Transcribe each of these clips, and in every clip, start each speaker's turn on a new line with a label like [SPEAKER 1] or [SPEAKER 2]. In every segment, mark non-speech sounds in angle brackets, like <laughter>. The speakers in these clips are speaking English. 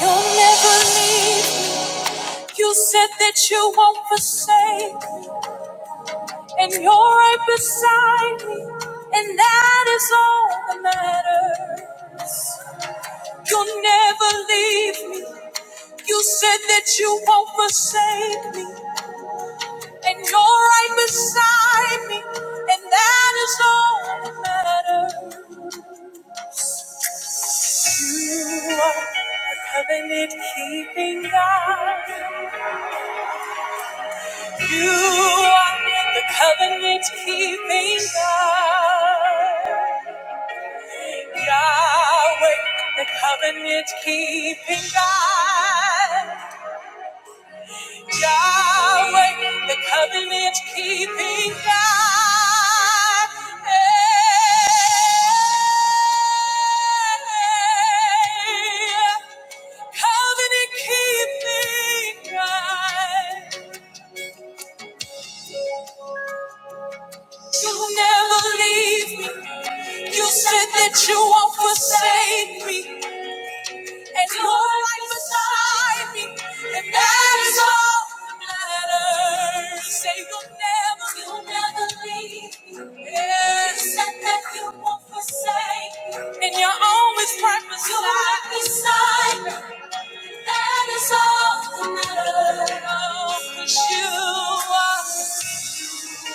[SPEAKER 1] You'll never leave. You said that you won't forsake, and you're right beside me, and that is all that matters. You'll never leave me. You said that you won't forsake me, and you're right beside me, and that is all that matters. You are a covenant keeping God. You are the covenant keeping God. Yahweh, the covenant keeping God. Yahweh, the covenant keeping God. Covenant keeping God. You'll never leave me. You said that you won't forsake me and you're right beside me, and that is all that matters. You Say you'll never, you'll never leave me. Yes. You said that you won't forsake me, and you're always right beside you're right beside me. That is all that matters. Oh, 'cause you are. you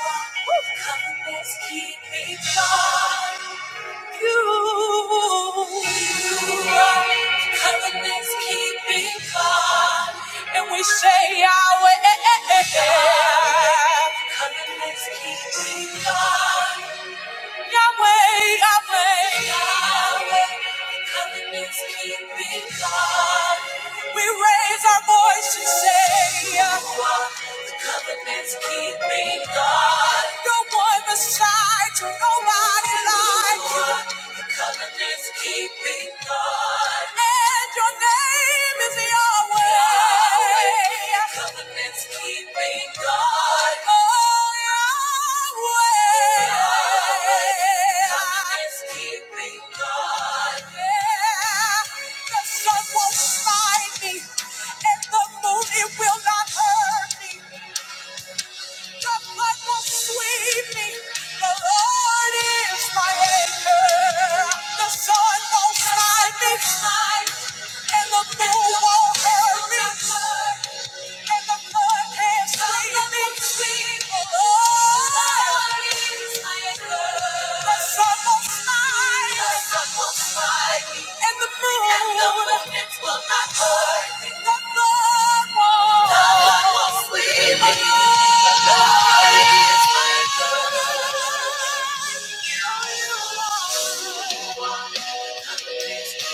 [SPEAKER 1] are Covenant's keeping God. You are covenant keeping God, and we say our covenant keeping God, Yahweh, Yahweh, Yahweh, covenant keeping God. We raise our voice to say, covenants keep me God. No one beside you, nobody like you. Your covenants keep me God. And your name is Yahweh. Yahweh. Your covenants keep me God. Oh, Yahweh. Yahweh. Covenants keep me God. Yeah. The sun won't smite me, and the moon it will not hurt. me. The blood will sweep me. The Lord is my anchor. The sun won't smite me, and the moon won't hurt me. Thank you. Thank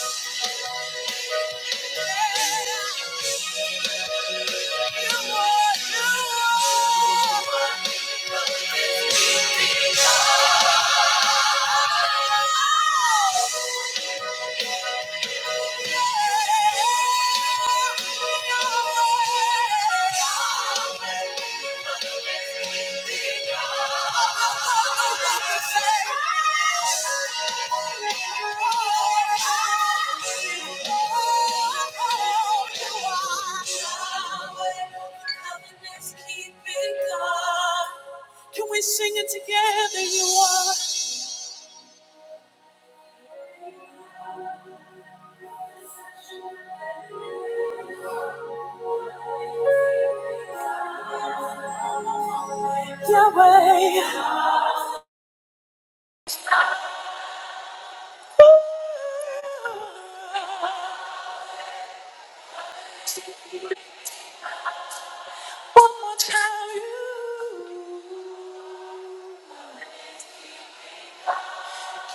[SPEAKER 1] you. Thank You are the one. Put me beyond. Can we sing it together? You are. your way. One more time, you.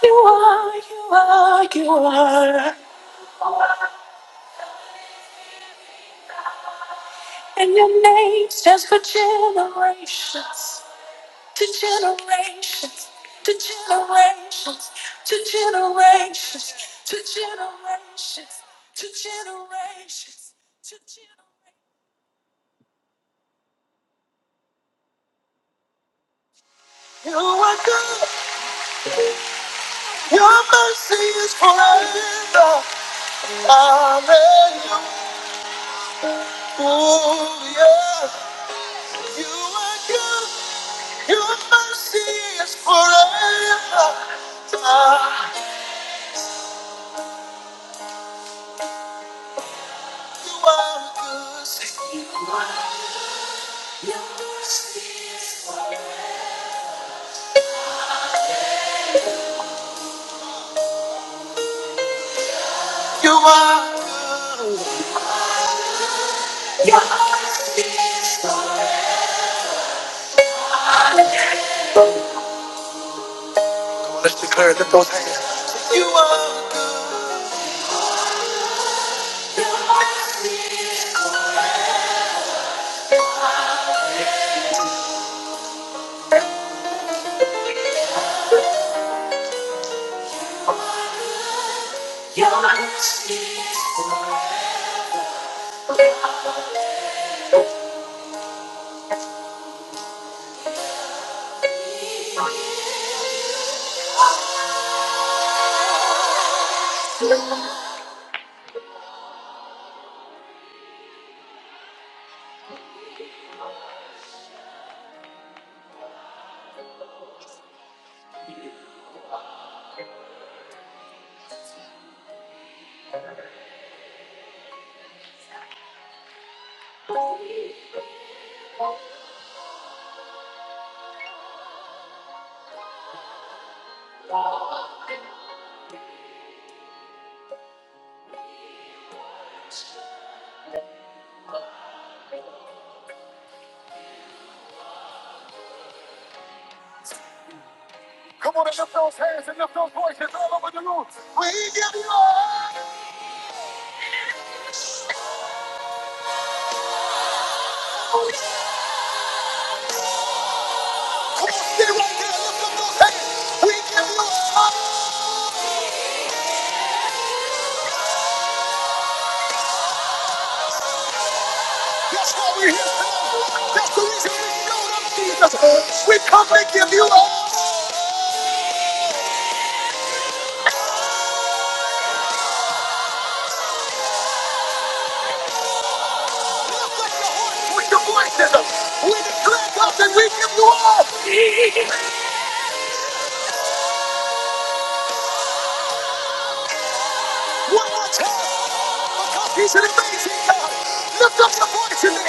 [SPEAKER 1] You are, you are, you are. And your name stands for generations, to generations, to generations, to generations, to generations, to generations, to generations. You are good, your mercy is forever. Hallelujah. Oh, yeah. You are good. Your mercy is forever. Ah, You are good. You are good. Let's declare, lift those hands. You are good. Come on and lift those hands and lift those voices all over the room. We give you all. Come on, stay right there. Lift up those hands. We give you all. That's why we're here. That's the reason we know that Jesus. We come and give you all with the voices. We declare God that we give you all. One more time, because he's an amazing God. Lift up your voice in the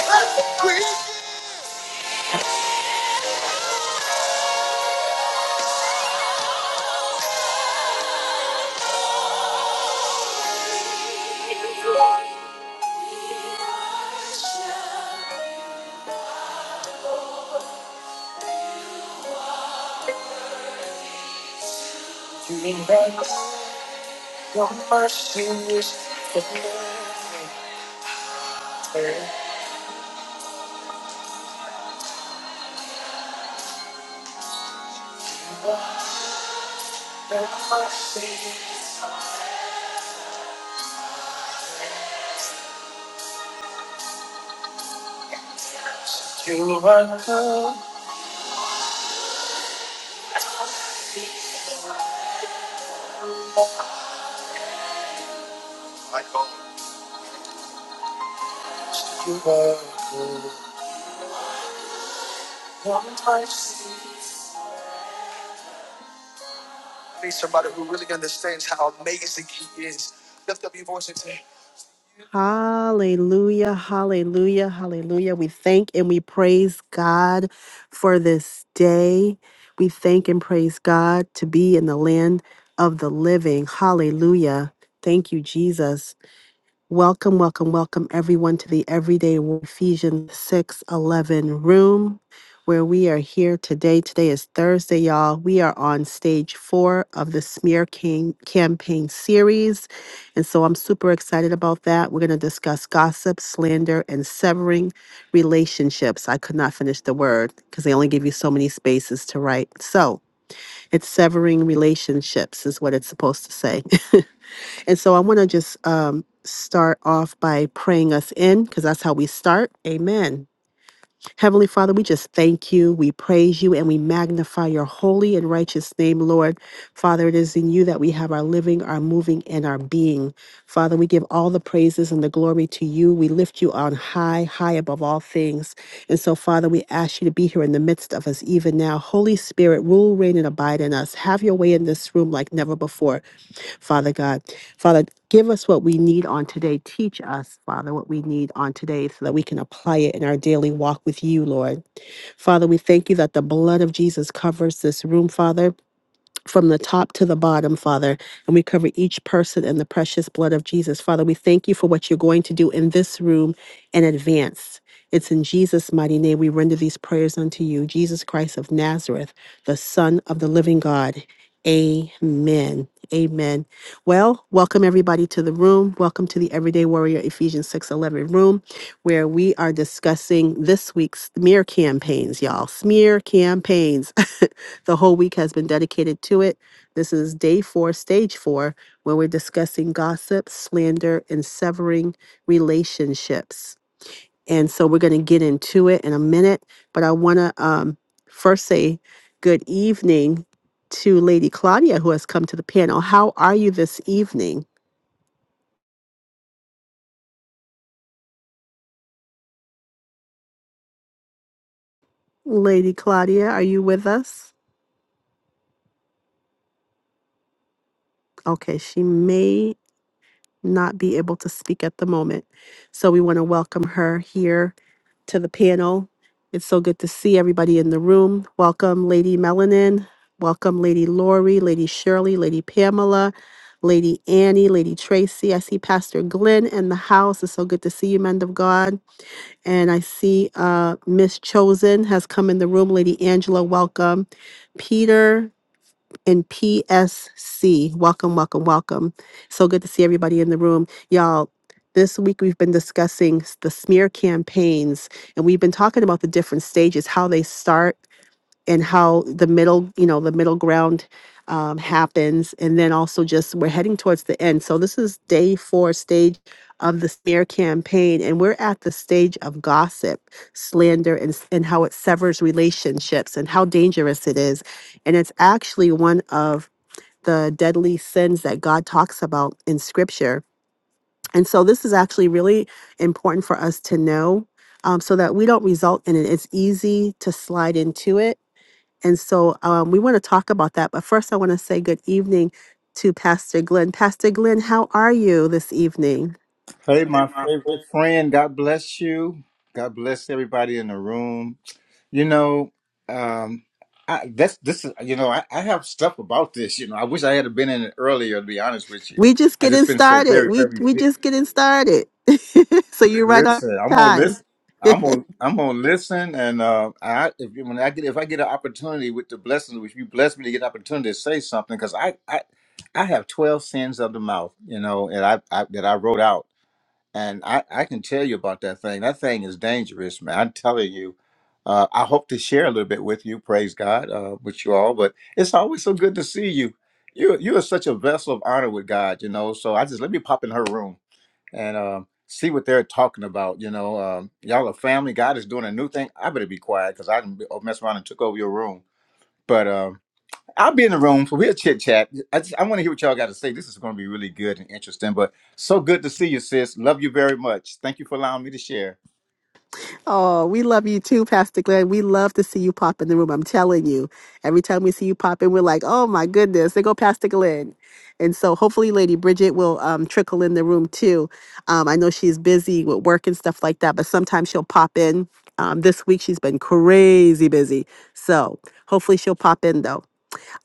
[SPEAKER 1] Need somebody who really understands how amazing he is. Lift up your voice and say, Hallelujah, hallelujah, hallelujah. We thank and we praise God for this day. We thank and praise God to be in the land of the living. Hallelujah. Thank you, Jesus. Welcome, welcome, welcome everyone to the Everyday Wo- Ephesians 6 11 room where we are here today. Today is Thursday, y'all. We are on stage four of the Smear King campaign series. And so I'm super excited about that. We're going to discuss gossip, slander, and severing relationships. I could not finish the word because they only give you so many spaces to write. So, it's severing relationships, is what it's supposed to say. <laughs> and so I want to just um, start off by praying us in because that's how we start. Amen. Heavenly Father, we just thank you, we praise you, and we magnify your holy and righteous name, Lord. Father, it is in you that we have our living, our moving, and our being. Father, we give all the praises and the glory to you. We lift you on high, high above all things. And so, Father, we ask you to be here in the midst of us even now. Holy Spirit, rule, reign, and abide in us. Have your way in this room like never before. Father God. Father, give us what we need on today. Teach us, Father, what we need on today so that we can apply it in our daily walk with you, Lord. Father, we thank you that the blood of Jesus covers this room, Father from the top to the bottom, Father. And we cover each person in the precious blood of Jesus. Father, we thank you for what you're going to do in this room in advance. It's in Jesus' mighty name we render these prayers unto you, Jesus Christ of Nazareth, the Son of the living God. Amen. Amen. Well, welcome everybody to the room. Welcome to the Everyday Warrior Ephesians 6:11 room where we are discussing this week's smear campaigns, y'all. Smear campaigns. <laughs> The whole week has been dedicated to it. This is day four, stage four, where we're discussing gossip, slander, and severing relationships. And so we're going to get into it in a minute, but I want to um, first say good evening to Lady Claudia, who has come to the panel. How are you this evening? Lady Claudia, are you with us? Okay, she may not be able to speak at the moment. So we want to welcome her here to the panel. It's so good to see everybody in the room. Welcome, Lady Melanin. Welcome, Lady Lori, Lady Shirley, Lady Pamela, Lady Annie, Lady Tracy. I see Pastor Glenn in the house. It's so good to see you, men of God. And I see uh, Miss Chosen has come in the room. Lady Angela, welcome. Peter, in PSC. Welcome, welcome, welcome. So good to see everybody in the room. Y'all, this week we've been discussing s- the smear campaigns and we've been talking about the different stages, how they start and how the middle, you know, the middle ground um, happens. And then also just we're heading towards the end. So this is day four stage of the smear campaign. And we're at the stage of gossip, slander, and, s- and how it severs relationships and how dangerous it is. And it's actually one of the deadly sins that God talks about in scripture. And so this is actually really important for us to know um, so that we don't result in it. It's easy to slide into it and so um, we want to talk about that. But first, I want to say good evening to Pastor Glenn. Pastor Glenn, how are you this evening?
[SPEAKER 2] Hey, my favorite friend. God bless you. God bless everybody in the room. You know, um, I, that's this is you know I, I have stuff about this. You know, I wish I had been in it earlier. To be honest with you,
[SPEAKER 1] We just
[SPEAKER 2] I
[SPEAKER 1] getting
[SPEAKER 2] just been so
[SPEAKER 1] started.
[SPEAKER 2] very
[SPEAKER 1] We
[SPEAKER 2] very
[SPEAKER 1] we
[SPEAKER 2] busy.
[SPEAKER 1] just getting started. <laughs> so you're right on
[SPEAKER 2] Listen, I'm gonna
[SPEAKER 1] time.
[SPEAKER 2] listen.
[SPEAKER 1] <laughs>
[SPEAKER 2] I'm gonna I'm gonna listen, and uh, I if when I get if I get an opportunity with the blessing, if you bless me to get an opportunity to say something, because I, I I have twelve sins of the mouth, you know, and I, I that I wrote out and I, I can tell you about that thing. That thing is dangerous, man. I'm telling you. Uh, I hope to share a little bit with you, praise God, uh, with you all. But it's always so good to see you. You you are such a vessel of honor with God, you know. So I just let me pop in her room and um, see what they're talking about, you know. Um, y'all are family. God is doing a new thing. I better be quiet because I done be- messed around and took over your room. But um, I'll be in the room for real chit chat. I just I want to hear what y'all got to say. This is going to be really good and interesting. But so good to see you, sis. Love you very much. Thank you for allowing me to share.
[SPEAKER 1] Oh, we love you too, Pastor Glenn. We love to see you pop in the room. I'm telling you, every time we see you pop in, we're like, oh my goodness, there go Pastor Glenn. And so hopefully Lady Bridget will um, trickle in the room too. Um, I know she's busy with work and stuff like that, but sometimes she'll pop in. Um, this week she's been crazy busy. So hopefully she'll pop in though.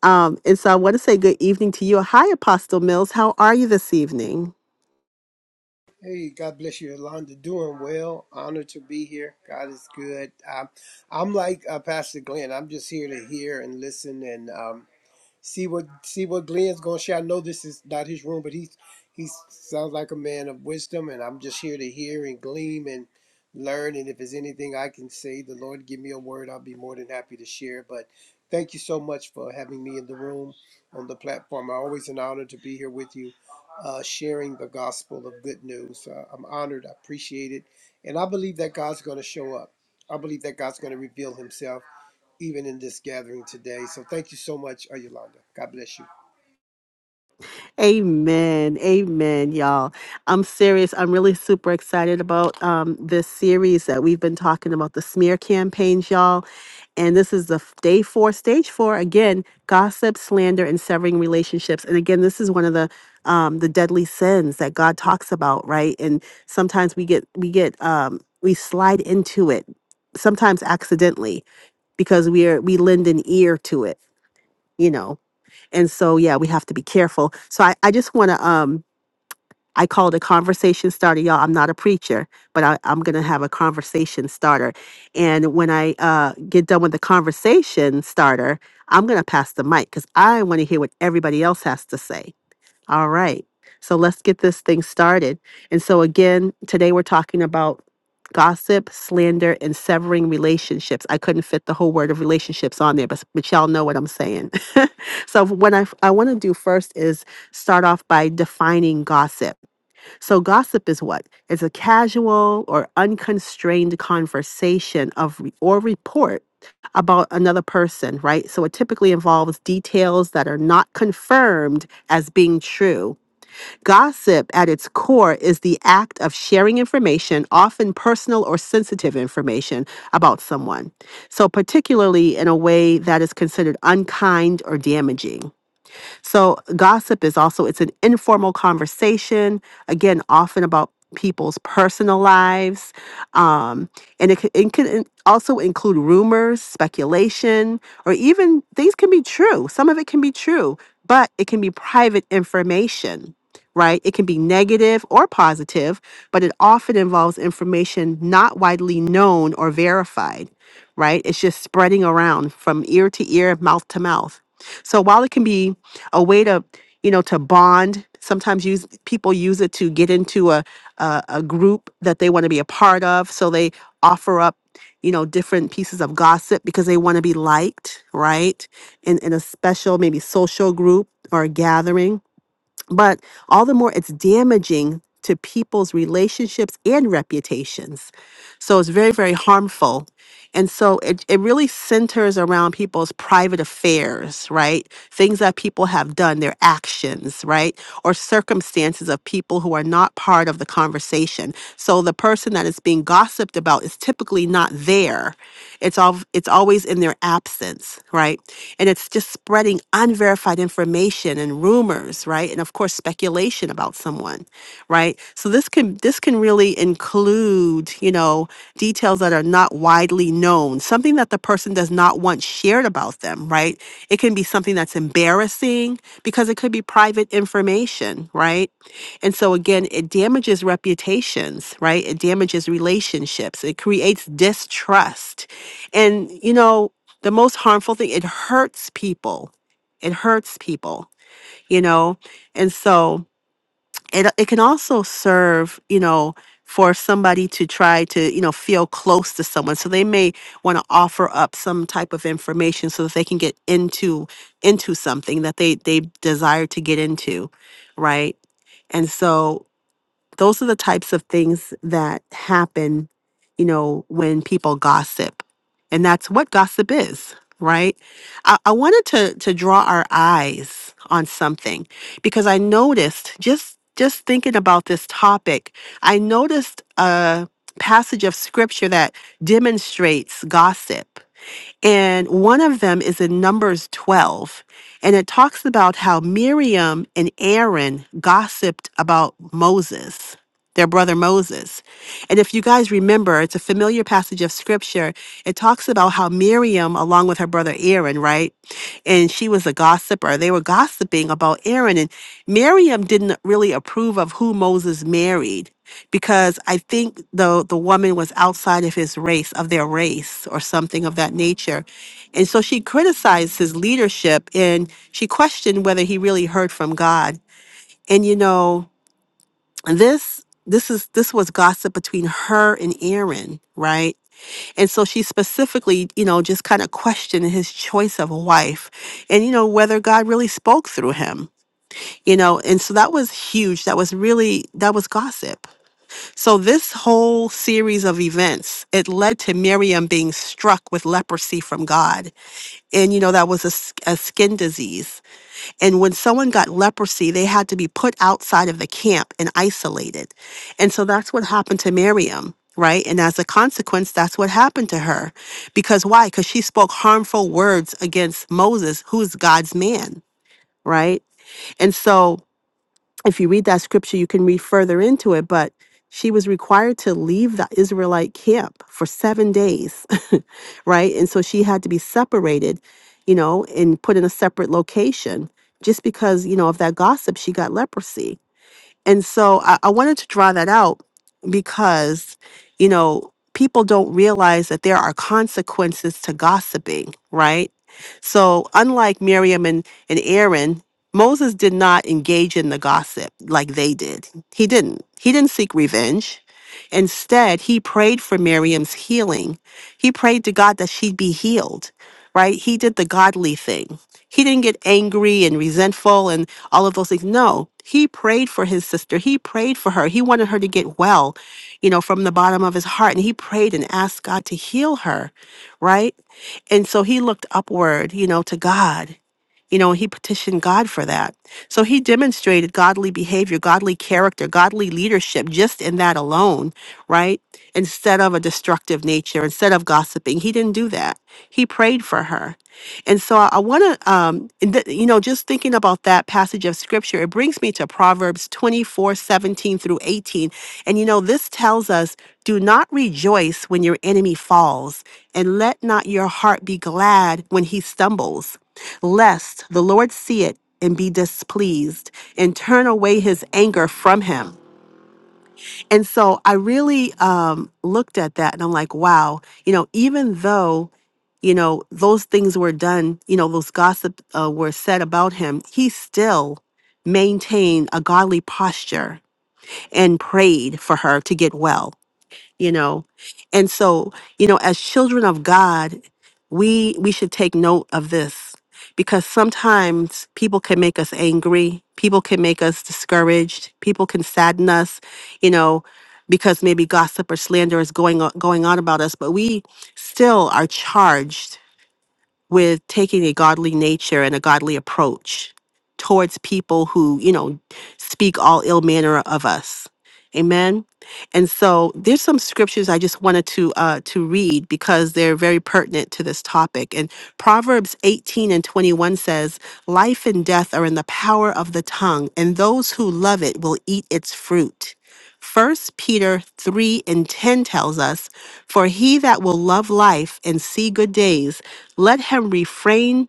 [SPEAKER 1] Um, and so I want to say good evening to you. Hi, Apostle Mills. How are you this evening?
[SPEAKER 3] Hey, God bless you, Yolanda. Doing well. Honored to be here. God is good. Um, I'm like uh, Pastor Glenn. I'm just here to hear and listen and um, see what see what Glenn's gonna share. I know this is not his room, but he's he sounds like a man of wisdom, and I'm just here to hear and glean and learn. And if there's anything I can say, the Lord give me a word, I'll be more than happy to share. But thank you so much for having me in the room on the platform. I always an honor to be here with you, uh, sharing the gospel of good news. Uh, I'm honored. I appreciate it, and I believe that God's gonna show up. I believe that God's gonna reveal Himself even in this gathering today. So thank you so much, uh, Yolanda. God bless you.
[SPEAKER 1] Amen. Amen, y'all. I'm serious. I'm really super excited about um, this series that we've been talking about the smear campaigns, y'all. And this is the f- day four, stage four. Again, gossip, slander, and severing relationships. And again, this is one of the um, the deadly sins that God talks about, right? And sometimes we get we get um, we slide into it, sometimes accidentally, because we are we lend an ear to it, you know. And so, yeah, we have to be careful. So I, I just want to, um, I called a conversation starter, y'all. I'm not a preacher, but I, I'm going to have a conversation starter. And when I uh, get done with the conversation starter, I'm going to pass the mic because I want to hear what everybody else has to say. All right. So let's get this thing started. And so, again, today we're talking about gossip, slander, and severing relationships. I couldn't fit the whole word of relationships on there, but, but y'all know what I'm saying. <laughs> so, what I, I want to do first is start off by defining gossip. So, gossip is what? It's a casual or unconstrained conversation of re- or report about another person, right? So, it typically involves details that are not confirmed as being true. Gossip, at its core, is the act of sharing information, often personal or sensitive information, about someone. So, particularly in a way that is considered unkind or damaging. So gossip is also it's an informal conversation, again, often about people's personal lives, um, and it, c- it can in- also include rumors, speculation, or even things can be true. Some of it can be true, but it can be private information. Right? It can be negative or positive, but it often involves information not widely known or verified, right? It's just spreading around from ear to ear, mouth to mouth. So while it can be a way to, you know, to bond, sometimes use people use it to get into a a, a group that they want to be a part of. So they offer up, you know, different pieces of gossip because they want to be liked, right? In in a special maybe social group or a gathering but all the more it's damaging to people's relationships and reputations. So it's very, very harmful. And so it, it really centers around people's private affairs, right? Things that people have done, their actions, right? Or circumstances of people who are not part of the conversation. So the person that is being gossiped about is typically not there. It's all it's always in their absence, right? And it's just spreading spreading unverified information and rumors, right? And of course, speculation about someone, right? So this can this can really include, you know, details that are not widely known, something that the person does not want shared about them, right? It can be something that's embarrassing because it could be private information, right? And so again, it damages reputations, right? It damages relationships. It creates distrust. And you know, the most harmful thing, it hurts people it hurts people you know and so it it can also serve you know for somebody to try to you know feel close to someone so they may want to offer up some type of information so that they can get into into something that they they desire to get into right and so those are the types of things that happen, you know, when people gossip. And that's what gossip is, right? I, I wanted to to draw our eyes on something because I noticed just just thinking about this topic, I noticed a passage of scripture that demonstrates gossip. And one of them is in Numbers 12. And it talks about how Miriam and Aaron gossiped about Moses their brother Moses. And if you guys remember, it's a familiar passage of scripture. It talks about how Miriam, along with her brother Aaron, right? And she was a gossiper. They were gossiping about Aaron. And Miriam didn't really approve of who Moses married because I think the, the woman was outside of his race, of their race, or something of that nature. And so she criticized his leadership and she questioned whether he really heard from God. And you know, and this this is this was gossip between her and Aaron, right? And so she specifically, you know, just kind of questioned his choice of a wife and you know whether God really spoke through him. You know, and so that was huge. That was really that was gossip. So this whole series of events, it led to Miriam being struck with leprosy from God and you know that was a, s- a skin disease and when someone got leprosy, they had to be put outside of the camp and isolated. And so that's what happened to Miriam, right? And as a consequence, that's what happened to her. Because why? Because she spoke harmful words against Moses, who's God's man, right? And so if you read that scripture, you can read further into it, but she was required to leave the Israelite camp for seven days, <laughs> right? And so she had to be separated, you know, and put in a separate location just because, you know, of that gossip, she got leprosy. And so I, I wanted to draw that out because, you know, people don't realize that there are consequences to gossiping, right? So unlike Miriam and, and Aaron, Moses did not engage in the gossip like they did. He didn't. He didn't seek revenge. Instead, he prayed for Miriam's healing. He prayed to God that she'd be healed, right? He did the godly thing he didn't get angry and resentful and all of those things. No, he prayed for his sister. He prayed for her. He wanted her to get well, you know, from the bottom of his heart. And he prayed and asked God to heal her, right? And so he looked upward, you know, to God. You know, he petitioned God for that. So he demonstrated godly behavior, godly character, godly leadership just in that alone, right? Instead of a destructive nature, instead of gossiping, he didn't do that. He prayed for her. And so I want to, um, and th- you know, just thinking about that passage of scripture, it brings me to Proverbs 24 17 through 18. And you know, this tells us, do not rejoice when your enemy falls, and let not your heart be glad when he stumbles, lest the Lord see it and be displeased and turn away his anger from him. And so I really um, looked at that and I'm like, wow, you know, even though, you know, those things were done, you know, those gossip uh, were said about him, he still maintained a godly posture and prayed for her to get well you know and so you know as children of god we we should take note of this because sometimes people can make us angry people can make us discouraged people can sadden us you know because maybe gossip or slander is going on, going on about us but we still are charged with taking a godly nature and a godly approach towards people who, you know, speak all ill manner of us. Amen. And so there's some scriptures I just wanted to uh, to read because they're very pertinent to this topic. And Proverbs 18 and 21 says, "Life and death are in the power of the tongue, and those who love it will eat its fruit." First Peter 3 and 10 tells us, For he that will love life and see good days, let him refrain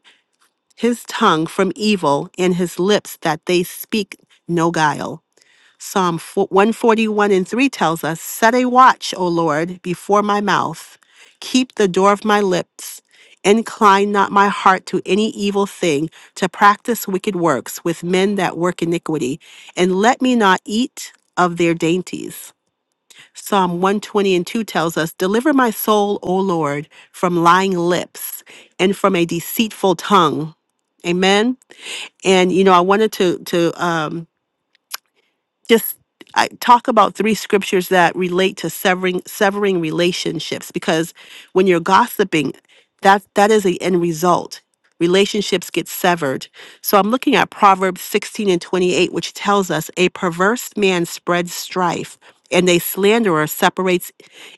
[SPEAKER 1] his tongue from evil and his lips that they speak no guile. Psalm 4 141 and 3 tells us, Set a watch, O Lord, before my mouth, keep the door of my lips. Incline not my heart to any evil thing, to practice wicked works with men that work iniquity, and let me not eat of their dainties. Psalm 120 and 2 tells us, Deliver my soul, O Lord, from lying lips and from a deceitful tongue. Amen. And you know, I wanted to to um just I, talk about three scriptures that relate to severing severing relationships because when you're gossiping that that is the end result relationships get severed so i'm looking at proverbs 16 and 28 which tells us a perverse man spreads strife and a slanderer separates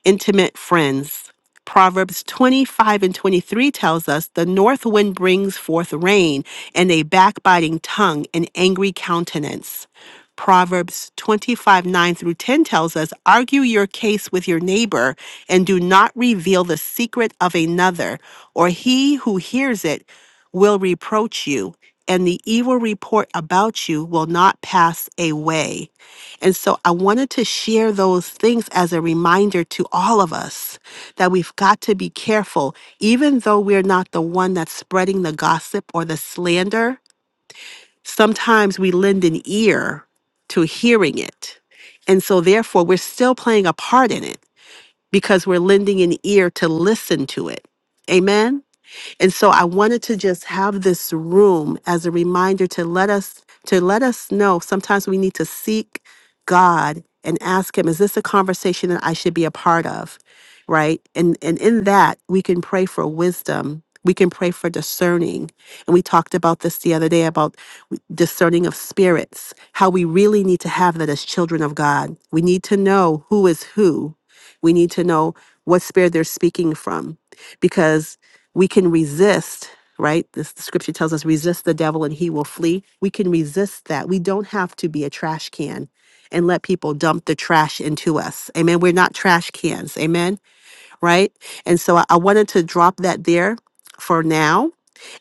[SPEAKER 1] intimate friends proverbs 25 and 23 tells us the north wind brings forth rain and a backbiting tongue and angry countenance Proverbs 25 9 through 10 tells us, Argue your case with your neighbor and do not reveal the secret of another, or he who hears it will reproach you, and the evil report about you will not pass away. And so I wanted to share those things as a reminder to all of us that we've got to be careful, even though we're not the one that's spreading the gossip or the slander sometimes we lend an ear to hearing it. And so, therefore, we're still playing a part in it because we're lending an ear to listen to it. Amen? And so I wanted to just have this room as a reminder to let us to let us know sometimes we need to seek God and ask him is this a conversation that I should be a part of? Right? And and in that we can pray for wisdom. We can pray for discerning. And we talked about this the other day about w- discerning of spirits, how we really need to have that as children of God. We need to know who is who. We need to know what spirit they're speaking from because we can resist, right? This the scripture tells us resist the devil and he will flee. We can resist that. We don't have to be a trash can and let people dump the trash into us. Amen. We're not trash cans. Amen. Right? And so I, I wanted to drop that there for now.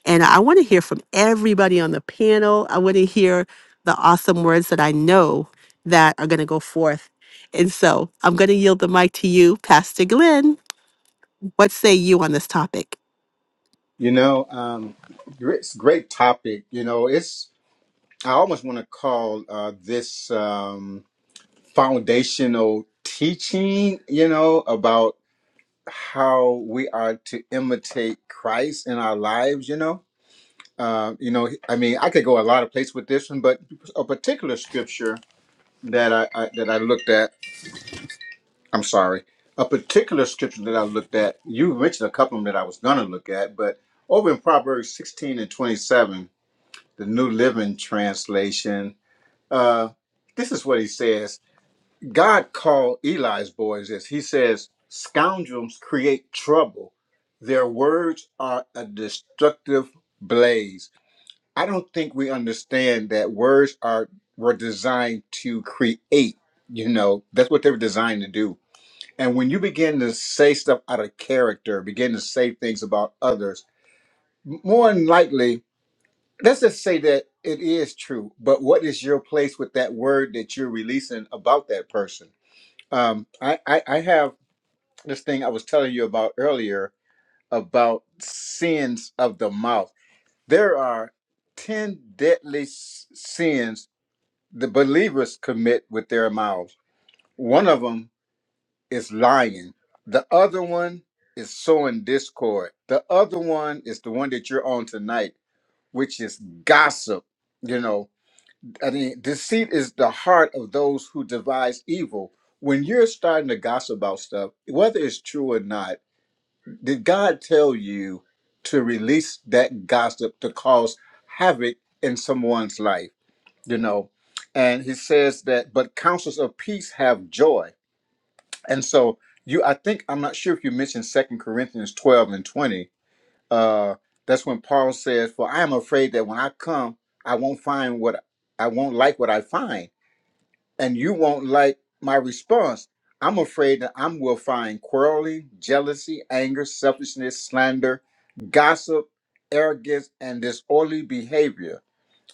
[SPEAKER 1] And I want to hear from everybody on the panel. I want to hear the awesome words that I know that are going to go forth. And so I'm going to yield the mic to you, Pastor Glenn. What say you on this topic?
[SPEAKER 2] You know, um, it's a great topic. You know, it's I almost want to call uh, this um, foundational teaching. You know about how we are to imitate Christ in our lives. You know, uh, you know. I mean, I could go a lot of places with this one, but a particular scripture that I, I that I looked at I'm sorry, a particular scripture that I looked at, you mentioned a couple of them that I was going to look at, but over in Proverbs 16 and 27, the New Living Translation, uh, this is what he says God called Eli's boys this. He says, Scoundrels create trouble, their words are a destructive blaze. I don't think we understand that words are were designed to create, you know, that's what they were designed to do and when you begin to say stuff out of character, begin to say things about others, more than likely, let's just say that it is true. But what is your place with that word that you're releasing about that person? Um, I, I, I have this thing I was telling you about earlier about sins of the mouth. There are 10 deadly s- sins the believers commit with their mouths. One of them. is lying. The other one is sowing discord. The other one is the one that you're on tonight, which is gossip. You know, I mean, deceit is the heart of those who devise evil. When you're starting to gossip about stuff, whether it's true or not, did God tell you to release that gossip to cause havoc in someone's life? You know, and he says that, but counsels of peace have joy and so you I think I'm not sure if you mentioned Second Corinthians 12 and 20. Uh that's when Paul says, For I am afraid that when I come, I won't find what I won't like what I find, and you won't like my response. I'm afraid that I am will find quarreling, jealousy, anger, selfishness, slander, gossip, arrogance, and disorderly behavior.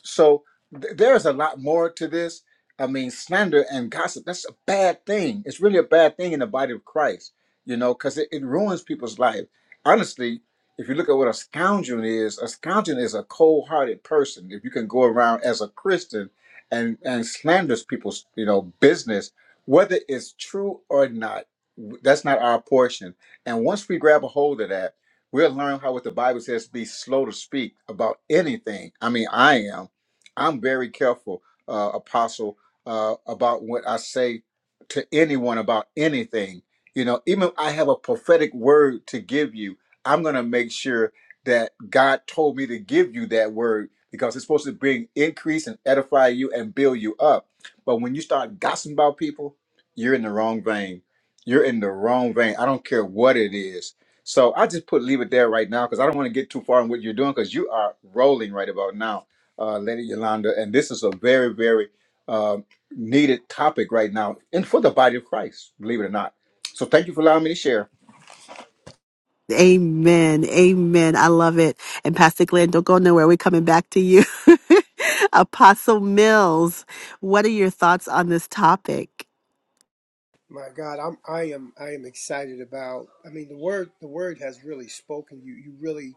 [SPEAKER 2] So th- there is a lot more to this. I mean, slander and gossip, that's a bad thing. It's really a bad thing in the body of Christ, you know, because it, it ruins people's life. Honestly, if you look at what a scoundrel is, a scoundrel is a cold hearted person. If you can go around as a Christian and, and slanders people's, you know, business, whether it's true or not, w- that's not our portion. And once we grab a hold of that, we'll learn how what the Bible says be slow to speak about anything. I mean, I am. I'm very careful, uh, Apostle, uh, about what I say to anyone about anything. You know, even if I have a prophetic word to give you, I'm going to make sure that God told me to give you that word because it's supposed to bring increase and edify you and build you up. But when you start gossiping about people, you're in the wrong vein. You're in the wrong vein. I don't care what it is. So I just put leave it there right now because I don't want to get too far in what you're doing because you are rolling right about now uh, Lady Yolanda, and this is a very, very um needed topic right now, and for the body of Christ, believe it or not. So, thank you for allowing me to share.
[SPEAKER 1] Amen. Amen. I love it. And Pastor Glenn, don't go nowhere. We're coming back to you. <laughs> Apostle Mills, what are your thoughts on this topic?
[SPEAKER 3] My God, I'm I am I am excited about. I mean, the word the word has really spoken. You you really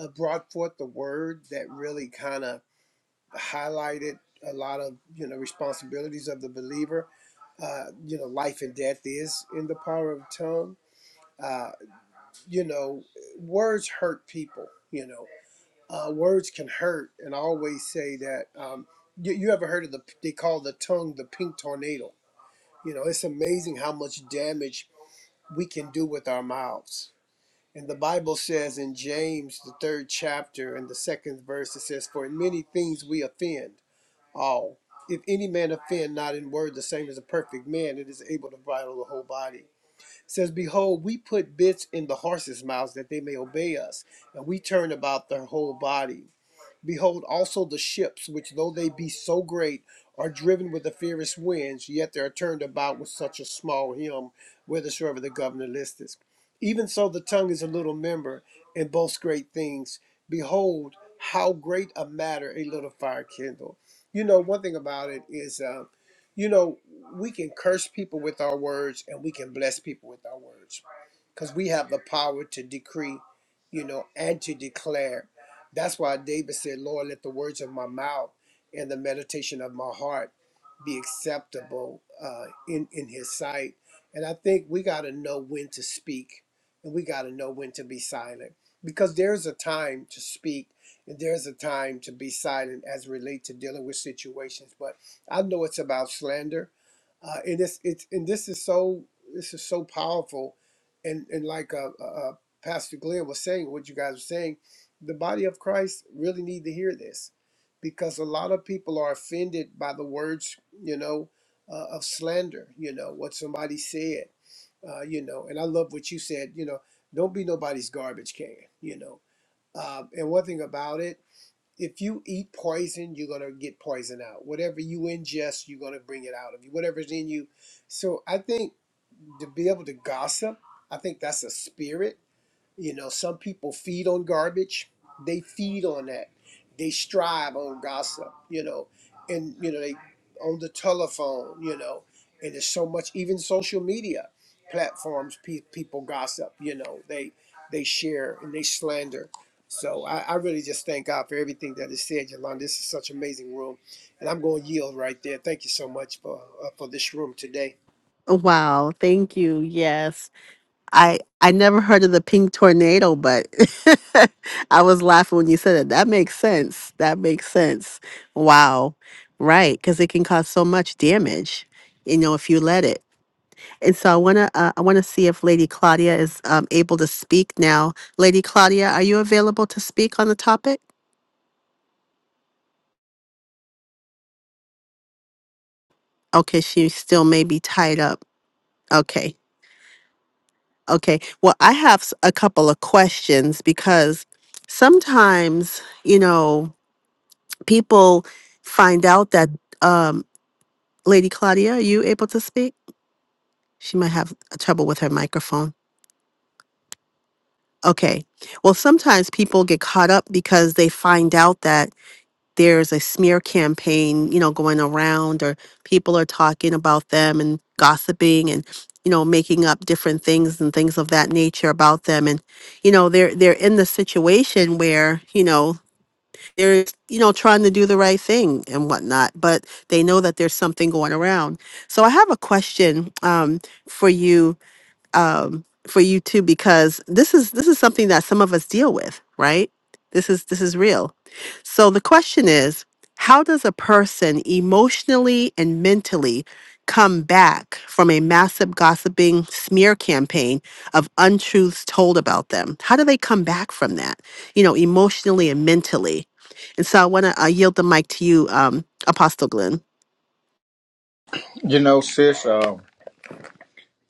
[SPEAKER 3] uh, brought forth the word that really kind of highlighted a lot of you know responsibilities of the believer. Uh, you know, life and death is in the power of the tongue. Uh, you know, words hurt people. You know, uh, words can hurt, and I always say that. Um, you, you ever heard of the? They call the tongue the pink tornado. You know, it's amazing how much damage we can do with our mouths. And the Bible says in James, the third chapter and the second verse, it says, "For in many things we offend all. If any man offend not in word, the same as a perfect man, it is able to bridle the whole body." It says, "Behold, we put bits in the horses' mouths that they may obey us, and we turn about their whole body." Behold also the ships, which though they be so great, are driven with the fiercest winds, yet they are turned about with such a small helm, whithersoever the governor listeth. Even so the tongue is a little member, and boasts great things. Behold, how great a matter a little fire kindle. You know, one thing about it is, uh, you know, we can curse people with our words, and we can bless people with our words, because we have the power to decree, you know, and to declare. That's why David said, Lord, let the words of my mouth and the meditation of my heart be acceptable uh, in, in his sight. And I think we got to know when to speak and we got to know when to be silent because there's a time to speak and there's a time to be silent as relate to dealing with situations. But I know it's about slander. Uh, and it's, it's, and this is so, this is so powerful. And, and like, uh, uh, uh, Pastor Glenn was saying, what you guys were saying, the body of Christ really need to hear this because a lot of people are offended by the words, you know, uh, of slander, you know, what somebody said, uh, you know, and I love what you said, you know, don't be nobody's garbage can, you know. Um, and one thing about it, if you eat poison, you're going to get poison out. Whatever you ingest, you're going to bring it out of you, whatever's in you. So I think to be able to gossip, I think that's a spirit you know, some people feed on garbage. They feed on that. They strive on gossip, you know, and, you know, they on the telephone, you know, and there's so much, even social media platforms, pe- people gossip, you know, they, they share and they slander. So I, I really just thank God for everything that is said, Yolanda. This is such an amazing room. And I'm going to yield right there. Thank you so much for, uh, for this room today.
[SPEAKER 1] Wow. Thank you. Yes. I, I never heard of the pink tornado, but <laughs> I was laughing when you said it. That makes sense. That makes sense. Wow. Right. Because it can cause so much damage, you know, if you let it. And so I want to uh, I want to see if Lady Claudia is um, able to speak now. Lady Claudia, are you available to speak on the topic? Okay, she still may be tied up. Okay. Okay. Well, I have s- a couple of questions because sometimes, you know, people find out that um Lady Claudia, are you able to speak? She might have trouble with her microphone. Okay. Well, sometimes people get caught up because they find out that there's a smear campaign, you know, going around or people are talking about them and gossiping and you know making up different things and things of that nature about them and you know they're they're in the situation where you know they're you know trying to do the right thing and whatnot but they know that there's something going around so i have a question um, for you um, for you too, because this is this is something that some of us deal with, right? This is this is real. So the question is, how does a person emotionally and mentally come back from a massive gossiping smear campaign of untruths told about them? How do they come back from that? You know, emotionally and mentally. And so I want to uh, yield the mic to you, um, Apostle Glenn.
[SPEAKER 2] You know, sis, um,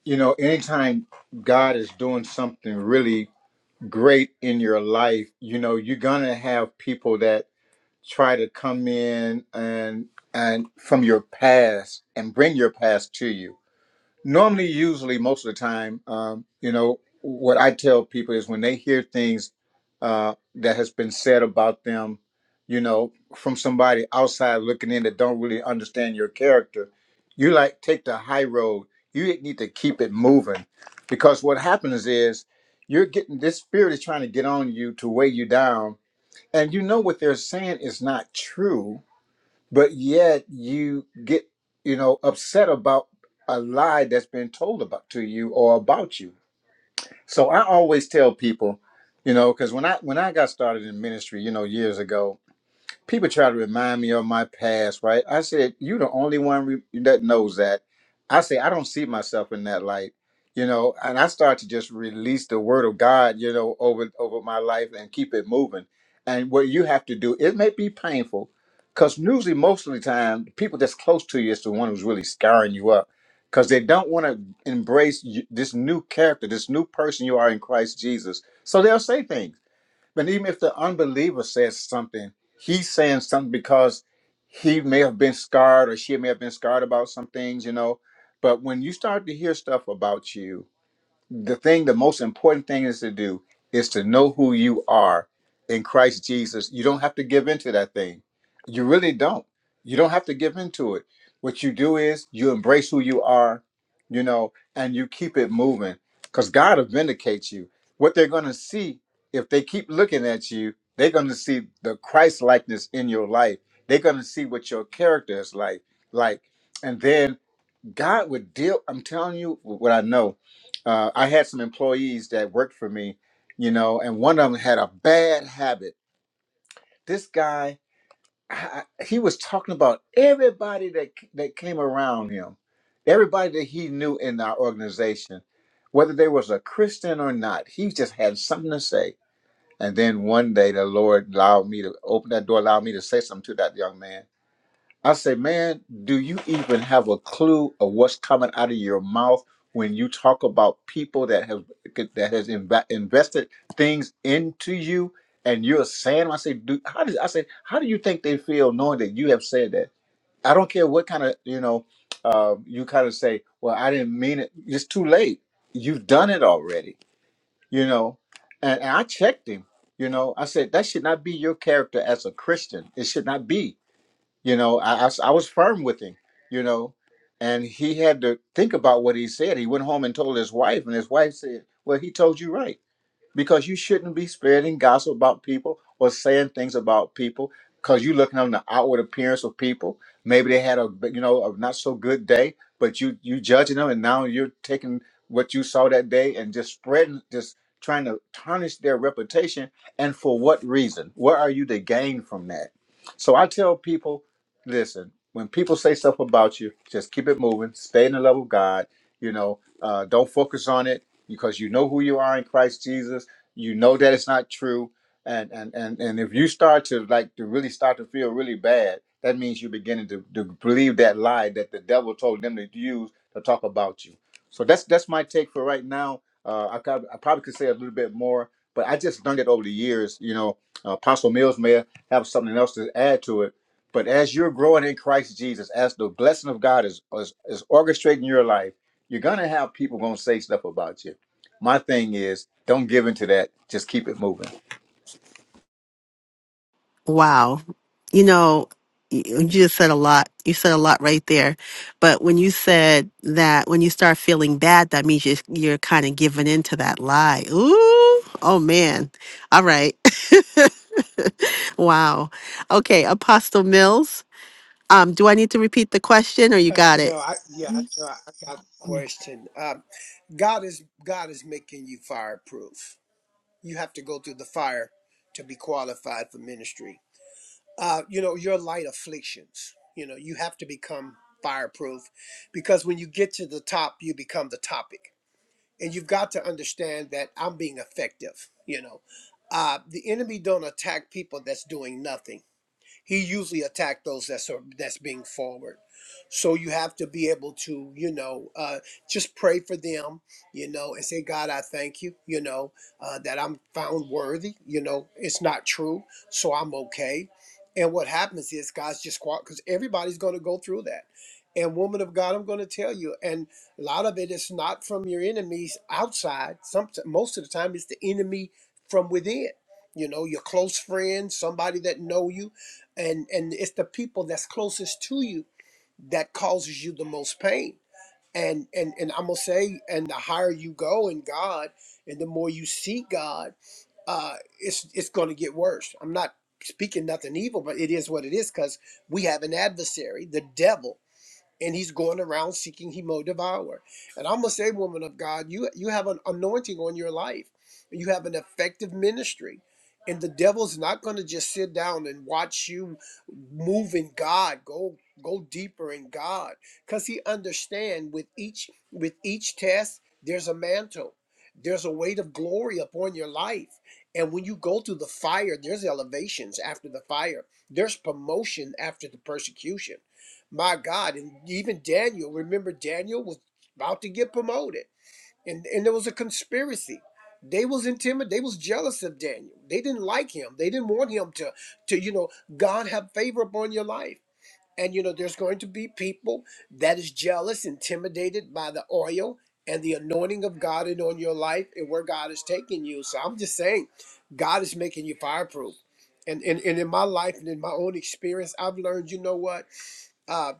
[SPEAKER 2] you know, anytime God is doing something really great in your life, you know, you're gonna have people that try to come in and and from your past and bring your past to you. normally usually most of the time um, you know what i tell people is when they hear things uh, that has been said about them you know from somebody outside looking in that don't really understand your character you like take the high road you need to keep it moving because what happens is you're getting this spirit is trying to get on you to weigh you down and you know what they're saying is not true but yet you get you know upset about a lie that's been told about to you or about you so i always tell people you know because when i when i got started in ministry you know years ago people try to remind me of my past, right? I said, "You the only one re- that knows that." I say, "I don't see myself in that light," you know. And I start to just release the word of God, you know, over over my life and keep it moving. And what you have to do, it may be painful, because usually most of the time, the people that's close to you is the one who's really scarring you up, because they don't want to embrace you, this new character, this new person you are in Christ Jesus. So they'll say things but even if the unbeliever says something, he's saying something because he may have been scarred or she may have been scarred about some things, you know. But when you start to hear stuff about you the thing, the most important thing is to do is to know who you are in Christ Jesus. You don't have to give into that thing. You really don't. You don't have to give into it. What you do is you embrace who you are, you know, and you keep it moving because God will vindicate you. What they're going to see if they keep looking at you, they're going to see the Christ likeness in your life. They're going to see what your character is like. Like, and then God would deal. I'm telling you what I know. Uh, I had some employees that worked for me, you know, and one of them had a bad habit. This guy, I, I- he was talking about everybody that that came around him, everybody that he knew in our organization, whether they was a Christian or not. He just had something to say. And then one day, the Lord allowed me to open that door, allowed me to say something to that young man I say, man, do you even have a clue of what's coming out of your mouth when you talk about people that have that has inv- invested things into you and you're saying, I say, do how does I say, how do you think they feel knowing that you have said that? I don't care what kind of you know, uh, you kind of say, well, I didn't mean it. It's too late. You've done it already, you know. And, and I checked him, you know. I said that should not be your character as a Christian. It should not be you know I, I s- I was firm with him you know and he had to think about what he said he went home and told his wife and his wife said well he told you right because you shouldn't be spreading gossip about people or saying things about people because you're looking on the outward appearance of people. Maybe they had a you know a not so good day, but you you judging them, and now you're taking what you saw that day and just spreading, just trying to tarnish their reputation. And for what reason? What are you to gain from that? So I tell people, listen. When people say stuff about you, just keep it moving. Stay in the love of God. You know, uh, don't focus on it because you know who you are in Christ Jesus you know that it's not true and and and, and if you start to like to really start to feel really bad that means you're beginning to, to believe that lie that the devil told them to use to talk about you so that's that's my take for right now uh, I, prob- I probably could say a little bit more but i just learned it over the years you know uh, apostle mills may have something else to add to it but as you're growing in christ jesus as the blessing of god is is, is orchestrating your life you're gonna have people gonna say stuff about you my thing is, don't give into that. Just keep it moving.
[SPEAKER 1] Wow. You know, y- you just said a lot. You said a lot right there. But when you said that when you start feeling bad, that means you're, you're kind of giving in to that lie. Ooh, oh man. All right. <laughs> wow. Okay, Apostle Mills, um, do I need to repeat the question or you
[SPEAKER 3] Uh,
[SPEAKER 1] got it?
[SPEAKER 3] no, I yeah, I know. I got the question. Um, God is God is making you fireproof. You have to go through the fire to be qualified for ministry. Uh, you know your light afflictions. You know you have to become fireproof because when you get to the top, you become the topic, and you've got to understand that I'm being effective. You know, uh, the enemy don't attack people that's doing nothing he usually attacked those that's uh, that's being forward. So you have to be able to, you know, uh, just pray for them, you know, and say, God, I thank you, you know, uh, that I'm found worthy. You know, it's not true, so I'm okay. And what happens is God's just quiet because everybody's going to go through that. And woman of God, I'm going to tell you, and a lot of it is not from your enemies outside. Some most of the time, it's the enemy from within. You know, your close friend, somebody that know you and and it's the people that's closest to you that causes you the most pain and and and i'm gonna say and the higher you go in god and the more you see god uh it's it's gonna get worse i'm not speaking nothing evil but it is what it is because we have an adversary the devil and he's going around seeking he will devour. And I'm gonna say, woman of God, you you have an anointing on your life. You have an effective ministry. And the devil's not gonna just sit down and watch you move in God. Go go deeper in God. Cause he understand with each with each test, there's a mantle. There's a weight of glory upon your life. And when you go through the fire, there's elevations after the fire. There's promotion after the persecution my God, and even Daniel, remember Daniel was about to get promoted and, and there was a conspiracy. They was intimidated, they was jealous of Daniel. They didn't like him. They didn't want him to to, you know, God have favor upon your life. And you know, there's going to be people that is jealous, intimidated by the oil and the anointing of God and on your life and where God is taking you. So I'm just saying, God is making you fireproof. And, and, and in my life and in my own experience, I've learned, you know what? uh,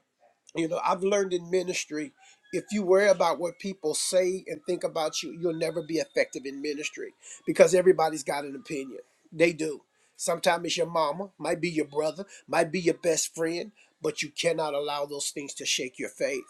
[SPEAKER 3] you know, I've learned in ministry, if you worry about what people say and think about you, you'll never be effective in ministry because everybody's got an opinion. They do. Sometimes it's your mama, might be your brother, might be your best friend, but you cannot allow those things to shake your faith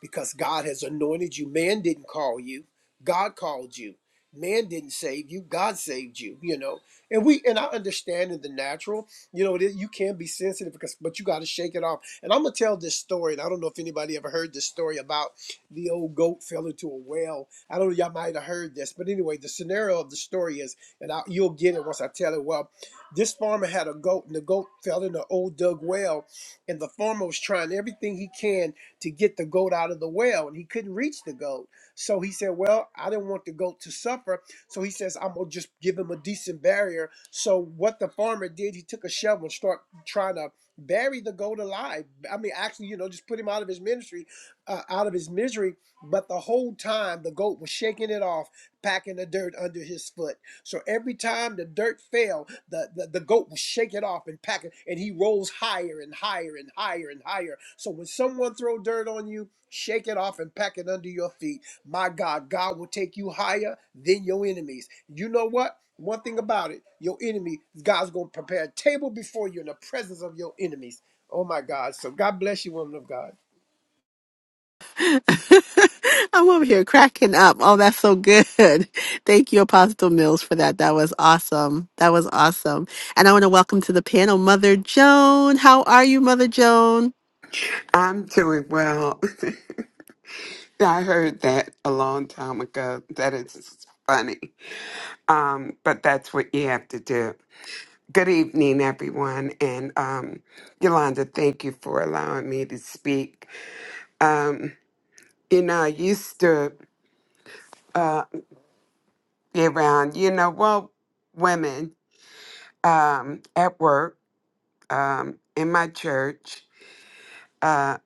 [SPEAKER 3] because God has anointed you. Man didn't call you, God called you. Man didn't save you, God saved you, you know. And we and I understand in the natural you know, it is, you can be sensitive because, but you got to shake it off. And I'm gonna tell this story, and I don't know if anybody ever heard this story about the old goat fell into a well. I don't know y'all might have heard this, but anyway, the scenario of the story is, and I, you'll get it once I tell it. Well, this farmer had a goat, and the goat fell in an old dug well, and the farmer was trying everything he can to get the goat out of the well, and he couldn't reach the goat. So he said, "Well, I didn't want the goat to suffer. So he says, I'm gonna just give him a decent barrier. So what the farmer did, he took a shovel and start trying to bury the goat alive. I mean, actually, you know, just put him out of his ministry, uh, out of his misery. But the whole time, the goat was shaking it off, packing the dirt under his foot. So every time the dirt fell, the, the, the goat would shake it off and pack it, and he rolls higher and higher and higher and higher. So when someone throw dirt on you, shake it off and pack it under your feet my God, God will take you higher than your enemies. You know what? One thing about it, your enemy, God's going to prepare a table before you in the presence of your enemies. Oh my God. So God bless you, woman of God.
[SPEAKER 1] <laughs> I'm over here cracking up. Oh, that's so good. <laughs> Thank you, Apostle Mills, for that. That was awesome. That was awesome. And I want to welcome to the panel Mother Joan. How are you, Mother Joan?
[SPEAKER 4] I'm doing well. <laughs> I heard that a long time ago. That is funny. Um, but that's what you have to do. Good evening, everyone. And um, Yolanda, thank you for allowing me to speak. Um, you know, I used to uh, be around, you know, well, women um, at work, um, in my church, uh,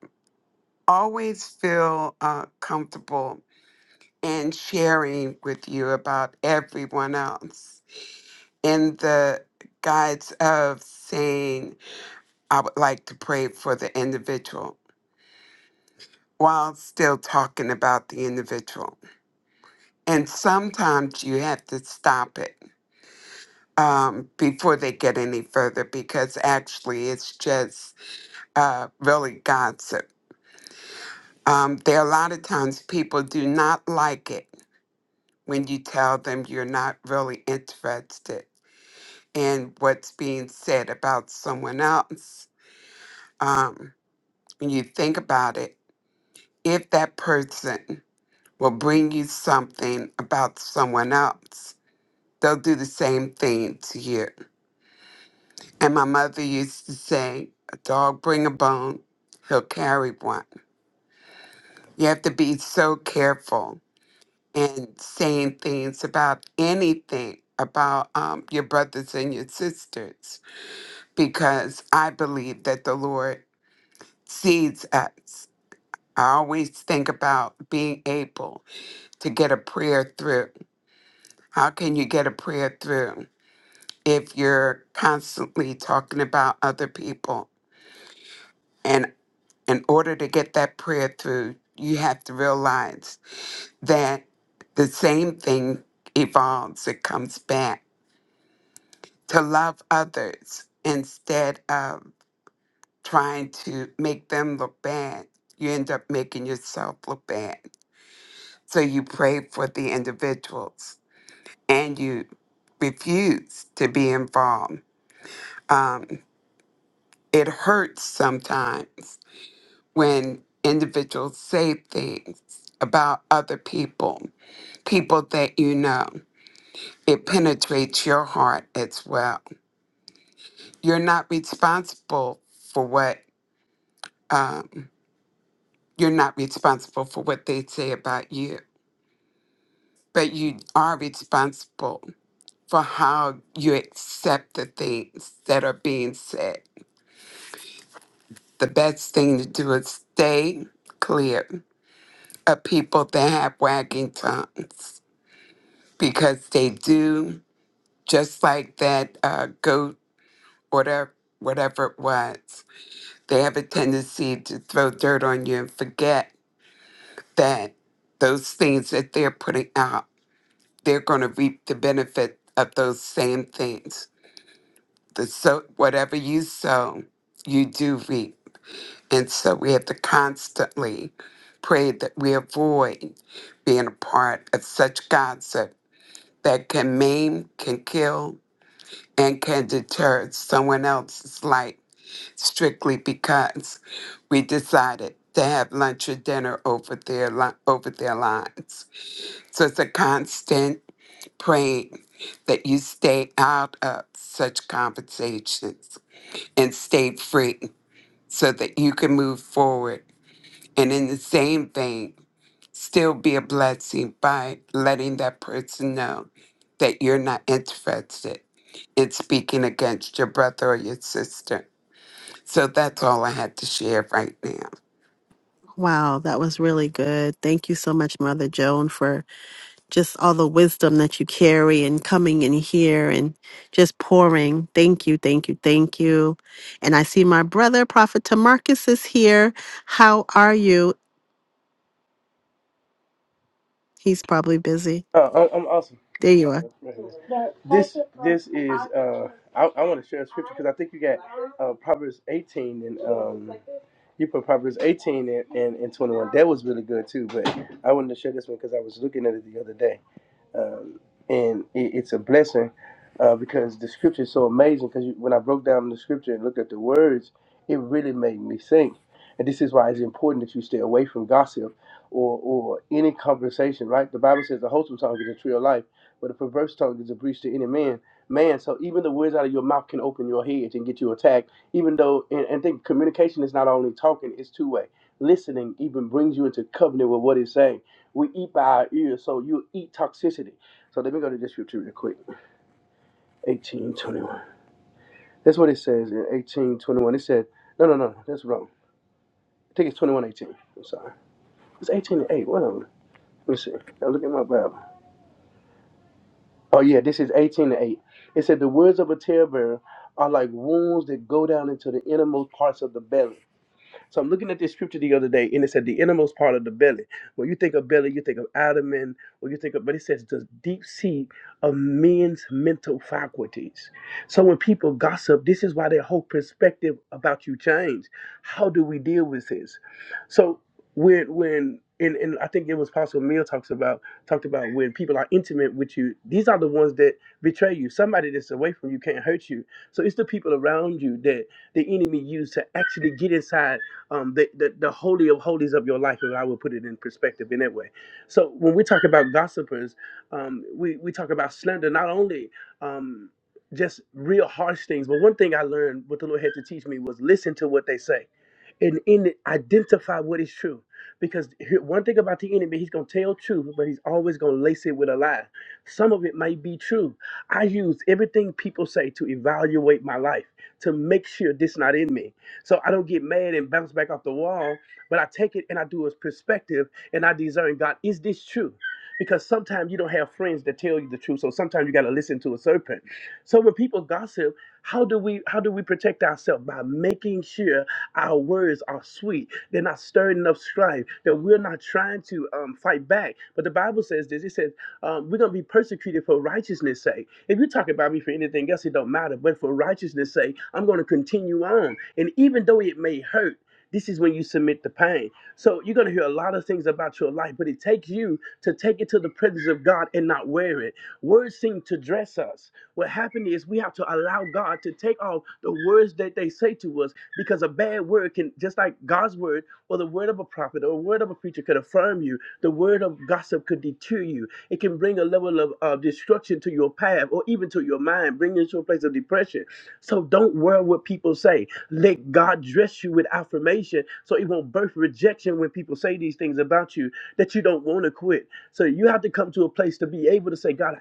[SPEAKER 4] always feel uh, comfortable and sharing with you about everyone else in the guides of saying, I would like to pray for the individual while still talking about the individual. And sometimes you have to stop it um, before they get any further because actually it's just uh, really gossip. Um, there are a lot of times people do not like it when you tell them you're not really interested and what's being said about someone else, um, when you think about it, if that person will bring you something about someone else, they'll do the same thing to you. And my mother used to say, a dog bring a bone, he'll carry one. You have to be so careful in saying things about anything about um, your brothers and your sisters because I believe that the Lord sees us I always think about being able to get a prayer through. How can you get a prayer through if you're constantly talking about other people? And in order to get that prayer through, you have to realize that the same thing evolves, it comes back to love others instead of trying to make them look bad. You end up making yourself look bad. So you pray for the individuals and you refuse to be involved. Um, it hurts sometimes when individuals say things about other people, people that you know. It penetrates your heart as well. You're not responsible for what um, you're not responsible for what they say about you, but you are responsible for how you accept the things that are being said The best thing to do is stay clear of people that have wagging tongues because they do just like that uh, goat, whatever, whatever it was. They have a tendency to throw dirt on you and forget that those things that they're putting out, they're going to reap the benefit of those same things. The so whatever you sow, you do reap. And so we have to constantly pray that we avoid being a part of such gossip that can maim, can kill, and can deter someone else's life strictly because we decided to have lunch or dinner over their li- over their lives. So it's a constant praying that you stay out of such conversations and stay free so that you can move forward And in the same vein, still be a blessing by letting that person know that you're not interested in speaking against your brother or your sister. So that's all I had to share right now.
[SPEAKER 1] Wow, that was really good. Thank you so much, Mother Joan, for just all the wisdom that you carry and coming in here and just pouring. Thank you, thank you, thank you. And I see my brother, Prophet Tamarcus, is here. How are you? He's probably busy.
[SPEAKER 5] Oh, I- I'm awesome.
[SPEAKER 1] There you are.
[SPEAKER 5] This this is uh, I, I want to share a scripture because I think you got uh, Proverbs 18 and um, you put Proverbs 18 and, and, and 21. That was really good too, but I wanted to share this one because I was looking at it the other day um, and it, it's a blessing uh, because the scripture is so amazing. Because when I broke down the scripture and looked at the words, it really made me think. And this is why it's important that you stay away from gossip or or any conversation. Right? The Bible says the wholesome tongue is a tree of life, but a perverse tongue is a breach to any man. Man, so even the words out of your mouth can open your head and get you attacked. Even though, and, and think communication is not only talking; it's two way. Listening even brings you into covenant with what it's saying. We eat by our ears, so you eat toxicity. So let me go to this scripture real quick. 1821. That's what it says in 1821. It said, no, no, no, that's wrong. I think it's 2118. I'm sorry. It's 18 to 8. Whatever. Let me see. Now look at my Bible. Oh, yeah, this is 18 to 8. It said, the words of a talebearer are like wounds that go down into the innermost parts of the belly. So I'm looking at this scripture the other day, and it said the innermost part of the belly. When you think of belly, you think of abdomen, or you think of, but it says the deep seat of men's mental faculties. So when people gossip, this is why their whole perspective about you change. How do we deal with this? So when when and, and I think it was Pastor Mill talks about talked about when people are intimate with you, these are the ones that betray you. Somebody that's away from you can't hurt you. So it's the people around you that the enemy used to actually get inside um, the, the, the holy of holies of your life, if I would put it in perspective in that way. So when we talk about gossipers, um, we, we talk about slander, not only um, just real harsh things, but one thing I learned what the Lord had to teach me was listen to what they say and in it identify what is true because here- one thing about the enemy he's going to tell truth but he's always going to lace it with a lie some of it might be true i use everything people say to evaluate my life to make sure this not in me so i don't get mad and bounce back off the wall but i take it and i do a perspective and i discern god is this true because sometimes you don't have friends that tell you the truth so sometimes you got to listen to a serpent so when people gossip how do we how do we protect ourselves by making sure our words are sweet. They're not stirring up strife. That we're not trying to um, fight back. But the Bible says this. It says um, we're gonna be persecuted for righteousness' sake. If you talk about me for anything else, it don't matter. But for righteousness' sake, I'm gonna continue on. And even though it may hurt. This is when you submit the pain. So you're gonna hear a lot of things about your life, but it takes you to take it to the presence of God and not wear it. Words seem to dress us. What happened is we have to allow God to take off the words that they say to us because a bad word can just like God's word or the word of a prophet or a word of a preacher could affirm you. The word of gossip could deter you. It can bring a level of uh, destruction to your path or even to your mind, bring you to a place of depression. So don't worry what people say. Let God dress you with affirmation so it won't birth rejection when people say these things about you that you don't want to quit. So you have to come to a place to be able to say, God,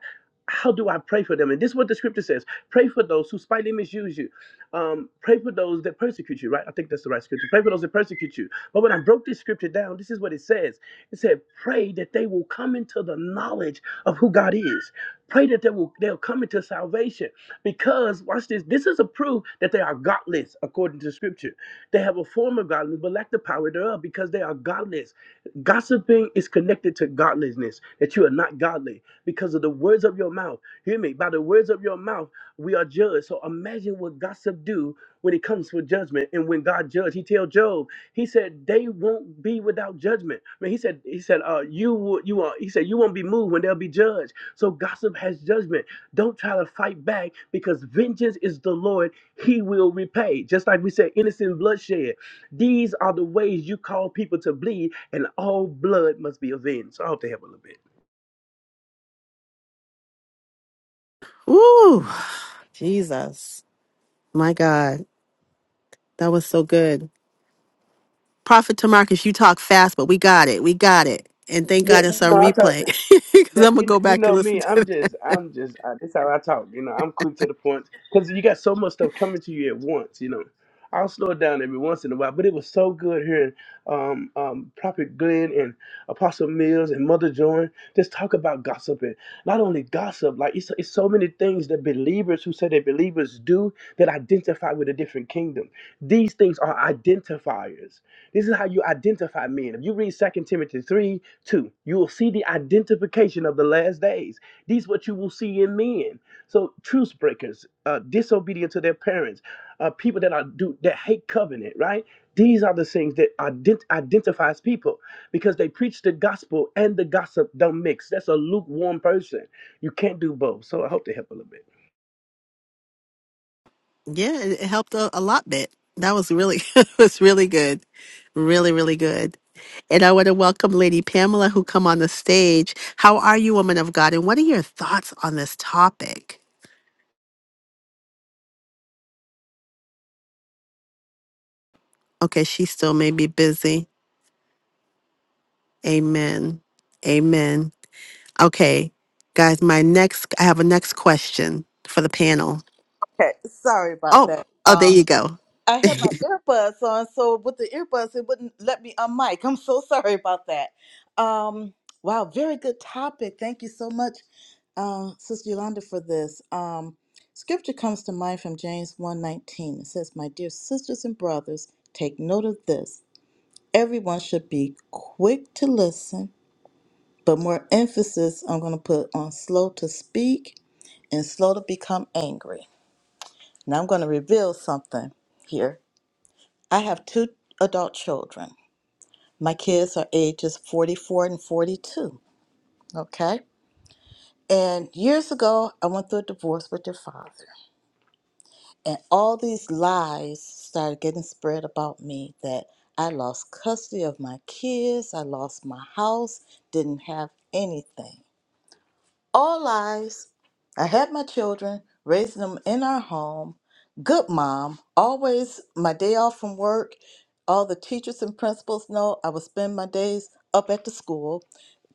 [SPEAKER 5] how do I pray for them? And this is what the scripture says pray for those who spitefully misuse you. Um, pray for those that persecute you, right? I think that's the right scripture. Pray for those that persecute you. But when I broke this scripture down, this is what it says. It said, pray that they will come into the knowledge of who God is. Pray that they will they'll come into salvation. Because watch this, this is a proof that they are godless according to scripture. They have a form of godliness, but lack the power thereof, because they are godless. Gossiping is connected to godlessness, that you are not godly because of the words of your mouth. Hear me, by the words of your mouth we are judged. So imagine what gossip do when it comes with judgment. And when God judged, he tell Job, he said, they won't be without judgment. I mean, he said, he said, uh, you will, you are, he said, you won't be moved when they'll be judged. So gossip has judgment. Don't try to fight back because vengeance is the Lord. He will repay. Just like we said, innocent bloodshed. These are the ways you call people to bleed and all blood must be avenged. So I hope they help a little bit.
[SPEAKER 1] Ooh, Jesus. My God. That was so good. Prophet Tamarcus, you talk fast, but we got it. We got it. And thank
[SPEAKER 5] Yeah,
[SPEAKER 1] God it's
[SPEAKER 5] you
[SPEAKER 1] on
[SPEAKER 5] know, I talk.
[SPEAKER 1] replay <laughs> because
[SPEAKER 5] that
[SPEAKER 1] I'm going to
[SPEAKER 5] you
[SPEAKER 1] go
[SPEAKER 5] you
[SPEAKER 1] back and
[SPEAKER 5] know
[SPEAKER 1] listen
[SPEAKER 5] me.
[SPEAKER 1] to
[SPEAKER 5] I'm just I'm just I, this how I talk. You know, I'm quick to the point because you got so much stuff coming to you at once. You know. I'll slow it down every once in a while, but it was so good hearing um, um, Prophet Glenn and Apostle Mills and Mother Joan just talk about gossip and not only gossip, like it's, it's so many things that believers who say they're believers do that identify with a different kingdom. These things are identifiers. This is how you identify men. If you read Second Timothy 3 2, you will see the identification of the last days. These what you will see in men. So, truce breakers, uh, disobedient to their parents uh, people that are do that hate covenant, right? These are the things that ident- identifies people because they preach the gospel and the gossip don't mix. That's a lukewarm person. You can't do both. So I hope they help a little bit.
[SPEAKER 1] Yeah, it it helped a, a lot bit. That was really <laughs> it was really good. Really, really good. And I want to welcome Lady Pamela who come on the stage. How are you, woman of God? And what are your thoughts on this topic? Okay, she still may be busy. Amen. Amen. Okay, guys, my next I have a next question for the panel.
[SPEAKER 6] Okay, sorry about
[SPEAKER 1] Oh,
[SPEAKER 6] that.
[SPEAKER 1] oh, there
[SPEAKER 6] Um,
[SPEAKER 1] you go.
[SPEAKER 6] I had my earbuds on, so with the earbuds, it wouldn't let me unmic. <laughs> I'm so sorry about that. Um, wow, very good topic. Thank you so much, uh, Sister Yolanda, for this. Um, scripture comes to mind from James one nineteen. It says, My dear sisters and brothers, take note of this. Everyone should be quick to listen, but more emphasis I'm going to put on slow to speak and slow to become angry. Now I'm going to reveal something here. I have two adult children. My kids are ages 44 and 42. Okay. And years ago, I went through a divorce with their father. And all these lies started getting spread about me that I lost custody of my kids, I lost my house, didn't have anything. All lies. I had my children, raising them in our home. Good mom. Always my day off from work. All the teachers and principals know I would spend my days up at the school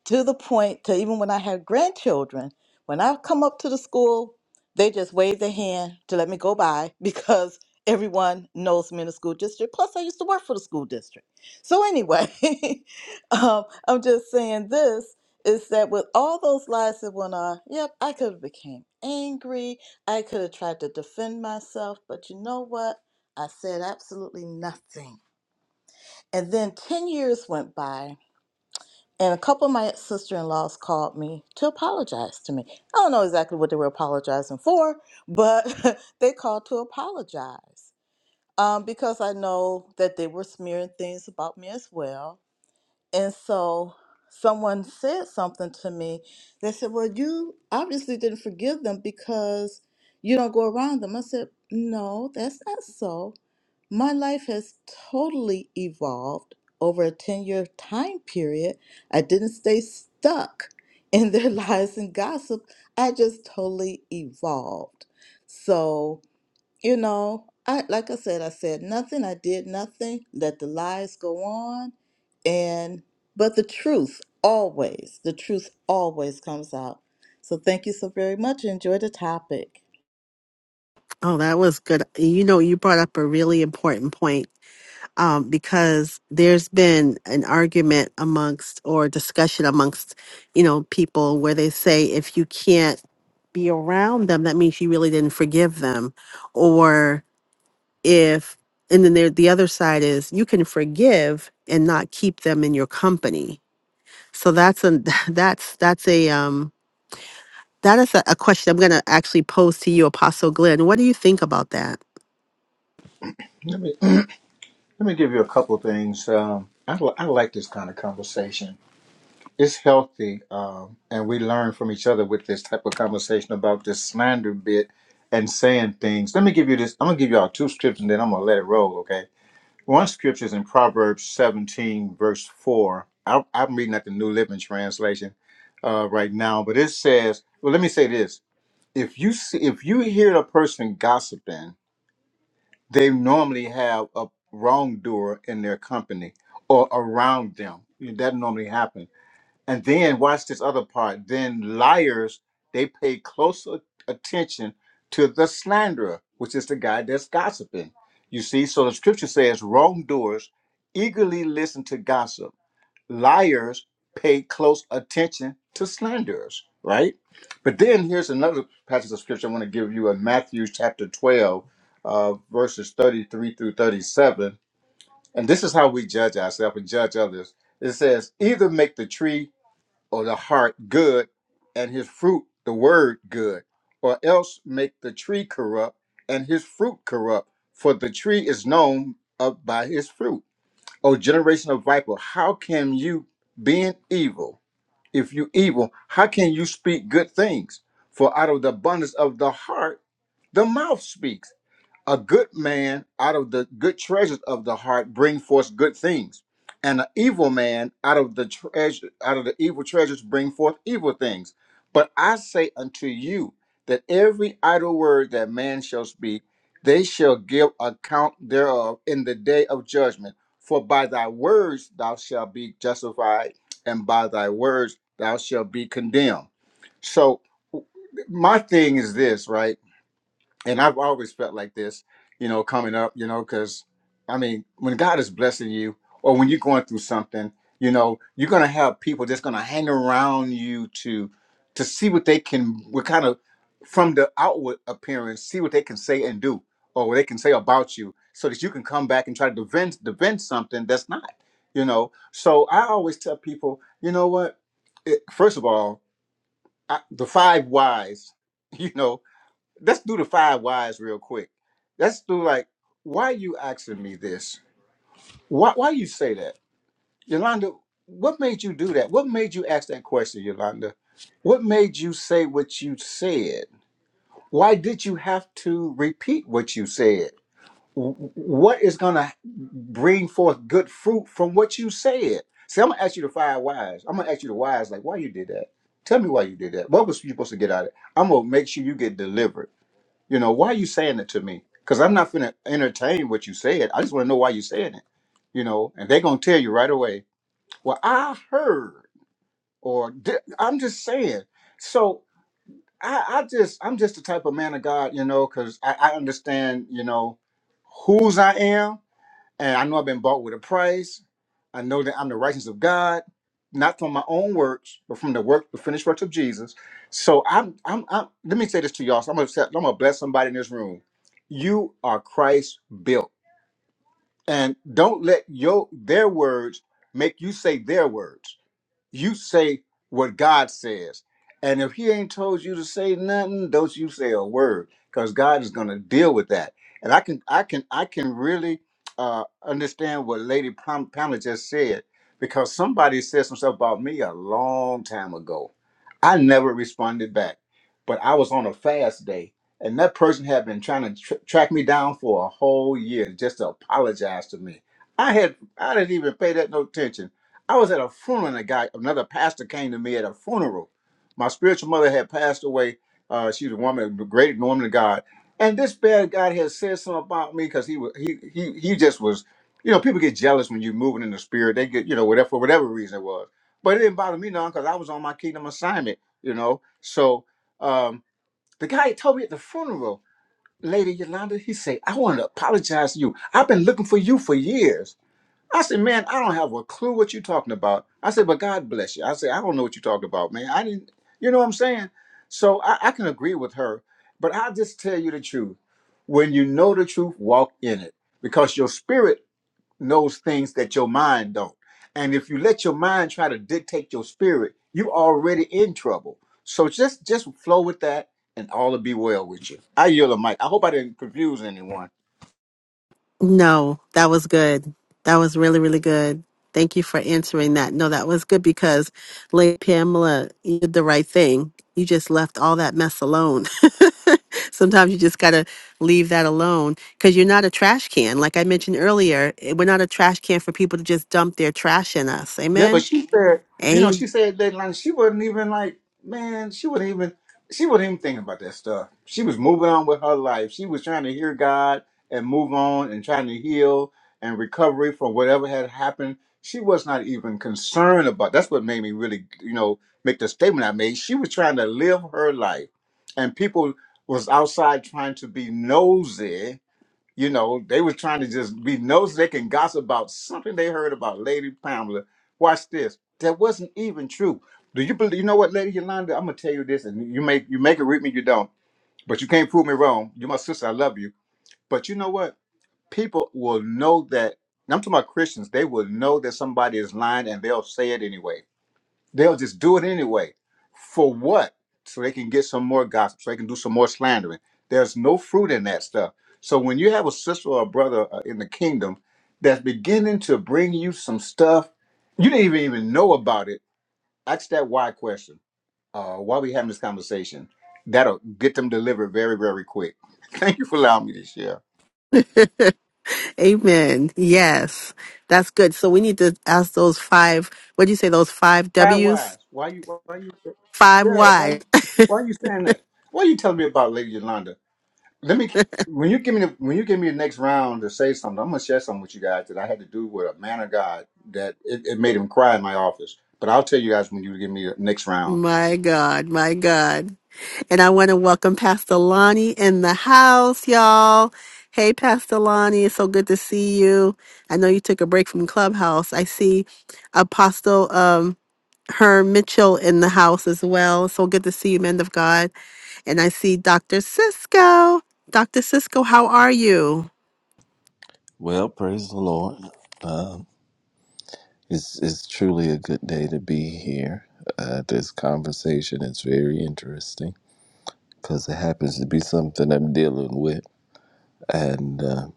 [SPEAKER 6] to the point to even when I had grandchildren, when I come up to the school, they just wave their hand to let me go by <laughs> because everyone knows me in the school district. Plus, I used to work for the school district. So, anyway, <laughs> um, I'm just saying this is that with all those lies that went on, yep, I could have became angry. I could have tried to defend myself, but you know what? I said absolutely nothing. And then 10 years went by and a couple of my sister-in-laws called me to apologize to me. I don't know exactly what they were apologizing for, but <laughs> they called to apologize um, because I know that they were smearing things about me as well. And so someone said something to me. They said, "Well, you obviously didn't forgive them because you don't go around them." I said, "No, that's not so. My life has totally evolved over a 10 year time period. I didn't stay stuck in their <laughs> lies and gossip. I just totally evolved. So, you know, I like I said, I said nothing, I did nothing, let the lies go on and but the truth always, the truth always comes out. So thank you so very much. Enjoy the topic.
[SPEAKER 1] Oh, that was good. You know, you brought up a really important point um, because there's been an argument amongst or discussion amongst you know people where they say if you can't be around them that means you really didn't forgive them or if and then there the other side is you can forgive and not keep them in your company so that's a <laughs> that's that's a um that is a, a question i'm going to actually pose to you apostle glenn what do you think about that
[SPEAKER 2] Let me let me give you a couple of things. Um, I li- I like this kind of conversation. It's healthy, um, and we learn from each other with this type of conversation about this slander bit and saying things. Let me give you this. I'm gonna give y'all two scriptures, and then I'm gonna let it roll. Okay. One scripture is in Proverbs 17, verse four. I, I'm reading at the New Living Translation uh, right now, but it says, "Well, let me say this: If you see, if you hear a person gossiping," they normally have a wrongdoer in their company or around them. That normally happens. And then watch this other part. Then liars, they pay close a- attention to the slanderer, which is the guy that's gossiping. You see, so the scripture says wrongdoers eagerly listen to gossip liars pay close attention to slanderers, right? But then here's another passage of scripture I want to give you in Matthew chapter 12, uh, verses 33 through 37. And this is how we judge ourselves and judge others. It says, either make the tree or the heart good and his fruit, the word, good, or else make the tree corrupt and his fruit corrupt, for the tree is known of by his fruit. O generation of viper, how can you, being evil, if you evil, how can you speak good things? For out of the abundance of the heart, the mouth speaks. A good man out of the good treasures of the heart bring forth good things, and an evil man out of the treasure out of the evil treasures bring forth evil things. But I say unto you that every idle word that man shall speak, they shall give account thereof in the day of judgment. For by thy words thou shalt be justified, and by thy words thou shalt be condemned. So my thing is this, right? and I've always felt like this, you know, coming up, you know, because I mean, when God is blessing you or when you're going through something, you know, you're gonna have people that's gonna hang around you to to see what they can what kind of from the outward appearance, see what they can say and do or what they can say about you so that you can come back and try to defend defend something that's not, you know. So I always tell people, you know what? It, first of all, I, the five whys, <laughs> you know, let's do the five whys real quick. Let's do like, why are you asking me this? Why why you say that? Yolanda, what made you do that? What made you ask that question, Yolanda? What made you say what you said? Why did you have to repeat what you said? W- What is gonna bring forth good fruit from what you said? See, I'm gonna ask you the five whys. I'm gonna ask you the whys, like why you did that. Tell me why you did that. What was you supposed to get out of it? I'm gonna make sure you get delivered. You know, why are you saying it to me? Because I'm not going to entertain what you said. I just want to know why you said it. You know, and they're going to tell you right away, well, I heard, or "Di- I'm just saying. So I, I just, I'm just the type of man of God, you know, because I, I understand, you know, whose I am and I know I've been bought with a price. I know that I'm the righteousness of God, not from my own works, but from the work, the finished works of Jesus. So I'm, I'm, I'm let me say this to y'all. So I'm gonna, say- I'm gonna bless somebody in this room. You are Christ built, and don't let your their words make you say their words. You say what God says. And if he ain't told you to say nothing, don't you say a word because God is going to deal with that. And I can I can I can really uh, understand what Lady Pam- Pamela just said because somebody said some stuff about me a long time ago. I never responded back, but I was on a fast day, and that person had been trying to tr- track me down for a whole year just to apologize to me. I had I didn't even pay that no attention I was at a funeral and a guy, another pastor came to me at a funeral. My spiritual mother had passed away. Uh, she was a woman, a great woman of God. And this bad guy had said something about me because he was he he he just was, you know, people get jealous when you're moving in the spirit. They get, you know, whatever for whatever reason it was. But it didn't bother me none because I was on my kingdom assignment, you know. So um the guy told me at the funeral, Lady Yolanda, he said, I want to apologize to you. I've been looking for you for years. I said, man, I don't have a clue what you're talking about. I said, but God bless you. I said, I don't know what you're talking about, man. I didn't, you know what I'm saying? So I, I can agree with her, but I'll just tell you the truth. When you know the truth, walk in it because your spirit knows things that your mind don't. And if you let your mind try to dictate your spirit, you already in trouble. So just just flow with that and all will be well with you. I yield the mic. I hope I didn't confuse anyone.
[SPEAKER 1] No, that was good. That was really, really good. Thank you for answering that. No, that was good because Lady Pamela, you did the right thing. You just left all that mess alone. <laughs> Sometimes you just got to leave that alone because you're not a trash can. Like I mentioned earlier, eh, we're not a trash can for people to just dump their trash in us.
[SPEAKER 2] Yeah, but
[SPEAKER 1] Amen.
[SPEAKER 2] she said, you know,
[SPEAKER 1] Amen.
[SPEAKER 2] she said that like she wasn't even like, man, she wasn't even she wasn't even thinking about that stuff. She was moving on with her life. She was trying to hear God and move on and trying to heal and recovery from whatever had happened. She was not even concerned about that's what made me really, you know, make the statement I made. She was trying to live her life. And people was outside trying to be nosy you know, they was trying to just be nosy. They can gossip about something they heard about Lady Pamela. Watch this. That wasn't even true. Do you believe? You know what, Lady Yolanda? I'm gonna tell you this, and you make you make it with me. You don't, but you can't prove me wrong. You're my sister. I love you. But you know what? People will know that. I'm talking about Christians. They will know that somebody is lying, and they'll say it anyway. They'll just do it anyway. For what? So they can get some more gossip, so they can do some more slandering. There's no fruit in that stuff. So when you have a sister or a brother uh, in the kingdom that's beginning to bring you some stuff, you didn't even, even know about it, ask that why question. Uh, why we having this conversation? That'll get them delivered very, very quick. <laughs> Thank you for allowing me to share.
[SPEAKER 1] Amen. Yes. That's good. So we need to ask those five, what do you say, those five
[SPEAKER 2] Why
[SPEAKER 1] W's?
[SPEAKER 2] wise? Why you why you
[SPEAKER 1] Five
[SPEAKER 2] yeah, why
[SPEAKER 1] Y's.
[SPEAKER 2] you why you saying that? Why are you telling me about Lady Yolanda? Let me when you give me the when you give me the next round to say something, I'm gonna share something with you guys that I had to do with a man of God that it, it made him cry in my office. But I'll tell you guys when you give me the next round.
[SPEAKER 1] My God, my God. And I want to welcome Pastor Lonnie in the house, y'all. Hey, Pastor Lonnie, it's so good to see you. I know you took a break from Clubhouse. I see Apostle um, Herm Mitchell in the house as well. So good to see you, men of God. And I see Dr. Cisco. Dr. Cisco, how are you?
[SPEAKER 7] Well, praise the Lord. It's, it's truly a good day to be here. Uh, this conversation is very interesting because it happens to be something I'm dealing with, and uh,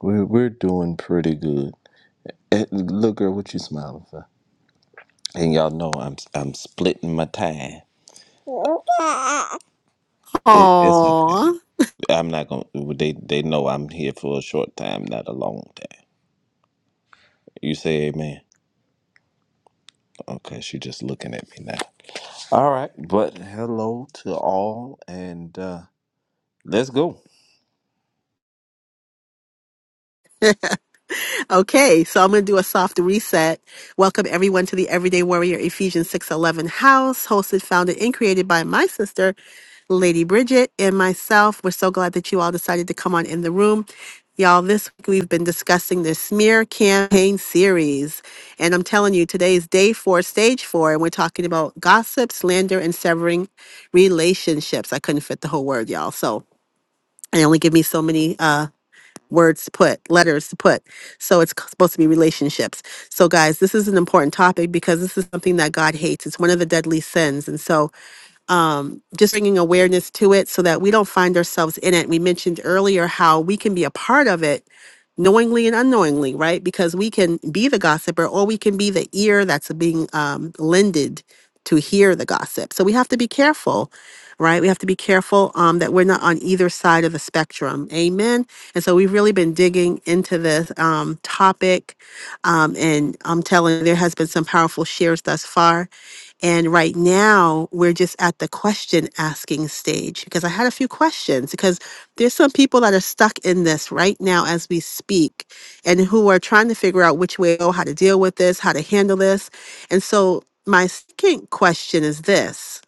[SPEAKER 7] we're, we're doing pretty good. Eh, look, girl, what you smiling for? And y'all know I'm I'm splitting my time. <laughs> It, it's okay.
[SPEAKER 1] Aww.
[SPEAKER 7] I'm not gonna. They they know I'm here for a short time, not a long time. You say amen. Okay, she just looking at me now. All right, but hello to all, and uh, let's go.
[SPEAKER 1] Okay, so I'm going to do a soft reset. Welcome everyone to the Everyday Warrior Ephesians 6:11 house, hosted, founded, and created by my sister, Lady Bridget, and myself. We're so glad that you all decided to come on in the room. Y'all, this week we've been discussing the smear campaign series. And I'm telling you, today is day four, stage four, and we're talking about gossip, slander, and severing relationships. I couldn't fit the whole word, y'all. So, and only give me so many. uh, words to put, letters to put. So it's c- supposed to be relationships. So, guys, this is an important topic because this is something that God hates. It's one of the deadly sins. And so, um, just bringing awareness to it so that we don't find ourselves in it. We mentioned earlier how we can be a part of it knowingly and unknowingly, right? Because we can be the gossiper or we can be the ear that's being um, lended to hear the gossip. So we have to be careful, right? We have to be careful um, that we're not on either side of the spectrum. Amen. And so we've really been digging into this um, topic. Um, and I'm telling you, there has been some powerful shares thus far. And right now, we're just at the question asking stage because I had a few questions. Because there's some people that are stuck in this right now as we speak and who are trying to figure out which way to go, how to deal with this, how to handle this. And so, my second question is this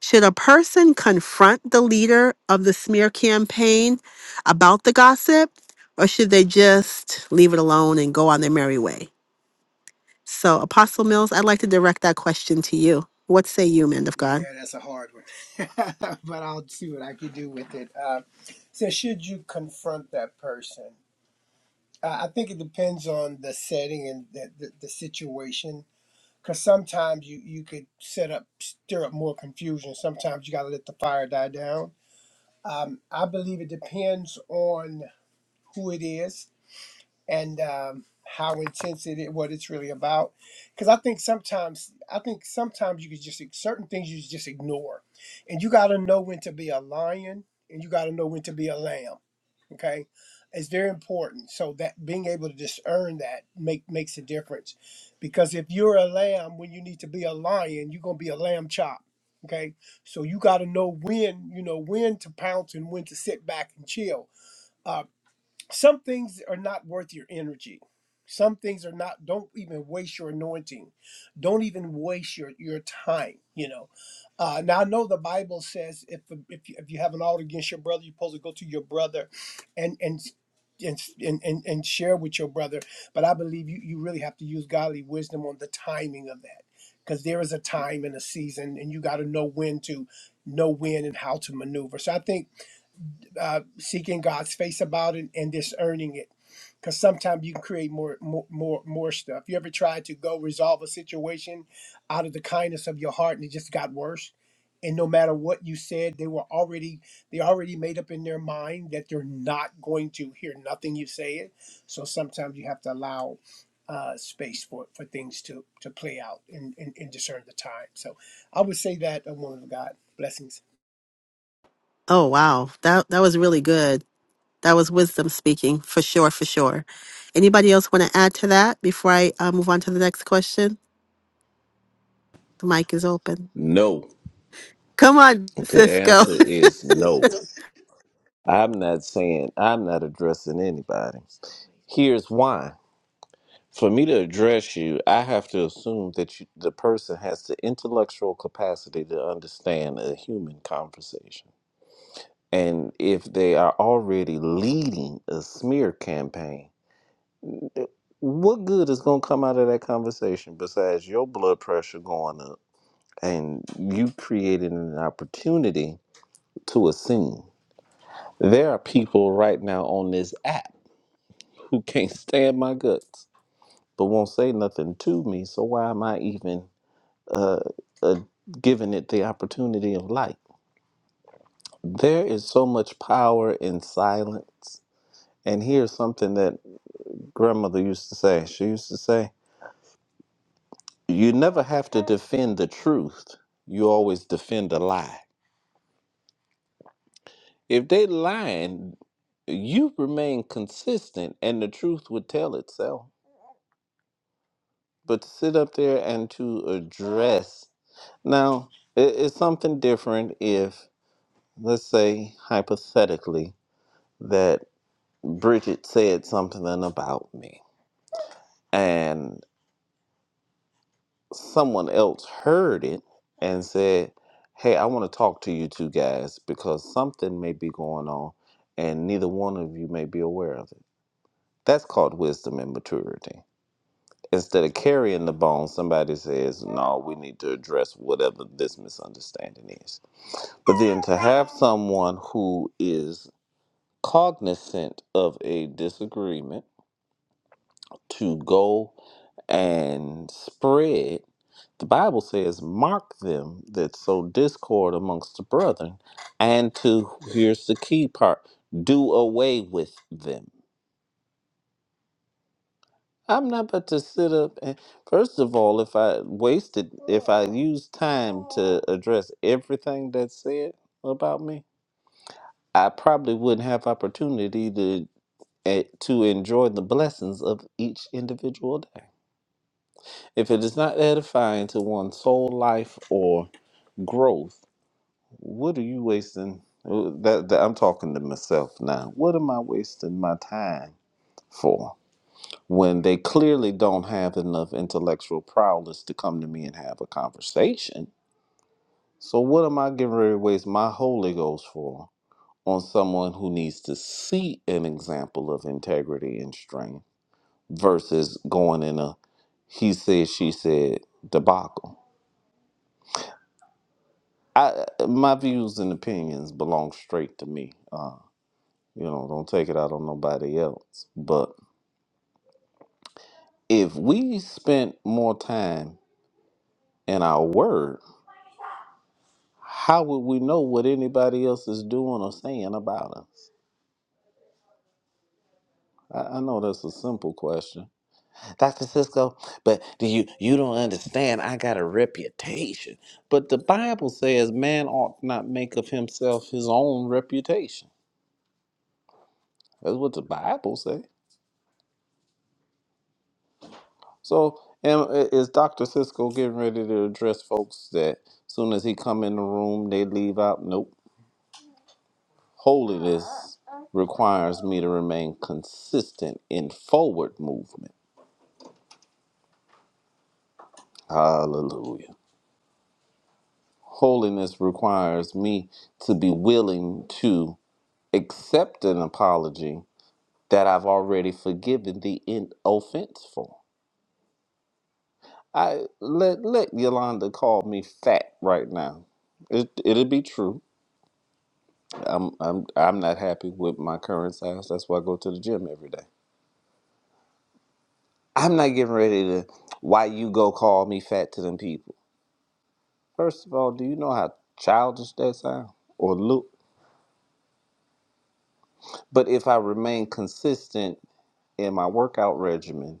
[SPEAKER 1] Should a person confront the leader of the smear campaign about the gossip, or should they just leave it alone and go on their merry way? So, Apostle Mills, I'd like to direct that question to you. What say you, man of God?
[SPEAKER 3] Yeah, that's a hard one. <laughs> but I'll see what I can do with it. Uh, so, should you confront that person? Uh, I think it depends on the setting and the, the, the situation. Because sometimes you, you could set up, stir up more confusion. Sometimes you got to let the fire die down Um, I believe it depends on who it is and um, how intense it is, what it's really about. Because I think sometimes, I think sometimes you could just certain things you just ignore, and you got to know when to be a lion and you got to know when to be a lamb okay it's very important so that being able to discern that make makes a difference because if you're a lamb when you need to be a lion you're going to be a lamb chop okay so you got to know when you know when to pounce and when to sit back and chill Uh, some things are not worth your energy some things are not don't even waste your anointing don't even waste your your time you know uh, now i know the bible says if if you, if you have an ought against your brother you're supposed to go to your brother and and and, and, and and share with your brother but i believe you, you really have to use godly wisdom on the timing of that because there is a time and a season and you got to know when to know when and how to maneuver so i think uh, seeking God's face about it and discerning it. Because sometimes you can create more, more, more, more stuff. You ever tried to go resolve a situation out of the kindness of your heart and it just got worse? And no matter what you said, they were already they already made up in their mind that they're not going to hear nothing you say it. So sometimes you have to allow uh, space for for things to to play out and, and, and discern the time. So I would say that a woman of God blessings.
[SPEAKER 1] Oh, wow. That that was really good. That was wisdom speaking, for sure, for sure. Anybody else want to add to that before I uh, move on to the next question? The mic is open.
[SPEAKER 7] No.
[SPEAKER 1] Come on,
[SPEAKER 7] The
[SPEAKER 1] Cisco.
[SPEAKER 7] answer is no. I'm not saying I'm not addressing anybody. Here's why: for me to address you, I have to assume that you, the person has the intellectual capacity to understand a human conversation, and if they are already leading a smear campaign. eh, What good is going to come out of that conversation besides your blood pressure going up? and you created an opportunity to assume. There are people right now on this app who can't stand my guts, but won't say nothing to me. So why am I even uh, uh, giving it the opportunity of light? There is so much power in silence. And here's something that grandmother used to say. She used to say, "You never have to defend the truth. You always defend a lie." If they lying, you remain consistent and the truth would tell itself. But to sit up there and to address now, i- it's something different if, let's say, hypothetically, that Bridget said something about me and someone else heard it and said, Hey, I want to talk to you two guys because something may be going on and neither one of you may be aware of it. That's called wisdom and maturity Instead of carrying the bone, somebody says, No, we need to address whatever this misunderstanding is. But then to have someone who is cognizant of a disagreement to go and spread the Bible says, Mark them that sow discord amongst the brethren, and to, here's the key part, do away with them. I'm not about to sit up and first of all, if I wasted if I used time to address everything that's said about me, I probably wouldn't have opportunity to eh, to enjoy the blessings of each individual day. If it is not edifying to one's soul life or growth, what are you wasting? uh, That, that I'm talking to myself now. What am I wasting my time for? when they clearly don't have enough intellectual prowess to come to me and have a conversation. So, what am I getting ready to waste my Holy Ghost for on someone who needs to see an example of integrity and strength versus going in a he said, she said debacle? I, uh, my views and opinions belong straight to me. Uh, you know, don't take it out on nobody else. But if we spent more time in our word, how would we know what anybody else is doing or saying about us? I, I know that's a simple question. Dr. Cisco, but do you you don't understand I got a reputation. But the Bible says man ought not make of himself his own reputation. That's what the Bible says. So am- is Dr. Cisco getting ready to address folks that soon as he come in the room they leave out? Nope. Holiness requires me to remain consistent in forward movement Hallelujah. Holiness requires me to be willing to accept an apology that I've already forgiven the in- offense for. I let let Yolanda call me fat right now. It it'll be true. I'm I'm I'm not happy with my current size. That's why I go to the gym every day. I'm not getting ready to why you go call me fat to them people. First of all, do you know how childish that sounds or look? But if I remain consistent in my workout regimen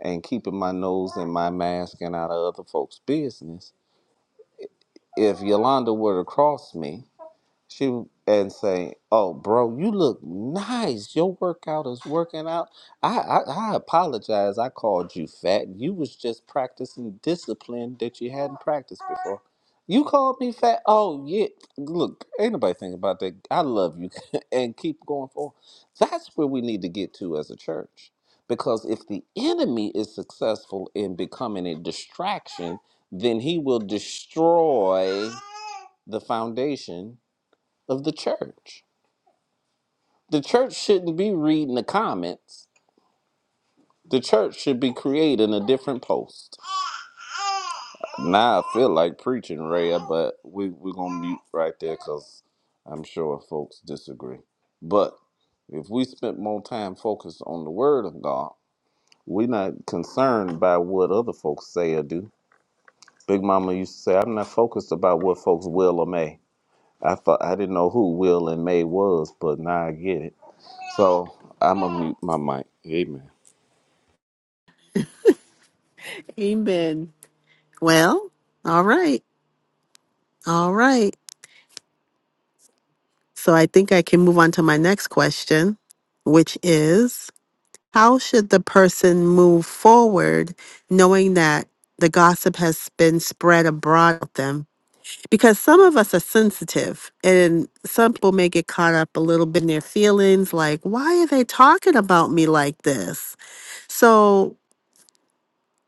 [SPEAKER 7] and keeping my nose in my mask and out of other folks' business, if Yolanda were to cross me, she w- and say, "Oh, bro, you look nice. Your workout is working out. I, I I apologize. I called you fat. You was just practicing discipline that you hadn't practiced before. You called me fat. Oh yeah. Look, ain't nobody thinking about that. I love you, <laughs> and keep going forward. That's where we need to get to as a church, because if the enemy is successful in becoming a distraction, then he will destroy the foundation." of the church. The church shouldn't be reading the comments. The church should be creating a different post. Now I feel like preaching, Rhea, but we, we're going to mute right there because I'm sure folks disagree. But if we spent more time focused on the Word of God, we're not concerned by what other folks say or do. Big Mama used to say, I'm not focused about what folks will or may. I thought I didn't know who will and may was, but now I get it. So I'm gonna mute my mic. Amen.
[SPEAKER 1] <laughs> Amen. Well, all right. All right. So, I think I can move on to my next question, which is How should the person move forward knowing that the gossip has been spread abroad of them? Because some of us are sensitive and some people may get caught up a little bit in their feelings, like, why are they talking about me like this? So,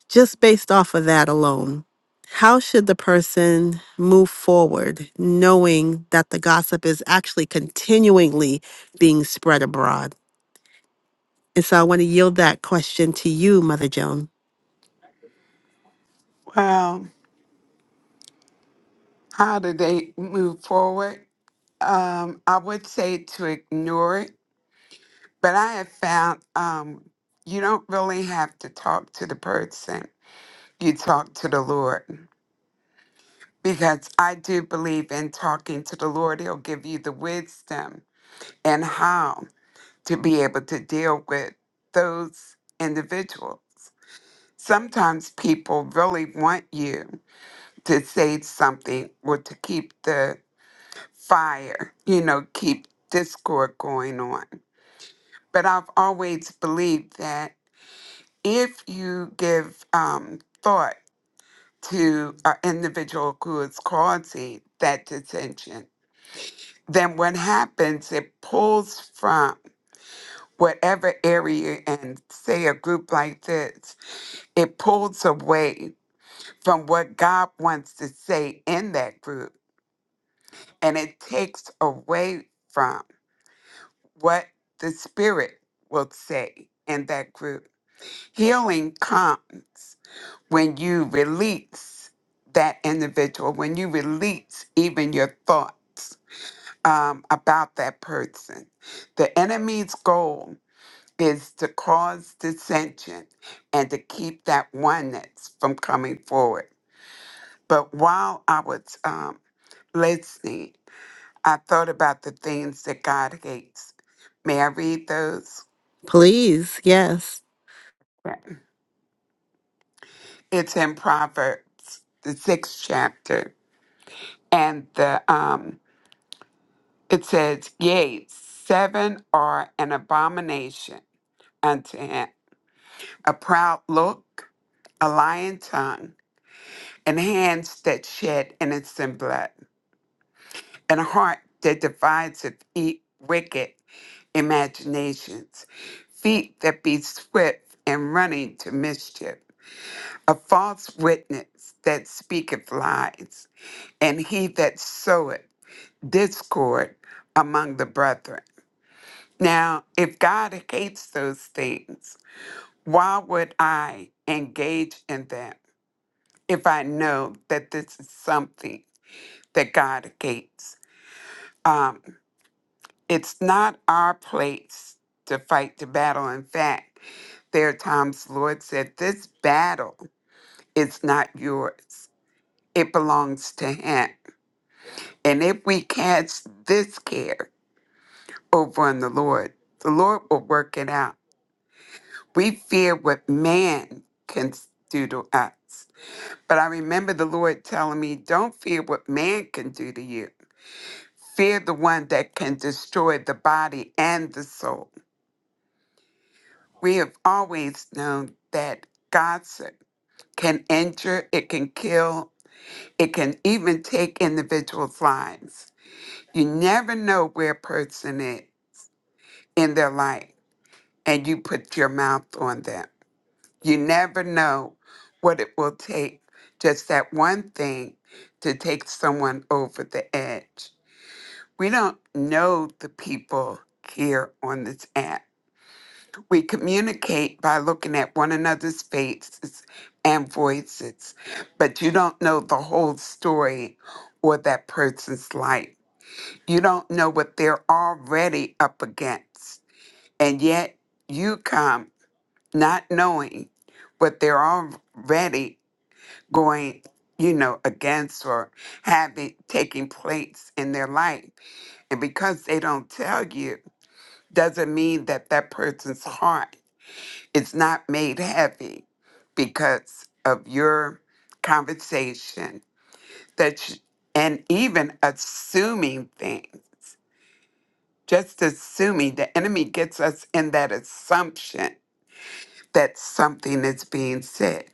[SPEAKER 1] just based off of that alone, how should the person move forward knowing that the gossip is actually continually being spread abroad? And so I want to yield that question to you, Mother Joan.
[SPEAKER 4] Well, how do they move forward? Um, I would say to ignore it, but I have found um, you don't really have to talk to the person. You talk to the Lord. because I do believe in talking to the Lord. He'll give you the wisdom and how to be able to deal with those individuals. Sometimes people really want you to say something or to keep the fire, you know, keep discord going on. But I've always believed that if you give um, thought to an individual who is causing that dissension, then what happens, it pulls from whatever area, and say a group like this, it pulls away from what God wants to say in that group, and it takes away from what the Spirit will say in that group. Healing comes when you release that individual, when you release even your thoughts um, about that person. The enemy's goal is to cause dissension and to keep that oneness from coming forward. But while I was um, listening, I thought about the things that God hates. May I read those?
[SPEAKER 1] Please, yes.
[SPEAKER 4] Yeah. It's in Proverbs, the sixth chapter, and the um, it says, "Yea, seven are an abomination unto him: a proud look, a lying tongue, and hands that shed innocent blood." and a heart that divides of e- wicked imaginations, feet that be swift and running to mischief, a false witness that speaketh lies, and he that soweth discord among the brethren. Now, if God hates those things, why would I engage in them if I know that this is something that God hates? Um, It's not our place to fight the battle. In fact, there are times the Lord said, This battle is not yours, it belongs to Him. And if we cast this care over on the Lord, the Lord will work it out. We fear what man can s- do to us. But I remember the Lord telling me, Don't fear what man can do to you. Fear the one that can destroy the body and the soul. we have always known that gossip can injure, it can kill, it can even take individuals' lives. You never know where a person is in their life, and you put your mouth on them. You never know what it will take, just that one thing, to take someone over the edge. We don't know the people here on this app We communicate by looking at one another's faces and voices, but you don't know the whole story or that person's life. You don't know what they're already up against. And yet you come not knowing what they're already going, you know, against or having taking place in their life. And because they don't tell you, doesn't mean that that person's heart it's not made heavy because of your conversation that you, and even assuming things just assuming the enemy gets us in that assumption that something is being said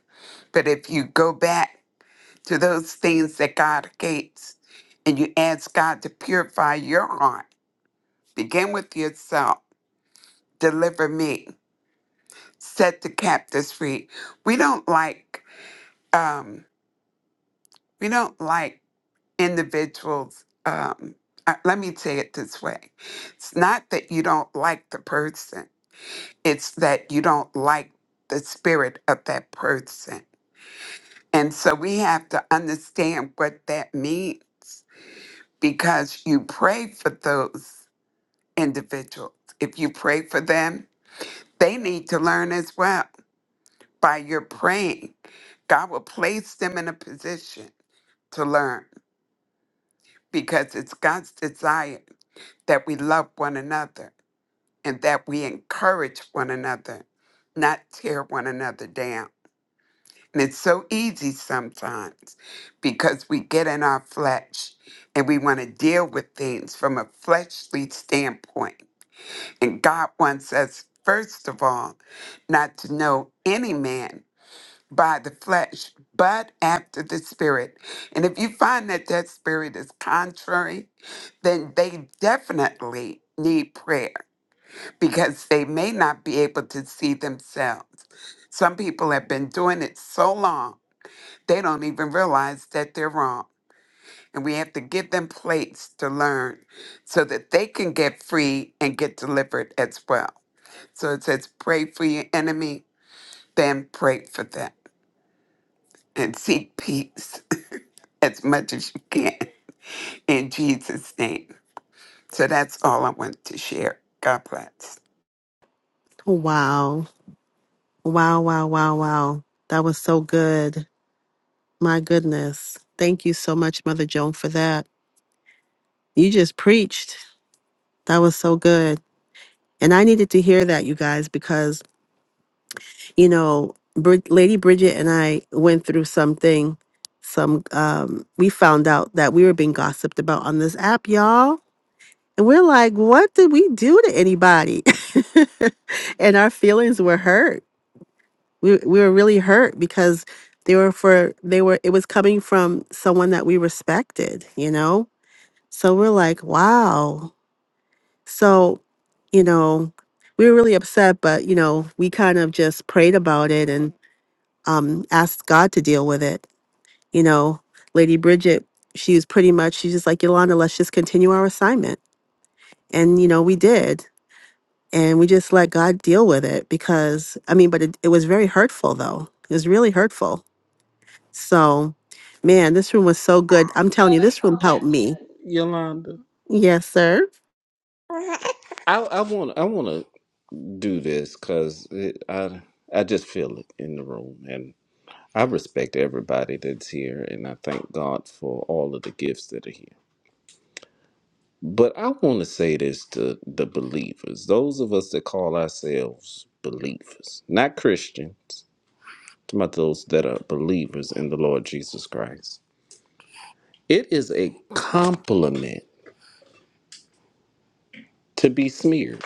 [SPEAKER 4] but if you go back to those things that god hates and you ask god to purify your heart begin with yourself deliver me set the captives free we don't like um, We don't like individuals. Um, uh, let me say it this way it's not that you don't like the person, it's that you don't like the spirit of that person. And so we have to understand what that means because you pray for those individuals. If you pray for them, they need to learn as well. By your praying, God will place them in a position to learn because it's God's desire that we love one another and that we encourage one another, not tear one another down. And it's so easy sometimes because we get in our flesh and we want to deal with things from a fleshly standpoint. And God wants us, first of all, not to know any man by the flesh, but after the spirit. And if you find that that spirit is contrary, then they definitely need prayer because they may not be able to see themselves. Some people have been doing it so long, they don't even realize that they're wrong. And we have to give them plates to learn so that they can get free and get delivered as well. So it says, pray for your enemy, then pray for them and seek peace <laughs> as much as you can in Jesus' name. So that's all I want to share. God bless.
[SPEAKER 1] Oh, Wow. Wow, wow, wow, wow. That was so good. My goodness. Thank you so much, Mother Joan, for that. You just preached. That was so good. And I needed to hear that, you guys, because, you know, Brid Lady Bridget and I went through something. Some, um, we found out that we were being gossiped about on this app, y'all. And we're like, what did we do to anybody? <laughs> and our feelings were hurt we we were really hurt because they were for they were it was coming from someone that we respected, you know? So we're like, wow. So, you know, we were really upset, but you know, we kind of just prayed about it and um asked God to deal with it. You know, Lady Bridget, she was pretty much she's just like, Yolanda, let's just continue our assignment. And you know, we did. And we just let God deal with it because I mean, but it, it was very hurtful though. It was really hurtful So, man, this room was so good. I'm telling you, this room helped me.
[SPEAKER 7] Yolanda,
[SPEAKER 1] Yes, sir.
[SPEAKER 7] I I want I want to do this because I I just feel it in the room, and I respect everybody that's here, and I thank God for all of the gifts that are here. But I want to say this to the believers, those of us that call ourselves believers, not Christians, but those that are believers in the Lord Jesus Christ. It is a compliment to be smeared.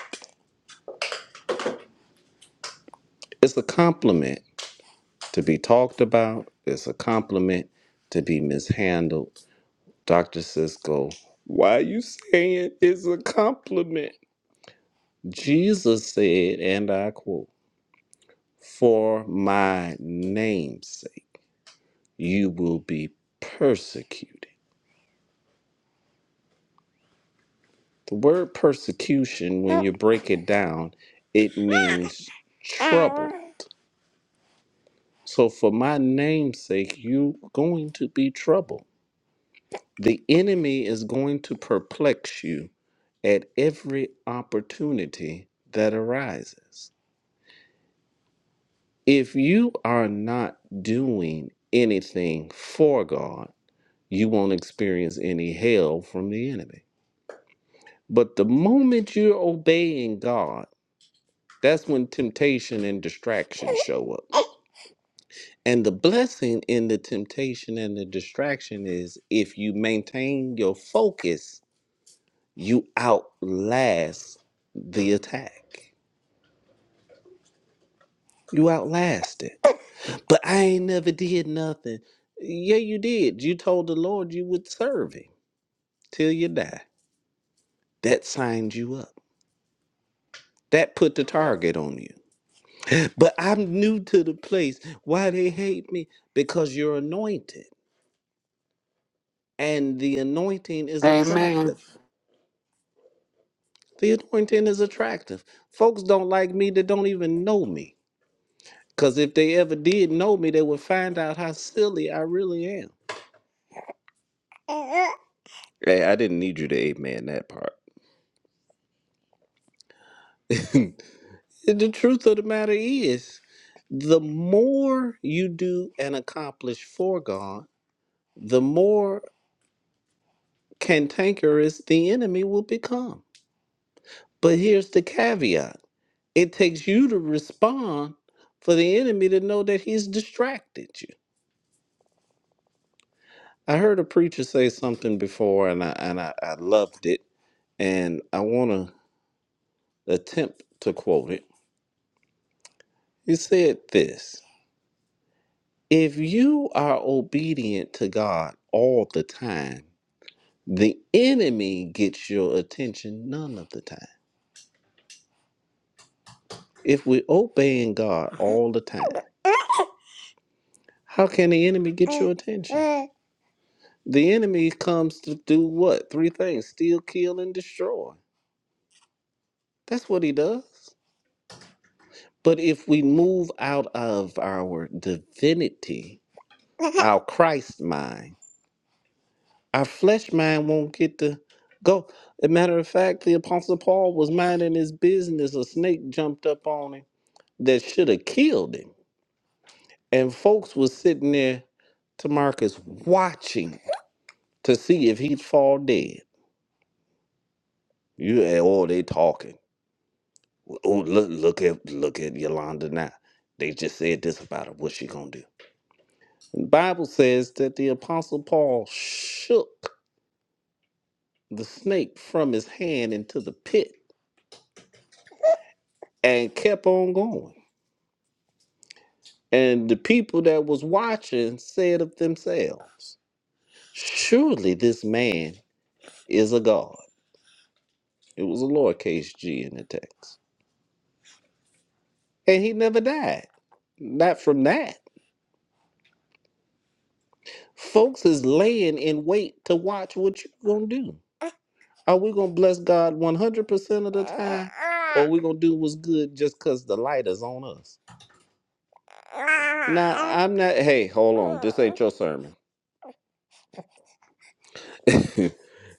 [SPEAKER 7] It's a compliment to be talked about. It's a compliment to be mishandled. Dr. Cisco, why are you saying it's a compliment? Jesus said, and I quote, For my name's sake, you will be persecuted. The word persecution, when you break it down, it means troubled. So, for my name's sake, you're going to be troubled. The enemy is going to perplex you at every opportunity that arises. If you are not doing anything for God, you won't experience any hell from the enemy. But the moment you're obeying God, that's when temptation and distraction show up. And the blessing in the temptation and the distraction is if you maintain your focus, you outlast the attack. You outlast it But I ain't never did nothing. Yeah, you did. You told the Lord you would serve him till you die. That signed you up. That put the target on you. But I'm new to the place. Why they hate me? Because you're anointed. And the anointing is
[SPEAKER 4] Amen.
[SPEAKER 7] attractive. The anointing is attractive. Folks don't like me that don't even know me. Because if they ever did know me, they would find out how silly I really am. Hey, I didn't need you to amen that part. <laughs> The truth of the matter is, the more you do and accomplish for God, the more cantankerous the enemy will become. But here's the caveat it takes you to respond for the enemy to know that he's distracted you. I heard a preacher say something before and I, and I, I loved it, and I want to attempt to quote it. He said this If you are obedient to God all the time, The enemy gets your attention none of the time. If we're obeying God all the time, how can the enemy get your attention? The enemy comes to do what? Three things steal, kill, and destroy. That's what he does. But if we move out of our divinity, our Christ mind, our flesh mind won't get to go. As a matter of fact, the Apostle Paul was minding his business. A snake jumped up on him that should have killed him And folks was sitting there, Tamarcus, watching to see if he'd fall dead. You and oh, they talking. Oh, look, look at look at Yolanda now. They just said this about her. What's she gonna do? The Bible says that the apostle Paul shook the snake from his hand into the pit and kept on going. And the people that was watching said of themselves, Surely this man is a god. It was a lowercase g in the text. and he never died. Not from that. Folks is laying in wait to watch what you gonna do. Are we gonna bless God one hundred percent of the time, or we gonna do what's good just cause the light is on us? Now I'm not. Hey, hold on. This ain't your sermon. <laughs>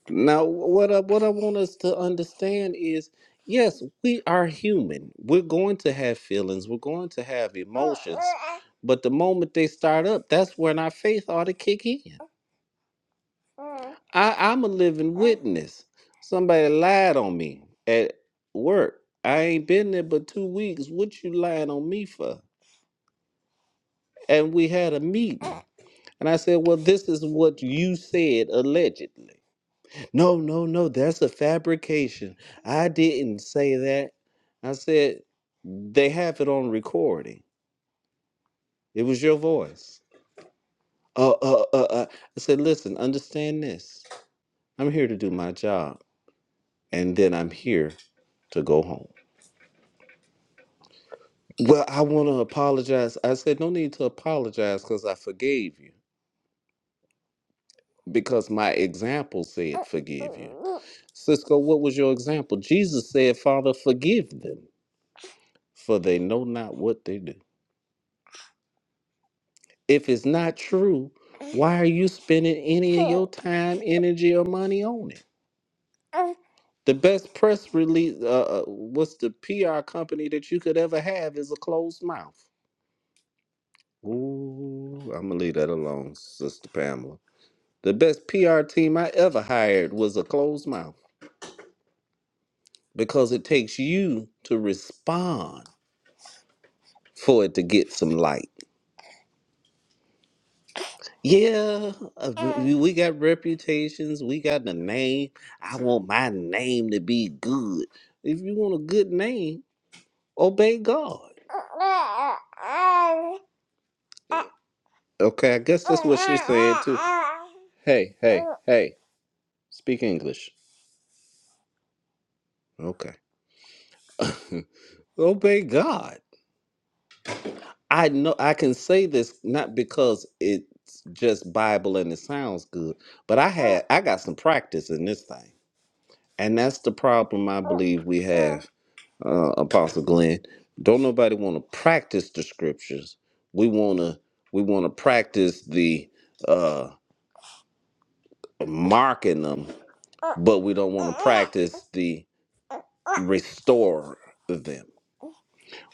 [SPEAKER 7] now what I, what I want us to understand is. Yes, we are human. We're going to have feelings. We're going to have emotions. But the moment they start up, that's when our faith ought to kick in. Mm. I, I'm a living witness. Somebody lied on me at work. I ain't been there but two weeks. What you lying on me for? And we had a meeting. And I said, Well, this is what you said allegedly. No, no, no, that's a fabrication. I didn't say that. I said, They have it on recording. It was your voice. Uh, uh, uh, uh. I said, Listen, understand this. I'm here to do my job. And then I'm here to go home. Well, I want to apologize. I said, no need to apologize because I forgave you because my example said, forgive you. Cisco, what was your example? Jesus said, Father, forgive them, for they know not what they do. If it's not true, why are you spending any of your time, energy, or money on it? The best press release, uh, uh, what's the PR company that you could ever have is a closed mouth. Ooh, I'm going to leave that alone, Sister Pamela. The best PR team I ever hired was a closed mouth because it takes you to respond for it to get some light. Yeah, uh, we we got reputations, we got the name. I want my name to be good. If you want a good name, obey God. <laughs> Okay, I guess that's what she's saying too. Hey, hey, <laughs> hey, speak English. Okay. <laughs> Obey God. I know I can say this not because it's just Bible and it sounds good, but I had I got some practice in this thing, and that's the problem I believe we have, uh, Apostle Glenn. Don't nobody want to practice the scriptures. We wanna we want to practice the uh, marking them, but we don't want to practice the restore them.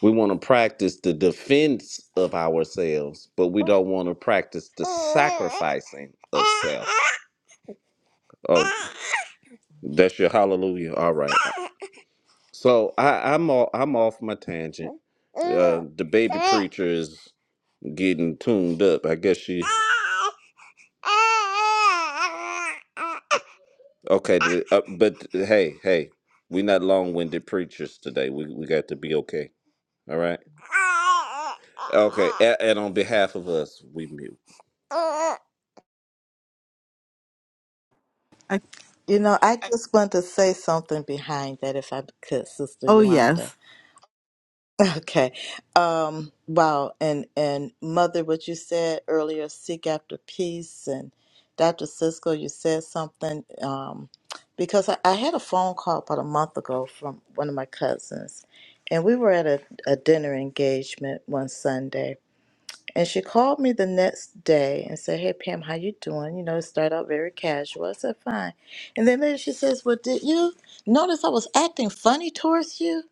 [SPEAKER 7] We want to practice the defense of ourselves, but we don't want to practice the sacrificing of self. Oh, that's your hallelujah. All right. So I, I'm all, I'm off my tangent. Uh, the baby preacher is getting tuned up. I guess she. Okay, the, uh, but hey, hey, we are not long-winded preachers today. We we got to be okay. All right. Okay. <laughs> And, and on behalf of us, we mute.
[SPEAKER 1] I,
[SPEAKER 6] You know, I just want to say something behind that, if I could, Sister
[SPEAKER 1] oh,
[SPEAKER 6] Yolanda.
[SPEAKER 1] yes.
[SPEAKER 6] <laughs> Okay. Um, wow. And and Mother, what you said earlier, seek after peace, and Dr. Cisco, you said something um, because I, I had a phone call about a month ago from one of my cousins, and we were at a, a dinner engagement one Sunday, and she called me the next day and said, "Hey Pam, how you doing?" You know, it started out very casual. I said, "Fine." And then later she says, "Well, did you notice I was acting funny towards you?"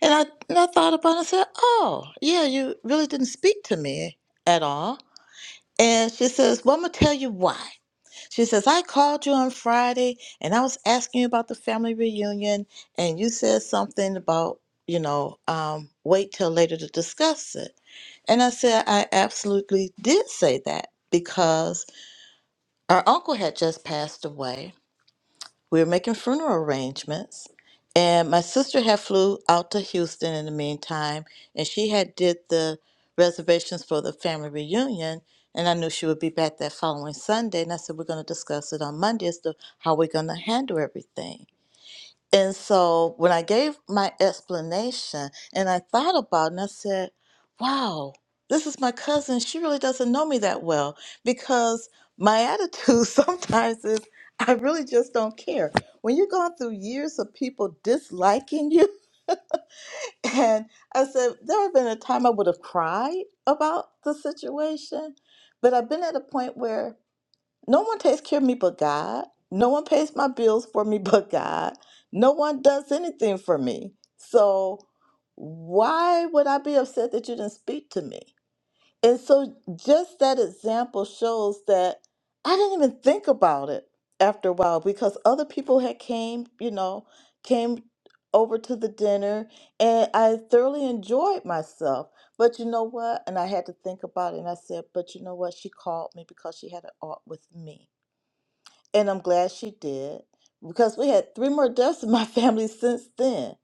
[SPEAKER 6] And I and I thought about it and said, "Oh, yeah, you really didn't speak to me at all." And she says, "Well, I'm gonna tell you why." She says, I called you on Friday and I was asking you about the family reunion, and you said something about, you know, um, wait till later to discuss it. And I said, I absolutely did say that because our uncle had just passed away we were making funeral arrangements and my sister had flew out to houston in the meantime and she had did the reservations for the family reunion and i knew she would be back that following sunday and i said we're going to discuss it on monday as to how we're going to handle everything and so when I gave my explanation and I thought about it and I said, wow, this is my cousin. She really doesn't know me that well because my attitude <laughs> sometimes is I really just don't care. When you're going through years of people disliking you, <laughs> and I said, there have been a time I would have cried about the situation, but I've been at a point where no one takes care of me but God. No one pays my bills for me <laughs> but God. No one does anything for me. So why would I be upset that you didn't speak to me? And so just that example shows that I didn't even think about it after a while because other people had came, you know, came over to the dinner and I thoroughly enjoyed myself. But you know what? And I had to think about it and I said, but you know what? She called me because she had an art with me. And I'm glad she did because we had three more deaths in my <laughs> family since then.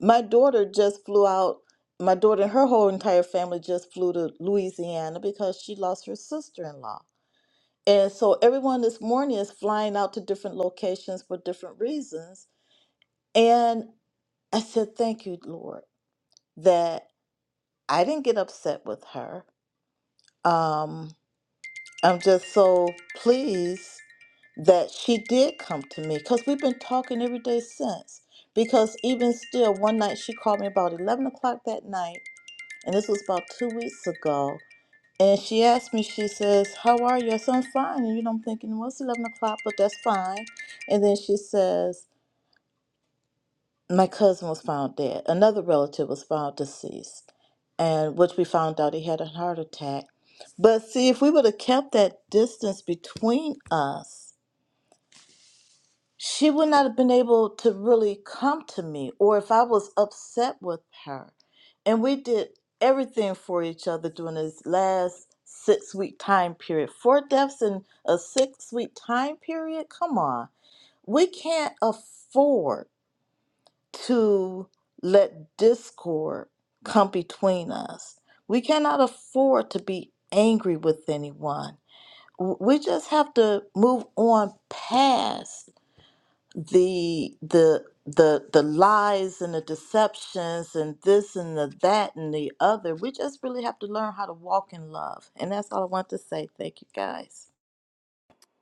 [SPEAKER 6] My daughter just flew out. My daughter and her whole entire family just flew to Louisiana because she lost her sister in law. And so everyone this morning is flying out to different locations for different reasons. And I said, Thank you, Lord, that I didn't get upset with her. Um, I'm just so pleased that she did come to me because we've been talking every day since. Because even still, one night she called me about 11 o'clock that night, and this was about two weeks ago. And she asked me, she says, How are you? I said, I'm fine. And you know, I'm thinking, Well, it's 11 o'clock, but that's fine. And then she says, my cousin was found dead. Another relative was found deceased, and which we found out he had a heart attack. But see, if we would have kept that distance between us, she would not have been able to really come to me, or if I was upset with her. And we did everything for each other during this last six week time period. Four deaths in a six week time period? Come on. We can't afford to let discord come between us. We cannot afford to be angry with anyone. W- We just have to move on past the the the the lies and the deceptions and this and the that and the other. We just really have to learn how to walk in love. And that's all I want to say. Thank you guys.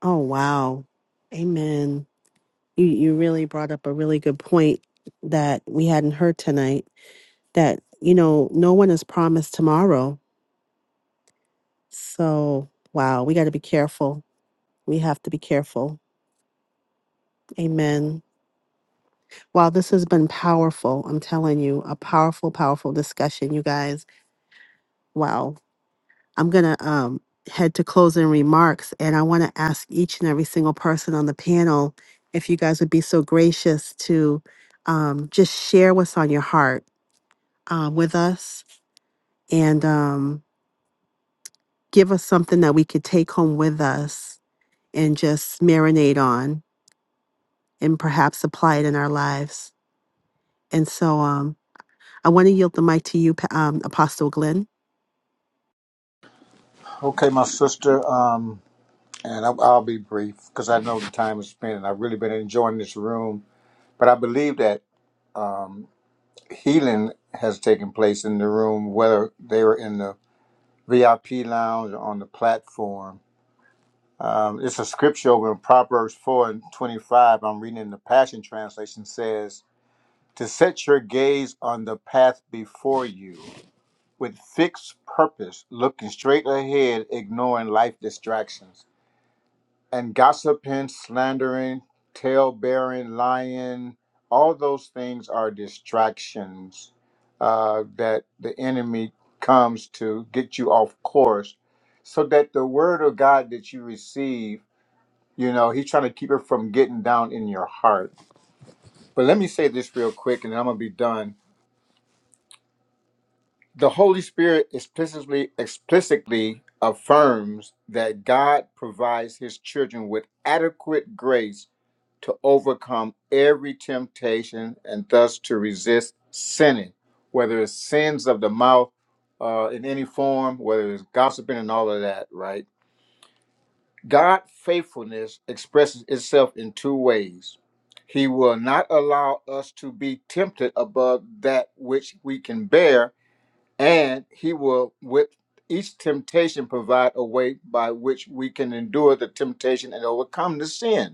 [SPEAKER 1] Oh, wow. Amen. You you really brought up a really good point that we hadn't heard tonight. That you know, no one is promised tomorrow. So, wow, we got to be careful. We have to be careful. Amen. Wow, this has been powerful. I'm telling you, a powerful, powerful discussion, you guys. Wow. I'm going to um, head to closing remarks, and I want to ask each and every single person on the panel if you guys would be so gracious to um, just share what's on your heart uh, with us and um, give us something that we could take home with us and just marinate on and perhaps apply it in our lives. And so um, I want to yield the mic to you, Pa- um, Apostle Glenn.
[SPEAKER 2] Okay, my sister, um, and I'll, I'll be brief because I know the time is spent, and I've really been enjoying this room. But I believe that um, healing has taken place in the room, whether they were in the VIP lounge or on the platform. Um, it's a scripture over in Proverbs 4 and 25. I'm reading in the Passion Translation says, To set your gaze on the path before you with fixed purpose, looking straight ahead, ignoring life distractions. And gossiping, slandering, tale bearing, lying, all those things are distractions uh, that the enemy comes to get you off course so that the word of God that you receive you know, he's trying to keep it from getting down in your heart. But let me say this real quick and then I'm going to be done. The Holy Spirit explicitly explicitly affirms that God provides his children with adequate grace to overcome every temptation and thus to resist sinning, whether it's sins of the mouth uh, in any form, whether it's gossiping and all of that, right? God faithfulness expresses itself in two ways. He will not allow us to be tempted above that which we can bear, and he will with each temptation provide a way by which we can endure the temptation and overcome the sin.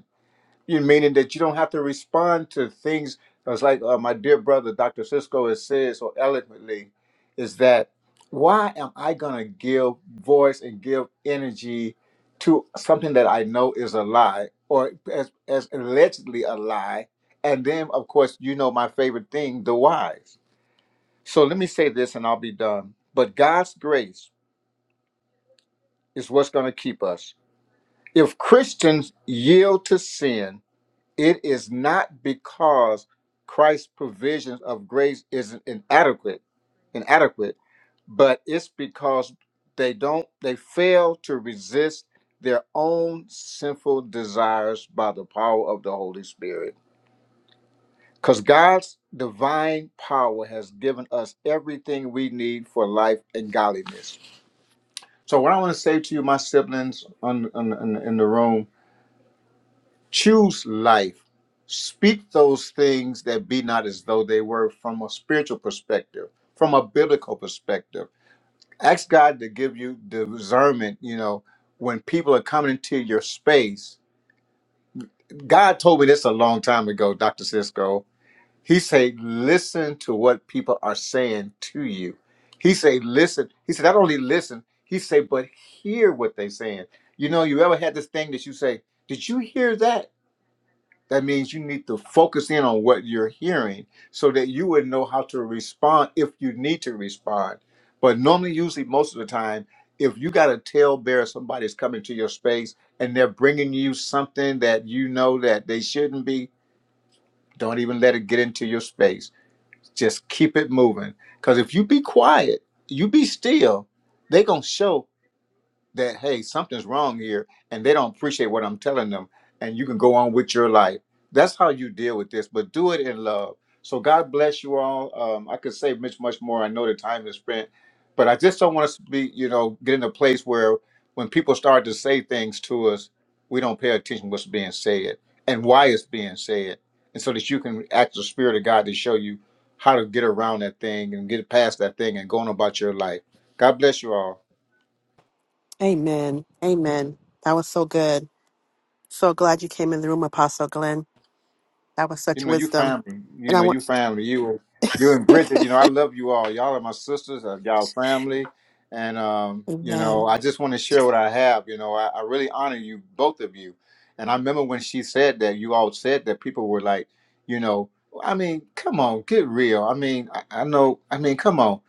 [SPEAKER 2] You meaning that you don't have to respond to things. It's like uh, my dear brother, Dr. Cisco, has said so eloquently, is that why am I gonna give voice and give energy to something that I know is a lie or as, as allegedly a lie? And then, of course, you know my favorite thing, the whys. So let me say this, and I'll be done. But God's grace is what's gonna keep us. If Christians yield to sin It is not because Christ's provisions of grace isn't inadequate, inadequate, but it's because they don't they fail to resist their own sinful desires by the power of the Holy Spirit. Because God's divine power has given us everything we need for life and godliness. So what I want to say to you, my siblings on, on, in in the room, Choose life. Speak those things that be not as though they were from a spiritual perspective, from a biblical perspective. Ask God to give you discernment, you know, when people are coming into your space. God told me this a long time ago, Dr. Cisco. He said, listen to what people are saying to you. He said, listen. He said, not only listen, he said, but hear what they're saying. You know, you ever had this thing that you say, did you hear that? That means you need to focus in on what you're hearing so that you would know how to respond if you need to respond. But normally, usually, most of the time, if you got a tailbearer, somebody's coming to your space and they're bringing you something that you know that they shouldn't be, don't even let it get into your space. Just keep it moving. Because if you be quiet, you be still, they going to show that hey something's wrong here and they don't appreciate what i'm telling them and you can go on with your life that's how you deal with this but do it in love so god bless you all um, i could say much much more i know the time is spent but i just don't want us to be you know get in a place where when people start to say things to us we don't pay attention what's being said and why it's being said and so that you can ask the spirit of god to show you how to get around that thing and get past that thing and go on about your life god bless you all
[SPEAKER 1] Amen. Amen. That was so good. So glad you came in the room, Apostle Glenn. That was
[SPEAKER 2] You
[SPEAKER 1] such
[SPEAKER 2] know, you
[SPEAKER 1] wisdom.
[SPEAKER 2] family. You
[SPEAKER 1] And I
[SPEAKER 2] know,
[SPEAKER 1] want,
[SPEAKER 2] you family. You, you and Bridget. You know, I love you all. Y'all are my sisters. uh, Y'all family, and um, you know,
[SPEAKER 1] amen.
[SPEAKER 2] I just want to share what I have. You know, I, I really honor you, both of you. And I remember when she said that, you all said that people were like, you know, I mean, come on, get real. I mean, I, I know. I mean, come on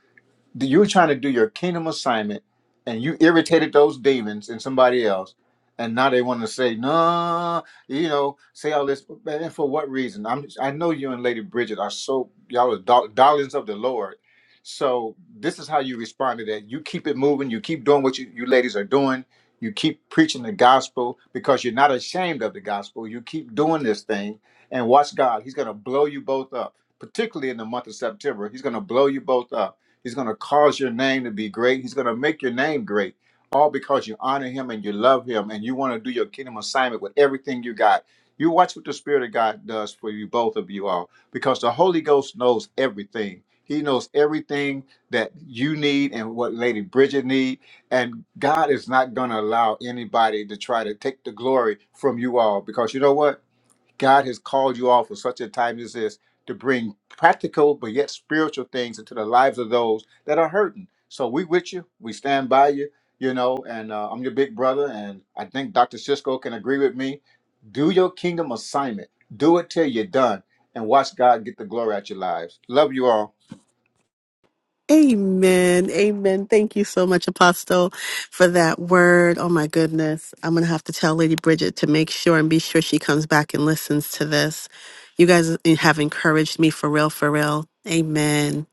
[SPEAKER 2] you were trying to do your kingdom assignment and you irritated those demons and somebody else and now they want to say no you know say all this man, and for what reason i'm i know you and lady bridget are so y'all are dar- darlings of the lord so this is how you respond to that you keep it moving you keep doing what you, you ladies are doing you keep preaching the gospel because you're not ashamed of the gospel you keep doing this thing and watch god he's going to blow you both up particularly in the month of september he's going to blow you both up He's going to cause your name to be great. He's going to make your name great, all because you honor him and you love him and you want to do your kingdom assignment with everything you got. You watch what the Spirit of God does for you, both of you all, because the Holy Ghost knows everything. He knows everything that you need and what Lady Bridget need. And God is not going to allow anybody to try to take the glory from you all, because you know what? God has called you all for such a time as this to bring practical but yet spiritual things into the lives of those that are hurting. So we with you. We stand by you. You know, and uh, I'm your big brother, and I think Dr. Cisco can agree with me. Do your kingdom assignment. Do it till you're done, and watch God get the glory out your lives. Love you all.
[SPEAKER 1] Amen. Amen. Thank you so much, Apostle, for that word. Oh my goodness. I'm going to have to tell Lady Bridget to make sure and be sure she comes back and listens to this. You guys have encouraged me for real, for real. Amen.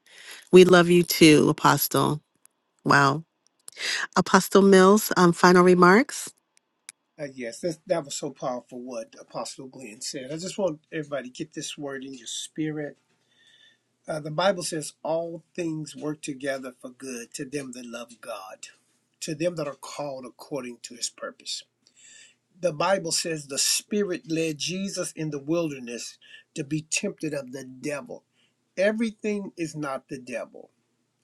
[SPEAKER 1] We love you too, Apostle. Wow. Apostle Mills, um, final remarks.
[SPEAKER 3] Uh, yes, that, that was so powerful what Apostle Glenn said. I just want everybody to get this word in your spirit. Uh, the Bible says, All things work together for good to them that love God, to them that are called according to his purpose. The Bible says the Spirit led Jesus in the wilderness to be tempted of the devil. Everything is not the devil.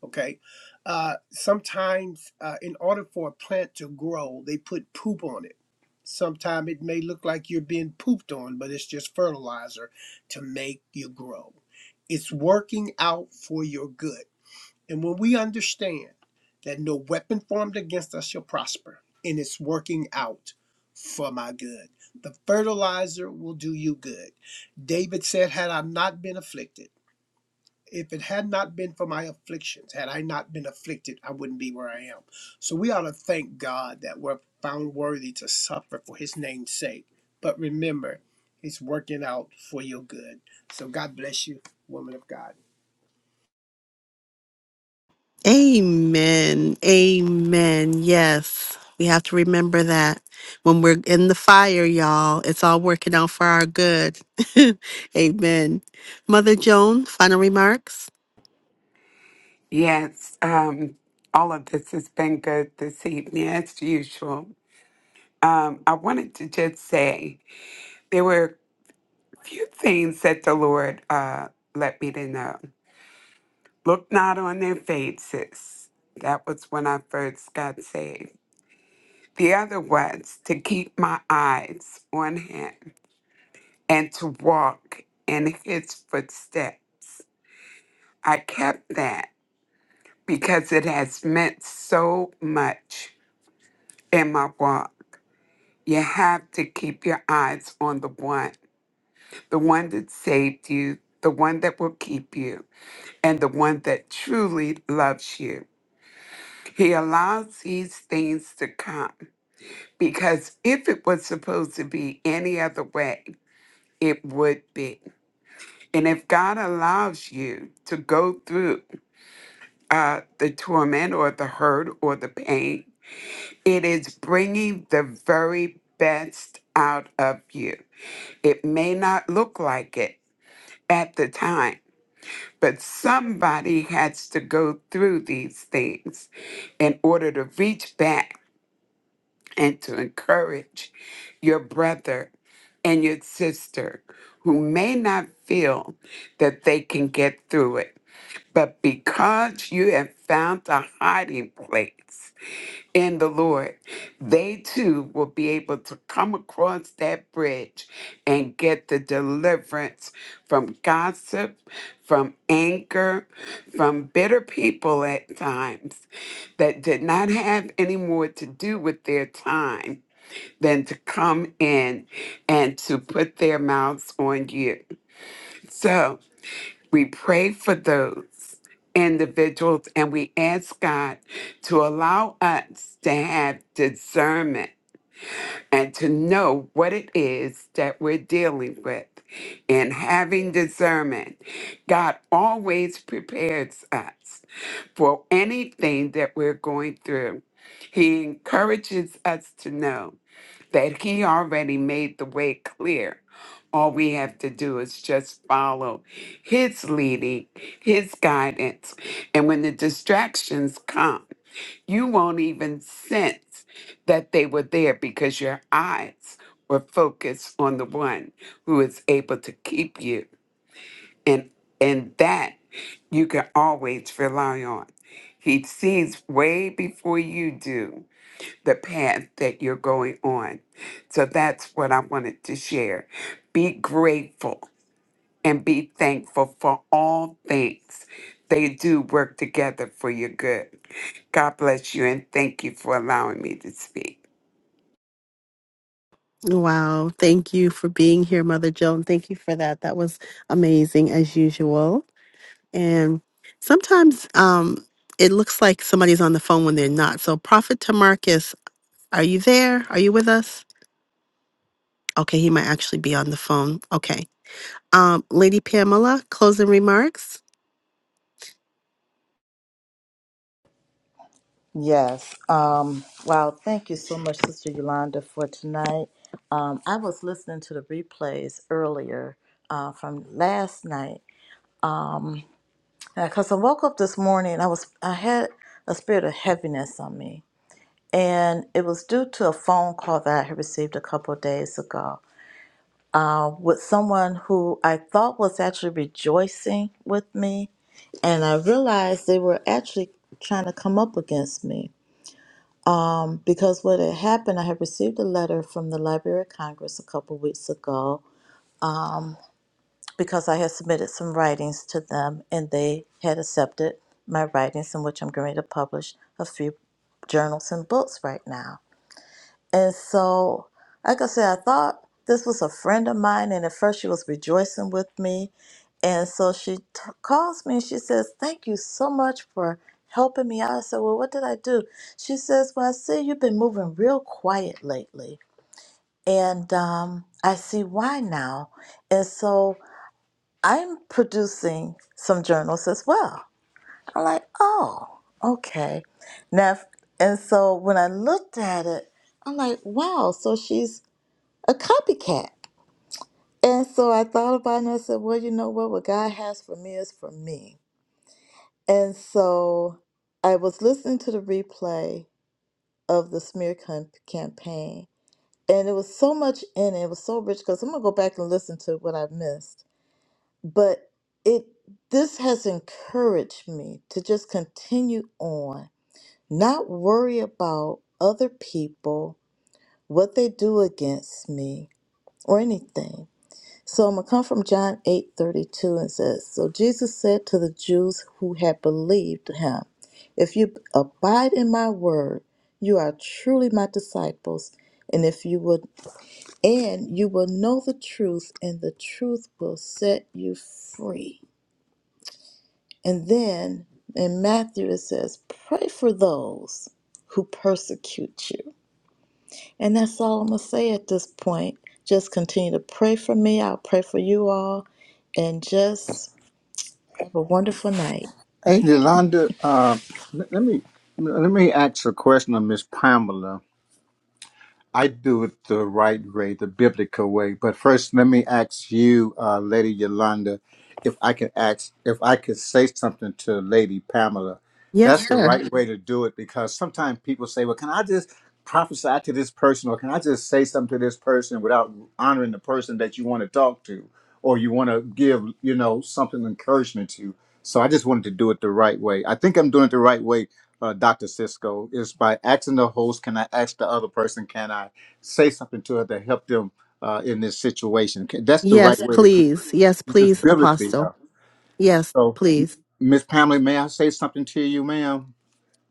[SPEAKER 3] Okay. Uh, sometimes, uh, in order for a plant to grow, they put poop on it. Sometimes it may look like you're being pooped on, but it's just fertilizer to make you grow. It's working out for your good. And when we understand that no weapon formed against us shall prosper, and it's working out for my good, the fertilizer will do you good. David said, Had I not been afflicted, if it had not been for my afflictions, had I not been afflicted, I wouldn't be where I am. So we ought to thank God that we're found worthy to suffer for his name's sake. But remember, it's working out for your good. So God bless you, woman of God.
[SPEAKER 1] Amen. Amen. Yes. We have to remember that when we're in the fire, y'all, it's all working out for our good. <laughs> Amen. Mother Joan, final remarks.
[SPEAKER 4] Yes, um, all of this has been good this evening, as usual. Um, I wanted to just say there were a few things that the Lord uh, let me to know. Look not on their faces. That was when I first got saved. The other was to keep my eyes on Him and to walk in His footsteps. I kept that because it has meant so much in my walk. You have to keep your eyes on the one, the one that saved you, the one that will keep you, and the one that truly loves you. He allows these things to come because if it was supposed to be any other way, it would be. And if God allows you to go through uh, the torment or the hurt or the pain, it is bringing the very best out of you. It may not look like it, at the time. But somebody has to go through these things in order to reach back and to encourage your brother and your sister who may not feel that they can get through it. But because you have found a hiding place, in the Lord, they too will be able to come across that bridge and get the deliverance from gossip, from anger, from bitter people at times that did not have any more to do with their time than to come in and to put their mouths on you. So, we pray for those individuals and we ask God to allow us to have discernment and to know what it is that we're dealing with. In having discernment, God always prepares us for anything that we're going through. He encourages us to know that he already made the way clear. All we have to do is just follow his leading, his guidance. And when the distractions come, you won't even sense that they were there because your eyes were focused on the one who is able to keep you. And and that you can always rely on. He sees way before you do the path that you're going on. So that's what I wanted to share. Be grateful and be thankful for all things. They do work together for your good. God bless you and thank you for allowing me to speak.
[SPEAKER 1] Wow. Thank you for being here, Mother Joan. Thank you for that. That was amazing as usual. And sometimes um, it looks like somebody's on the phone when they're not. So, Prophet Tamarcus, are you there? Are you with us? Okay, he might actually be on the phone. Okay. Um, Lady Pamela, closing remarks?
[SPEAKER 6] Yes. Um, wow. Thank you so much, Sister Yolanda, for tonight. Um, I was listening to the replays earlier uh, from last night because I woke up this morning. I was I had a spirit of heaviness on me, and it was due to a phone call that I had received a couple of days ago uh, with someone who I thought was actually rejoicing with me, and I realized they were actually trying to come up against me Because what had happened, I had received a letter from the Library of Congress a couple weeks ago because I had submitted some writings to them and they had accepted my writings in which I'm going to publish a few journals and books right now. And so, like I said, I thought this was a friend of mine and at first she was rejoicing with me. And so she t- calls me and she says, Thank you so much for helping me out. I said, Well, what did I do? She says, Well, I see you've been moving real quiet lately. and um, I see why now. And so I'm producing some journals as well. I'm like, oh, okay. Now, if- and so when I looked at it, I'm like, wow, so she's a copycat. And so I thought about it and I said, well, you know what? What God has for me is for me. And so I was listening to the replay of the smear cam- campaign, and it was so much in it. It was so rich because I'm going to go back and listen to what I missed but it this has encouraged me to just continue on not worry about other people what they do against me or anything so i'm gonna come from john 8 32 and says so jesus said to the jews who had believed him if you abide in my word you are truly my disciples and if you would and you will know the truth and the truth will set you free And then in Matthew it says, pray for those who persecute you. And that's all I'm going to say at this point. Just continue to pray for me. I'll pray for you all. And just have a wonderful night.
[SPEAKER 2] Hey, Yolanda, uh, let let me let me ask a question of Miss Pamela I do it the right way, the biblical way. But first, let me ask you, uh, Lady Yolanda, if I can ask, if I could say something to Lady Pamela.
[SPEAKER 1] Yes,
[SPEAKER 2] That's the
[SPEAKER 1] sir.
[SPEAKER 2] right way to do it because sometimes people say, "Well, can I just prophesy to this person, or can I just say something to this person without honoring the person that you want to talk to, or you want to give, you know, something encouragement to?" So I just wanted to do it the right way. I think I'm doing it the right way uh, Dr. Cisco is by asking the host, can I ask the other person, can I say something to her to help them uh, in this situation? Can, that's the right
[SPEAKER 1] Yes,
[SPEAKER 2] way to do it.
[SPEAKER 1] please. Yes,
[SPEAKER 2] This is
[SPEAKER 1] please,
[SPEAKER 2] biblically.
[SPEAKER 1] Apostle.
[SPEAKER 2] Uh,
[SPEAKER 1] Yes,
[SPEAKER 2] so,
[SPEAKER 1] please.
[SPEAKER 2] Miss Pamela, may I say something to you, ma'am?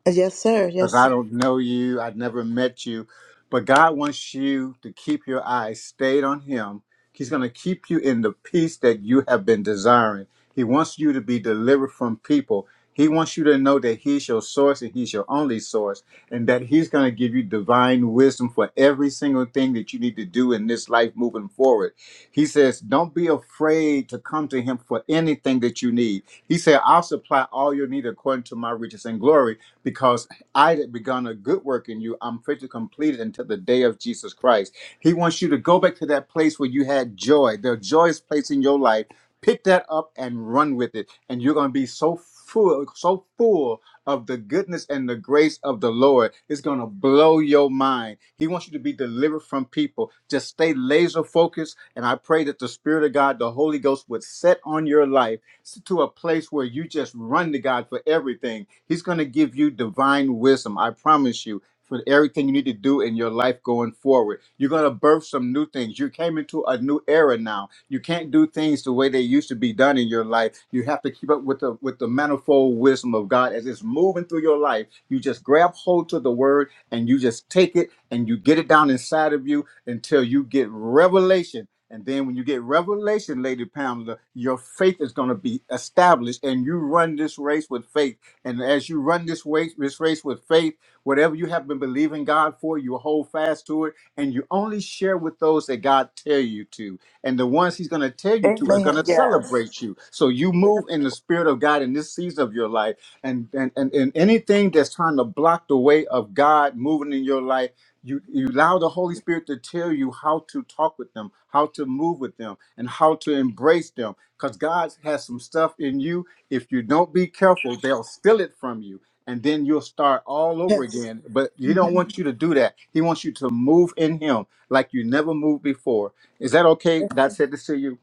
[SPEAKER 6] Yes, sir.
[SPEAKER 2] because
[SPEAKER 6] Yes,
[SPEAKER 2] I
[SPEAKER 6] sir.
[SPEAKER 2] don't know you. I've never met you. But God wants you to keep your eyes stayed on Him. He's going to keep you in the peace that you have been desiring. He wants you to be delivered from people. He wants you to know that He's your source and He's your only source, and that He's going to give you divine wisdom for every single thing that you need to do in this life moving forward. He says, Don't be afraid to come to Him for anything that you need. He said, I'll supply all your need according to my riches and glory because. I that begun a good work in you, I'm fit to complete it until the day of Jesus Christ. He wants you to go back to that place where you had joy, the joyous place in your life. Pick that up and run with it. And you're going to be so full, so full of the goodness and the grace of the Lord. It's going to blow your mind. He wants you to be delivered from people. Just stay laser focused. And I pray that the Spirit of God, the Holy Ghost, would set on your life to a place where you just run to God for everything. He's going to give you divine wisdom. I promise you. For everything you need to do in your life going forward, you're going to birth some new things. You came into a new era now. You can't do things the way they used to be done in your life. You have to keep up with the with the manifold wisdom of God as it's moving through your life. You just grab hold to the word and you just take it and you get it down inside of you until you get revelation and then when you get revelation, Lady Pamela, your faith is going to be established and you run this race with faith. And as you run this race, this race with faith, whatever you have been believing God for, you hold fast to it and you only share with those that God tell you to. And the ones he's going to tell you to are going
[SPEAKER 6] Amen.
[SPEAKER 2] to
[SPEAKER 6] Yes.
[SPEAKER 2] celebrate you. So you move in the spirit of God in this season of your life. And, and, and, and anything that's trying to block the way of God moving in your life, you, you allow the Holy Spirit to tell you how to talk with them, how to move with them, and how to embrace them. Because God has some stuff in you. If you don't be careful, they'll steal it from you. And then you'll start all over
[SPEAKER 6] Yes.
[SPEAKER 2] again. But He don't want you to do that. He wants you to move in Him like you never moved before. Is that okay? God said this to you.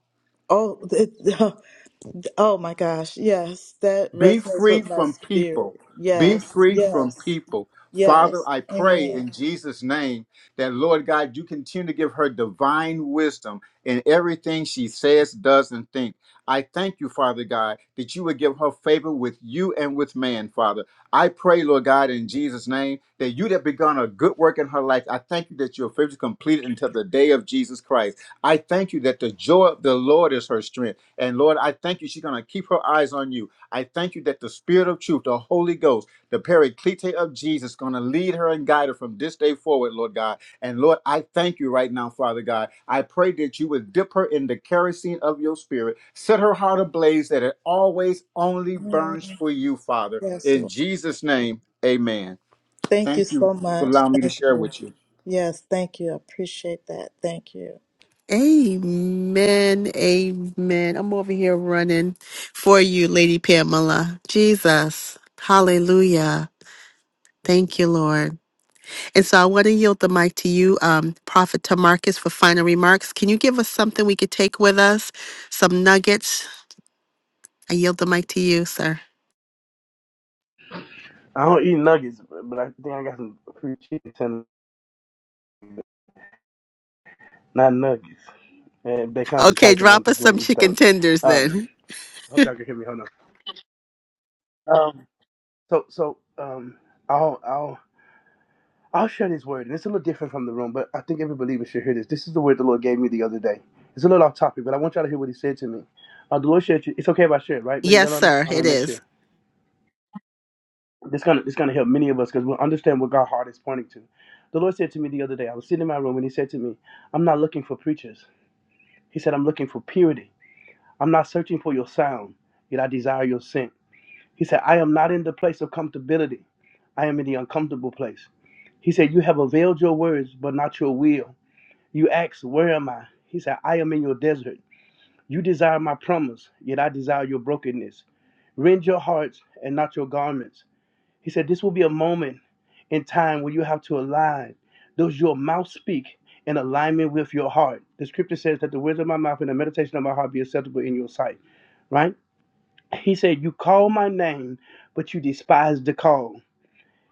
[SPEAKER 6] Oh, it, <laughs> oh my gosh. Yes. That
[SPEAKER 2] Be
[SPEAKER 6] resonates
[SPEAKER 2] free
[SPEAKER 6] with my
[SPEAKER 2] from people.
[SPEAKER 6] spirit.
[SPEAKER 2] Be
[SPEAKER 6] Yes.
[SPEAKER 2] free from
[SPEAKER 6] Yes.
[SPEAKER 2] people. Father,
[SPEAKER 6] Yes.
[SPEAKER 2] I pray
[SPEAKER 6] Amen.
[SPEAKER 2] in Jesus' name that, Lord God, you continue to give her divine wisdom in everything she says, does, and thinks. I thank you, Father God, that you would give her favor with you and with man, Father. I pray, Lord God, in Jesus' name, that you that begun a good work in her life, I thank you that your favor is completed until the day of Jesus Christ. I thank you that the joy of the Lord is her strength. And Lord, I thank you she's going to keep her eyes on you. I thank you that the Spirit of truth, the Holy Ghost, the Paraclete of Jesus, is going to lead her and guide her from this day forward, Lord God. And Lord, I thank you right now, Father God. I pray that you would dip her in the kerosene of your Spirit, set her heart ablaze that it always only
[SPEAKER 6] Mm,
[SPEAKER 2] burns for you, Father.
[SPEAKER 6] Yes,
[SPEAKER 2] In
[SPEAKER 6] Lord.
[SPEAKER 2] Jesus' name, amen.
[SPEAKER 6] Thank you
[SPEAKER 2] Thank you
[SPEAKER 6] so
[SPEAKER 2] for
[SPEAKER 6] much.
[SPEAKER 2] allowing me to
[SPEAKER 6] Thank
[SPEAKER 2] share
[SPEAKER 6] you.
[SPEAKER 2] with you.
[SPEAKER 6] Yes, thank you. I appreciate that. Thank you.
[SPEAKER 1] Amen. Amen. I'm over here running for you, Lady Pamela. Jesus. Hallelujah. Thank you, Lord. And so I want to yield the mic to you, um, Prophet Tamarcus, for final remarks. Can you give us something we could take with us? Some nuggets? I yield the mic to you, sir.
[SPEAKER 5] I don't eat nuggets, but but I think I got some free chicken tenders, not nuggets. And they come from
[SPEAKER 1] Okay,
[SPEAKER 5] Tyson. I don't
[SPEAKER 1] drop us
[SPEAKER 5] think you want
[SPEAKER 1] some
[SPEAKER 5] to eat
[SPEAKER 1] chicken
[SPEAKER 5] those.
[SPEAKER 1] tenders then.
[SPEAKER 5] Um, I hope y'all can hear me. Hold on. Um, so so um, I'll, I'll I'll share this word, and it's a little different from the room, but I think every believer should hear this. This is the word the Lord gave me the other day. It's a little off topic, but I want y'all to hear what He said to me. Uh, the Lord shared. It's okay if I share it, right,
[SPEAKER 1] Yes,
[SPEAKER 5] Yolanda?
[SPEAKER 1] sir,
[SPEAKER 5] I want to
[SPEAKER 1] it
[SPEAKER 5] make
[SPEAKER 1] is.
[SPEAKER 5] sure this gonna this gonna help many of us because we'll understand what God's heart is pointing to. The Lord said to me the other day. I was sitting in my room, and He said to me, "I'm not looking for preachers." He said, "I'm looking for purity. I'm not searching for your sound, yet I desire your scent." He said, "I am not in the place of comfortability. I am in the uncomfortable place." He said, "You have availed your words, but not your will." You ask, Where am I? He said, I am in your desert. You desire my promise, yet I desire your brokenness. Rend your hearts and not your garments. He said, This will be a moment in time where you have to align. Does your mouth speak in alignment with your heart? The scripture says that the words of my mouth and the meditation of my heart be acceptable in your sight, right? He said, You call my name, but you despise the call.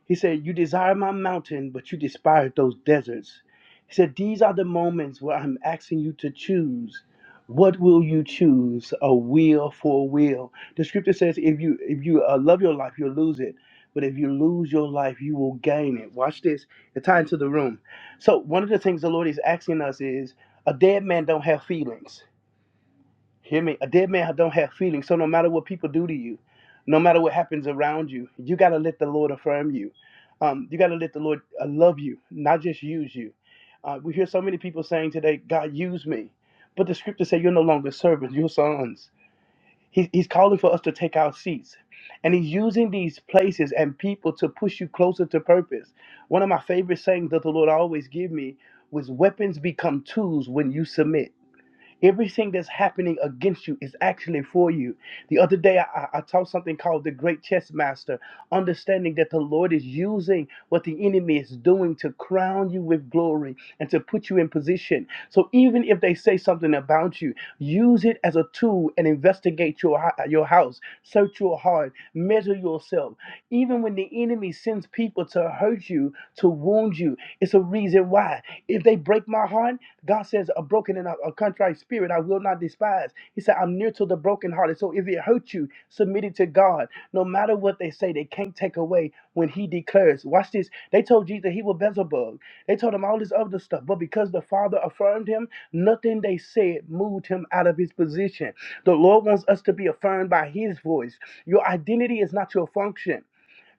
[SPEAKER 5] He said, You desire my mountain, but you despise those deserts. He said, These are the moments where I'm asking you to choose. What will you choose? A will for a will. The scripture says, if you if you uh, love your life, you'll lose it. But if you lose your life, you will gain it. Watch this. It ties into the room. So one of the things the Lord is asking us is, a dead man don't have feelings. Hear me. A dead man don't have feelings. So no matter what people do to you, no matter what happens around you, you gotta let the Lord affirm you. Um, you gotta let the Lord uh, love you, not just use you. Uh, we hear so many people saying today, "God, use me," but the scriptures say you're no longer servants, you're sons. He, he's calling for us to take our seats, and he's using these places and people to push you closer to purpose. One of my favorite sayings that the Lord always give me was, "Weapons become tools when you submit." Everything that's happening against you is actually for you. The other day, I, I I taught something called the Great Chess Master, understanding that the Lord is using what the enemy is doing to crown you with glory and to put you in position. So even if they say something about you, use it as a tool and investigate your hou- your house, search your heart, measure yourself. Even when the enemy sends people to hurt you, to wound you, the reason why. If they break my heart, God says, a broken and a, a contrite spirit I will not despise. He said, I'm near to the brokenhearted. So if it hurts you, submit it to God. No matter what they say, they can't take away when He declares. Watch this. They told Jesus he was Beelzebub. They told him all this other stuff. But because the Father affirmed him, nothing they said moved him out of his position. The Lord wants us to be affirmed by His voice. Your identity is not your function.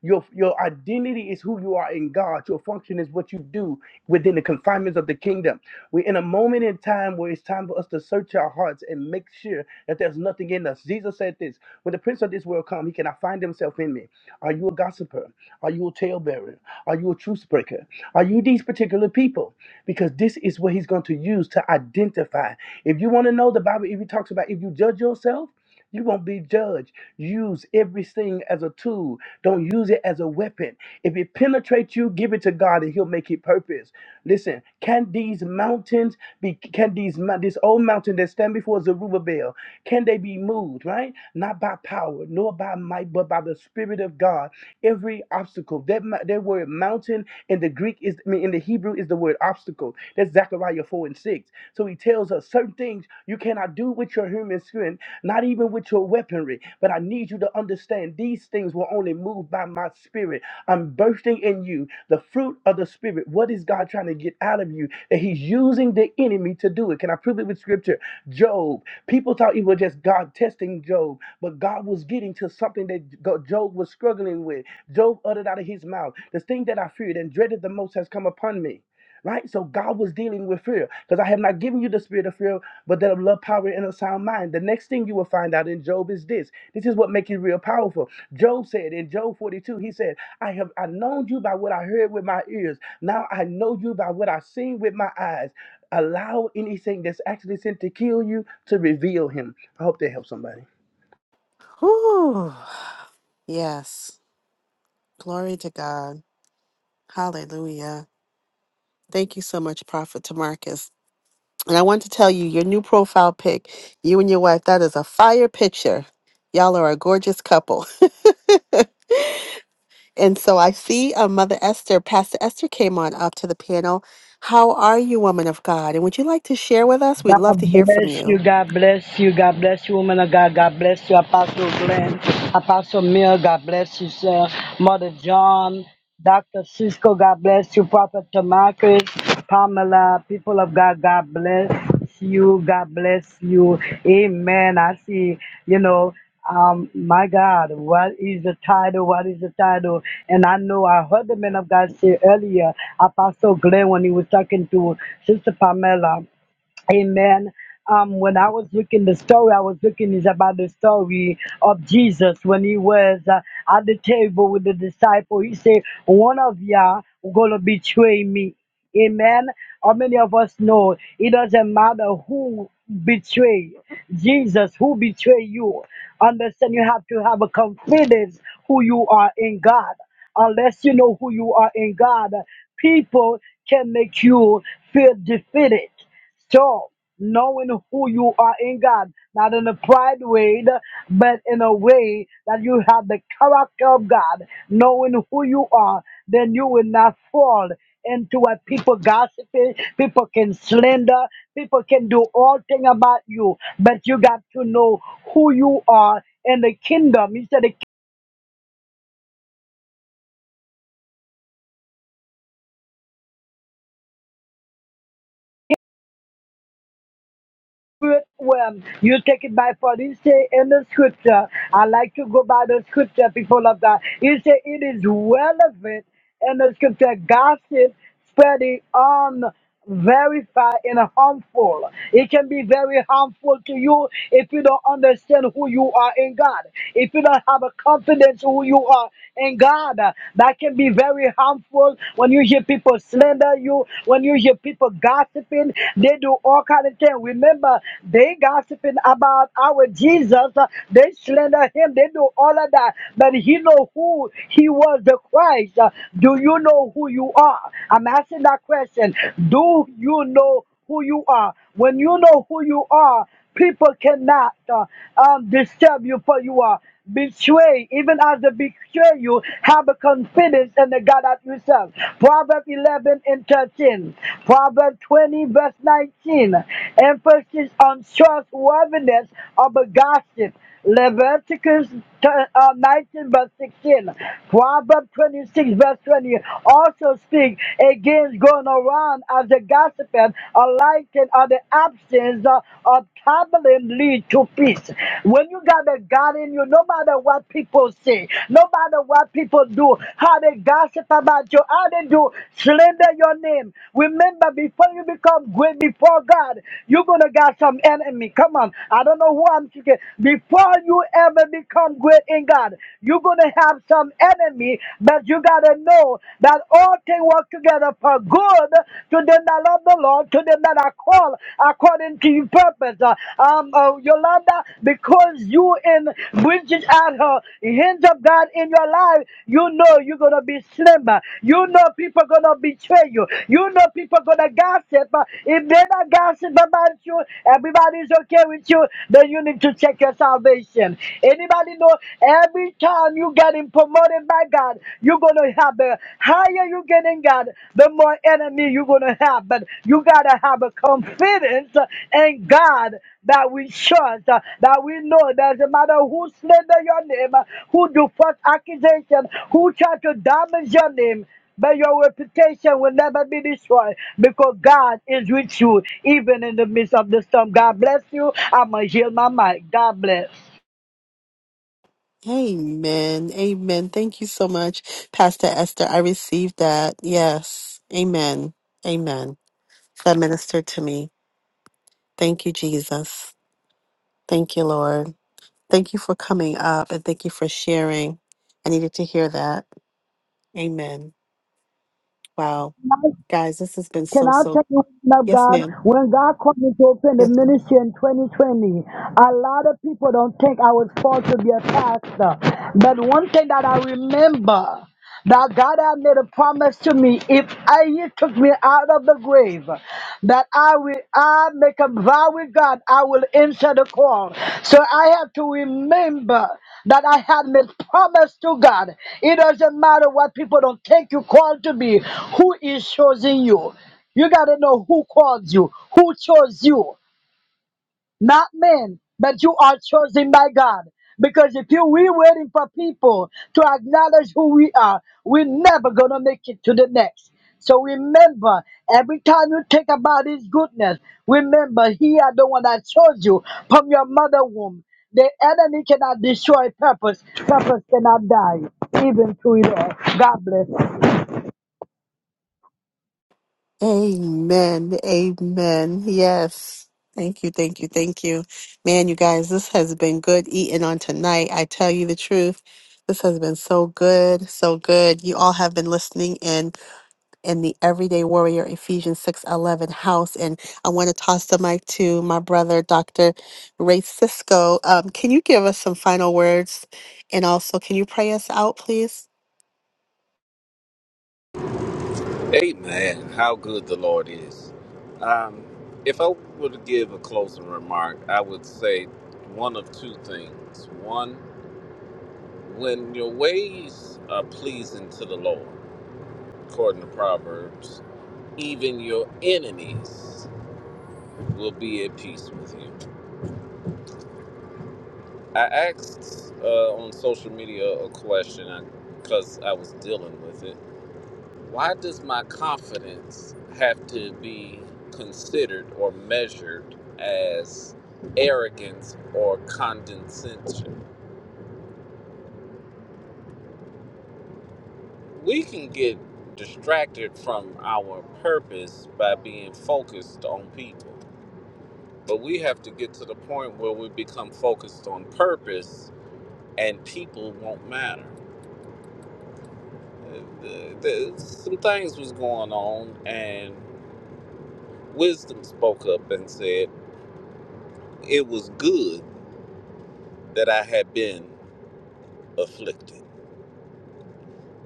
[SPEAKER 5] Your your identity is who you are in God. Your function is what you do within the confinements of the kingdom. We're in a moment in time where it's time for us to search our hearts and make sure that there's nothing in us. Jesus said this: When the prince of this world come, he cannot find himself in me. Are you a gossiper? Are you a talebearer? Are you a truce breaker? Are you these particular people? Because this is what he's going to use to identify. If you want to know the Bible, if he talks about if you judge yourself. You won't be judged. Use everything as a tool. Don't use it as a weapon. If it penetrates you, give it to God and He'll make it purpose. Listen, can these mountains be can these mou- this old mountain that stand before Zerubbabel, can they be moved, right? Not by power, nor by might, but by the Spirit of God. Every obstacle, that mou- that word mountain in the Greek is I mean in the Hebrew is the word obstacle. That's Zechariah 4 and 6. So he tells us tells us certain things you cannot do with your human strength, not even with your weaponry. But I need you to understand these things will only move by my spirit. I'm bursting in you the fruit of the spirit. What is God trying to get out of you? That He's using the enemy to do it. Can I prove it with scripture? Job. People thought it was just God testing Job, but God was getting to something that Go- Job was struggling with. Job uttered out of his mouth, The thing that I feared and dreaded the most has come upon me right? So God was dealing with fear because I have not given you the spirit of fear, but that of love, power, and a sound mind. The next thing you will find out in Job is this. This is what makes it real powerful. Job said in Job 42, he said, I have I known you by what I heard with my ears. Now I know you by what I seen with my eyes. Allow anything that's actually sent to kill you to reveal him. I hope that helps somebody.
[SPEAKER 1] Whew. Yes. Glory to God. Hallelujah. Thank you so much, Prophet Tamarcus. And I want to tell you, your new profile pic, you and your wife, that is a fire picture. Y'all are a gorgeous couple. <laughs> and so I see uh, Mother Esther, Pastor Esther came on up to the panel. How are you, woman of God? And would you like to share with us? We'd
[SPEAKER 8] God
[SPEAKER 1] love to hear from
[SPEAKER 8] bless
[SPEAKER 1] you.
[SPEAKER 8] you. God bless you. God bless you, woman of God. God bless you, Apostle Glenn, Apostle Mill. God bless you, sir. Mother John, Dr. Cisco. God bless you, Prophet Tamarcus, Pamela. People of God, God bless you. God bless you. Amen. I see, you know, um, my God, what is the title? What is the title? And I know I heard the man of God say earlier, Apostle Glenn, when he was talking to Sister Pamela, Amen. Um, when I was looking the story, I was looking is about the story of Jesus when he was uh, at the table with the disciple. He said, "One of y'all gonna betray me." Amen. How many of us know it doesn't matter who betray Jesus, who betray you. Understand? You have to have a confidence who you are in God. Unless you know who you are in God, people can make you feel defeated so, knowing who you are in God, not in a pride way, but in a way that you have the character of God, knowing who you are, then you will not fall into what people gossiping, people can slander, people can do all thing about you, but you got to know who you are in the kingdom. He said, the. spirit realm. You take it by for He say in the scripture. I like to go by the scripture, people of God. He say it is relevant in the scripture. Gossip spreading unverified and harmful. It can be very harmful to you if you don't understand who you are in God. If you don't have a confidence who you are in God, that can be very harmful when you hear people slander slander you, when you hear people gossiping, they do all kind of things. Remember, they gossiping about our Jesus. uh, They slander him. They do all of that. But he know who he was the Christ. Uh, Do you know who you are? I'm asking that question. Do you know who you are. When you know who you are, people cannot uh, um, disturb you for you are. Betray, even as they betray you, have a confidence in the God of yourself. Proverbs 11 and 13. Proverbs 20, verse 19. Emphasis on trustworthiness of a gossip. Leviticus t- uh, 19 verse 16, Proverbs 26 verse 20 also speak against going around as a gossiping, a liking, or the absence uh, of traveling lead to peace. When you got a God in you, no matter what people say, no matter what people do, how they gossip about you, how they do slander your name. Remember, before you become great before God, you're gonna got some enemy. Come on, I don't know who I'm speaking. Before before you ever become great in God, you're going to have some enemy, but you got to know that all things work together for good to them that love the Lord, to them that are called according to your purpose. Uh, Um, uh, Yolanda, because you in Bridget at her hinge of God in your life, you know you're going to be slimmer. You know people going to betray you. You know people going to gossip. Uh, If they're not gossiping about you, everybody's okay with you, then you need to check yourself salvation. Anybody know every time you getting promoted by God, you're gonna have the higher you get in God, the more enemy you're gonna have. But you gotta have a confidence in God that we trust, uh, that we know doesn't matter who slander your name, uh, who do false accusation, who try to damage your name. But your reputation will never be destroyed because God is with you even in the midst of the storm. God bless you. I'm going to heal my mic. God bless.
[SPEAKER 1] Amen. Amen. Thank you so much, Pastor Esther. I received that. Yes. Amen. Amen. That ministered to me. Thank you, Jesus. Thank you, Lord. Thank you for coming up and thank you for sharing. I needed to hear that. Amen. Wow. Guys, this has been
[SPEAKER 8] Can
[SPEAKER 1] so,
[SPEAKER 8] I
[SPEAKER 1] so.
[SPEAKER 8] tell you, man of
[SPEAKER 1] Yes,
[SPEAKER 8] God,
[SPEAKER 1] ma'am.
[SPEAKER 8] when God called me to open the
[SPEAKER 1] Yes.
[SPEAKER 8] ministry in 2020, a lot of people don't think I was called to be a pastor. But one thing that I remember that God had made a promise to me if I, He took me out of the grave, that I will I make a vow with God, I will answer the call. So I have to remember that I had made promise to God. It doesn't matter what people don't think you called to be, who is choosing you. You got to know who called you, who chose you, not men, but you are chosen by God. Because if you we waiting for people to acknowledge who we are, we're never gonna make it to the next. So remember, every time you think about His goodness, remember He are the one that chose you from your mother womb. The enemy cannot destroy purpose. Purpose cannot die, even through it all. God bless.
[SPEAKER 1] Amen. Amen. Yes. Thank you. Thank you. Thank you. Man, you guys, this has been good eating on tonight. I tell you the truth. This has been so good, so good. You all have been listening in in the Everyday Warrior Ephesians 6:11 house and I want to toss the mic to my brother Dr. Ray Cisco. Um, can you give us some final words and also can you pray us out please?
[SPEAKER 7] Amen. How good the Lord is. Um, if I were to give a closing remark, I would say one of two things. One, when your ways are pleasing to the Lord, according to Proverbs, even your enemies will be at peace with you. I asked uh, on social media a question because I 'cause I was dealing with it Why does my confidence have to be considered or measured as arrogance or condescension? We can get distracted from our purpose by being focused on people, but we have to get to the point where we become focused on purpose and people won't matter. Uh, the- the- Some things was going on, and wisdom spoke up and said it was good that I had been afflicted.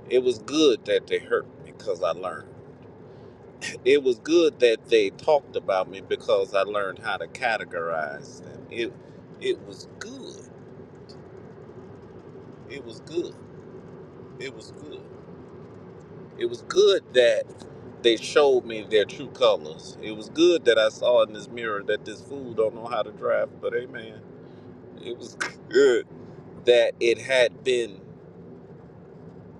[SPEAKER 7] It was good that they hurt me because I learned. It was good that they talked about me because I learned how to categorize them. It it was good. It was good. It was good. It was good that they showed me their true colors. It was good that I saw in this mirror that this fool don't know how to drive, but hey man, it was <laughs> good that it had been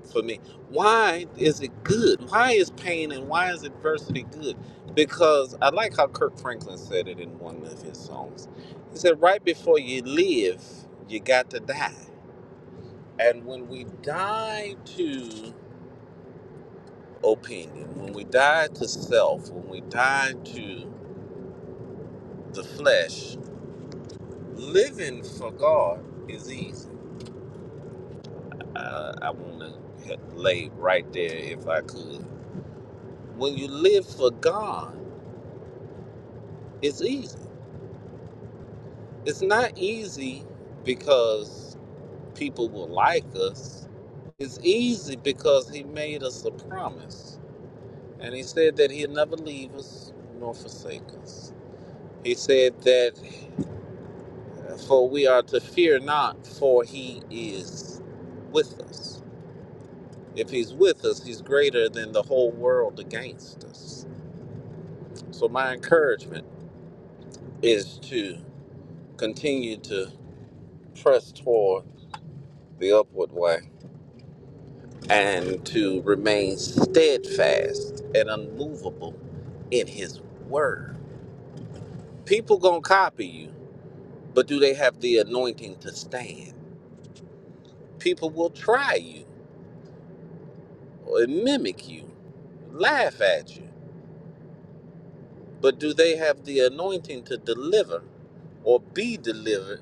[SPEAKER 7] for me. Why is it good? Why is pain and why is adversity good? Because I like how Kirk Franklin said it in one of his songs. He said, Right before you live, you got to die. And when we die to opinion, when we die to self, when we die to the flesh, living for God is easy. Uh, I want to lay right there if I could. When you live for God, it's easy It's not easy because people will like us. It's easy because he made us a promise. And he said that he'd never leave us nor forsake us. He said that for we are to fear not, for he is with us. If he's with us, he's greater than the whole world against us. So my encouragement is to continue to press toward the upward way and to remain steadfast and unmovable in his word. People gonna copy you, but do they have the anointing to stand? People will try you or mimic you, laugh at you, but do they have the anointing to deliver or be delivered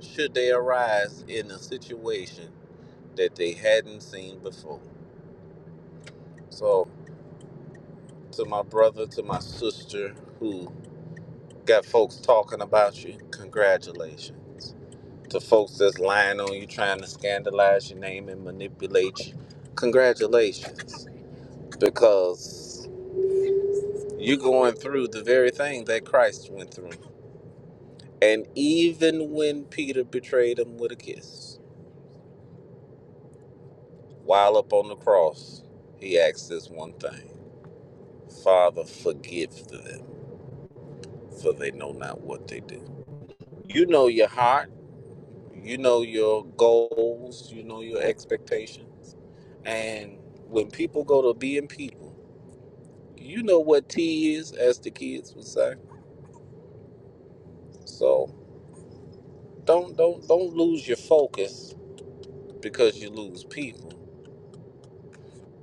[SPEAKER 7] should they arise in a situation that they hadn't seen before? So to my brother, to my sister who Got folks talking about you. Congratulations. To folks that's lying on you, trying to scandalize your name and manipulate you. Congratulations. Because you're going through the very thing that Christ went through. And even when Peter betrayed him with a kiss, while up on the cross, he asked this one thing Father, forgive them, for they know not what they do. You know your heart. You know your goals, you know your expectations. And when people go to being people, you know what T is, as the kids would say. So don't don't don't lose your focus because you lose people.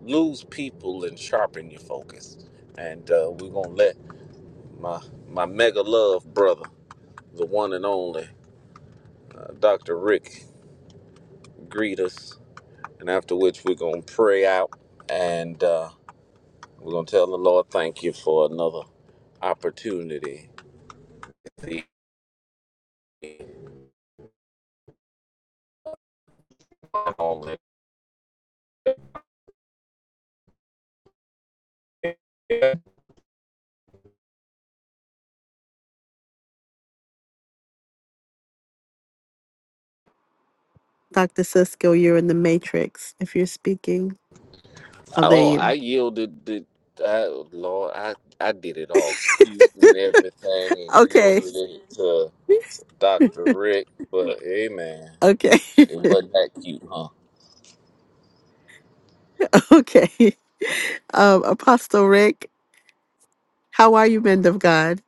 [SPEAKER 7] Lose people and sharpen your focus. And uh, we're gonna let my my mega love brother, the one and only uh, Dr. Rick, greet us. And after which we're gonna pray out. And uh, We're going to tell the Lord thank you for another opportunity. I
[SPEAKER 1] Dr. Cisco, you're in the matrix if you're speaking. Oh, there you
[SPEAKER 7] don't, I
[SPEAKER 1] are.
[SPEAKER 7] yielded the I, Lord, I, I did it all cute and everything and
[SPEAKER 1] Okay.
[SPEAKER 7] yielded it to Dr. Rick, but hey man,
[SPEAKER 1] Okay. <laughs>
[SPEAKER 7] it wasn't that cute, huh?
[SPEAKER 1] Okay. Um, Apostle Rick, how are you, men of God?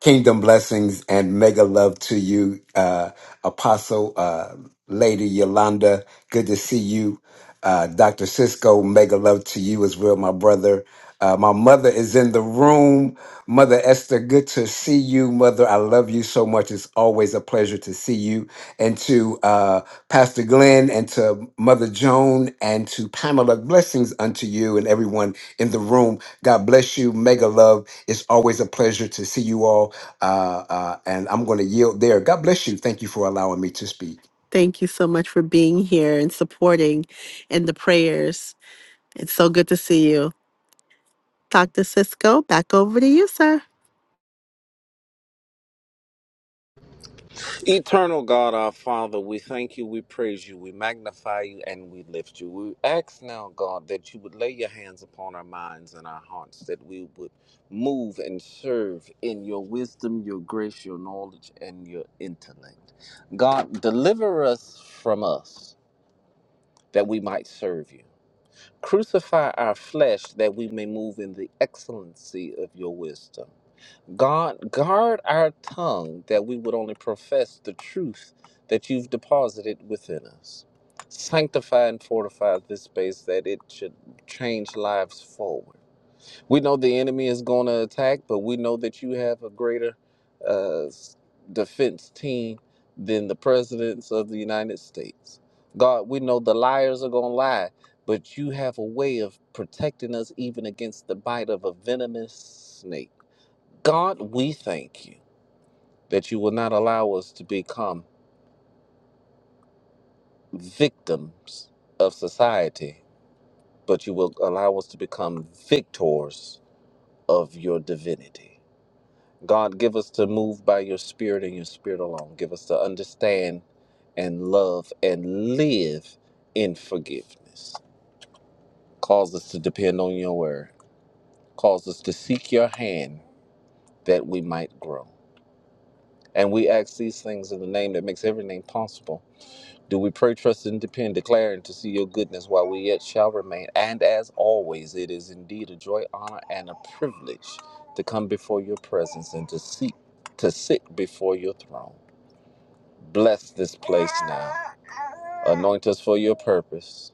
[SPEAKER 9] Kingdom blessings and mega love to you, uh, Apostle, uh, Lady Yolanda. Good to see you. Uh, Dr. Cisco, mega love to you as well, my brother. Uh, my mother is in the room. Mother Esther, good to see you. Mother, I love you so much. It's always a pleasure to see you. And to uh, Pastor Glenn and to Mother Joan and to Pamela, blessings unto you and everyone in the room. God bless you. Mega love. It's always a pleasure to see you all. Uh, uh, and I'm going to yield there. God bless you. Thank you for allowing me to speak.
[SPEAKER 1] Thank you so much for being here and supporting in the prayers. It's so good to see you. Dr. Cisco, back over to you, sir.
[SPEAKER 7] Eternal God, our Father, we thank you, we praise you, we magnify you, and we lift you. We ask now, God, that you would lay your hands upon our minds and our hearts, that we would move and serve in your wisdom, your grace, your knowledge, and your intellect. God, deliver us from us that we might serve you. Crucify our flesh that we may move in the excellency of your wisdom. God, guard our tongue that we would only profess the truth that you've deposited within us. Sanctify and fortify this space that it should change lives forward. We know the enemy is going to attack, but we know that you have a greater uh, s- defense team than the presidents of the United States. God, we know the liars are going to lie, but you have a way of protecting us even against the bite of a venomous snake. God, we thank you that you will not allow us to become victims of society, but you will allow us to become victors of your divinity. God, give us to move by your spirit and your spirit alone. Give us to understand and love and live in forgiveness. Cause us to depend on your word. Cause us to seek your hand that we might grow. And we ask these things in the name that makes every name possible Do we pray, trust, and depend, declaring to see your goodness while we yet shall remain? And as always, it is indeed a joy, honor, and a privilege to come before your presence and to seek to sit before your throne. Bless this place now. Anoint us for your purpose.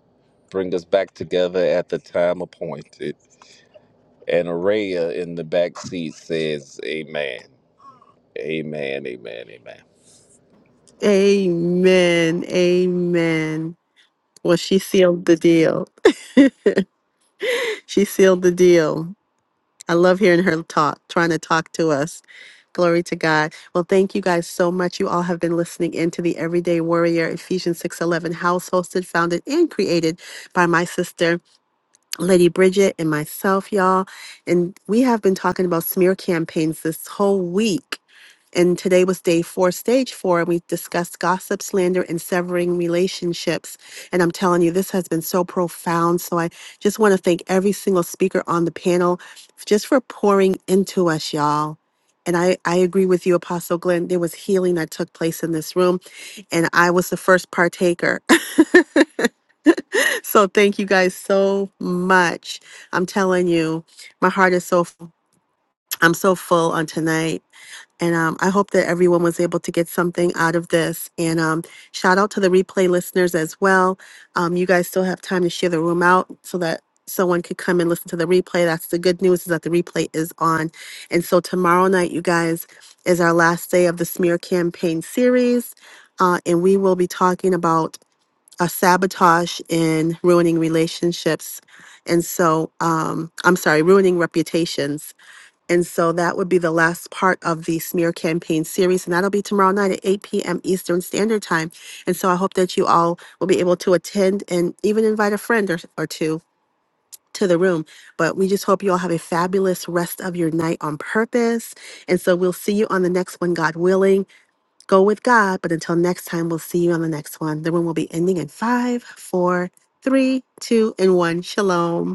[SPEAKER 7] Bring us back together at the time appointed. And Araya in the back seat says, Amen. Amen. Amen. Amen.
[SPEAKER 1] Amen. Amen. Well, she sealed the deal. She sealed the deal. I love hearing her talk, trying to talk to us. Glory to God. Well, thank you guys so much. You all have been listening into the Everyday Warrior Ephesians 6:11 house hosted, founded and created by my sister Lady Bridget and myself, y'all. And we have been talking about smear campaigns this whole week and today was day four, stage four, and we discussed gossip, slander, and severing relationships. And I'm telling you, this has been so profound. So I just want to thank every single speaker on the panel just for pouring into us, y'all. And I, I agree with you, Apostle Glenn. There was healing that took place in this room, and I was the first partaker. <laughs> so thank you guys so much. I'm telling you, my heart is so, full. I'm so full on tonight. And um, I hope that everyone was able to get something out of this. And um, shout out to the replay listeners as well. Um, you guys still have time to share the room out so that someone could come and listen to the replay. That's the good news is that the replay is on. And so tomorrow night, you guys, is our last day of the smear campaign series. Uh, and we will be talking about a sabotage in ruining relationships. And so, um, I'm sorry, ruining reputations. And so that would be the last part of the smear campaign series. And that'll be tomorrow night at 8 p.m. Eastern Standard Time. And so I hope that you all will be able to attend and even invite a friend or, or two to the room. But we just hope you all have a fabulous rest of your night on purpose. And so we'll see you on the next one, God willing. Go with God. But until next time, we'll see you on the next one. The room will be ending in five, four, three, two, and one. Shalom.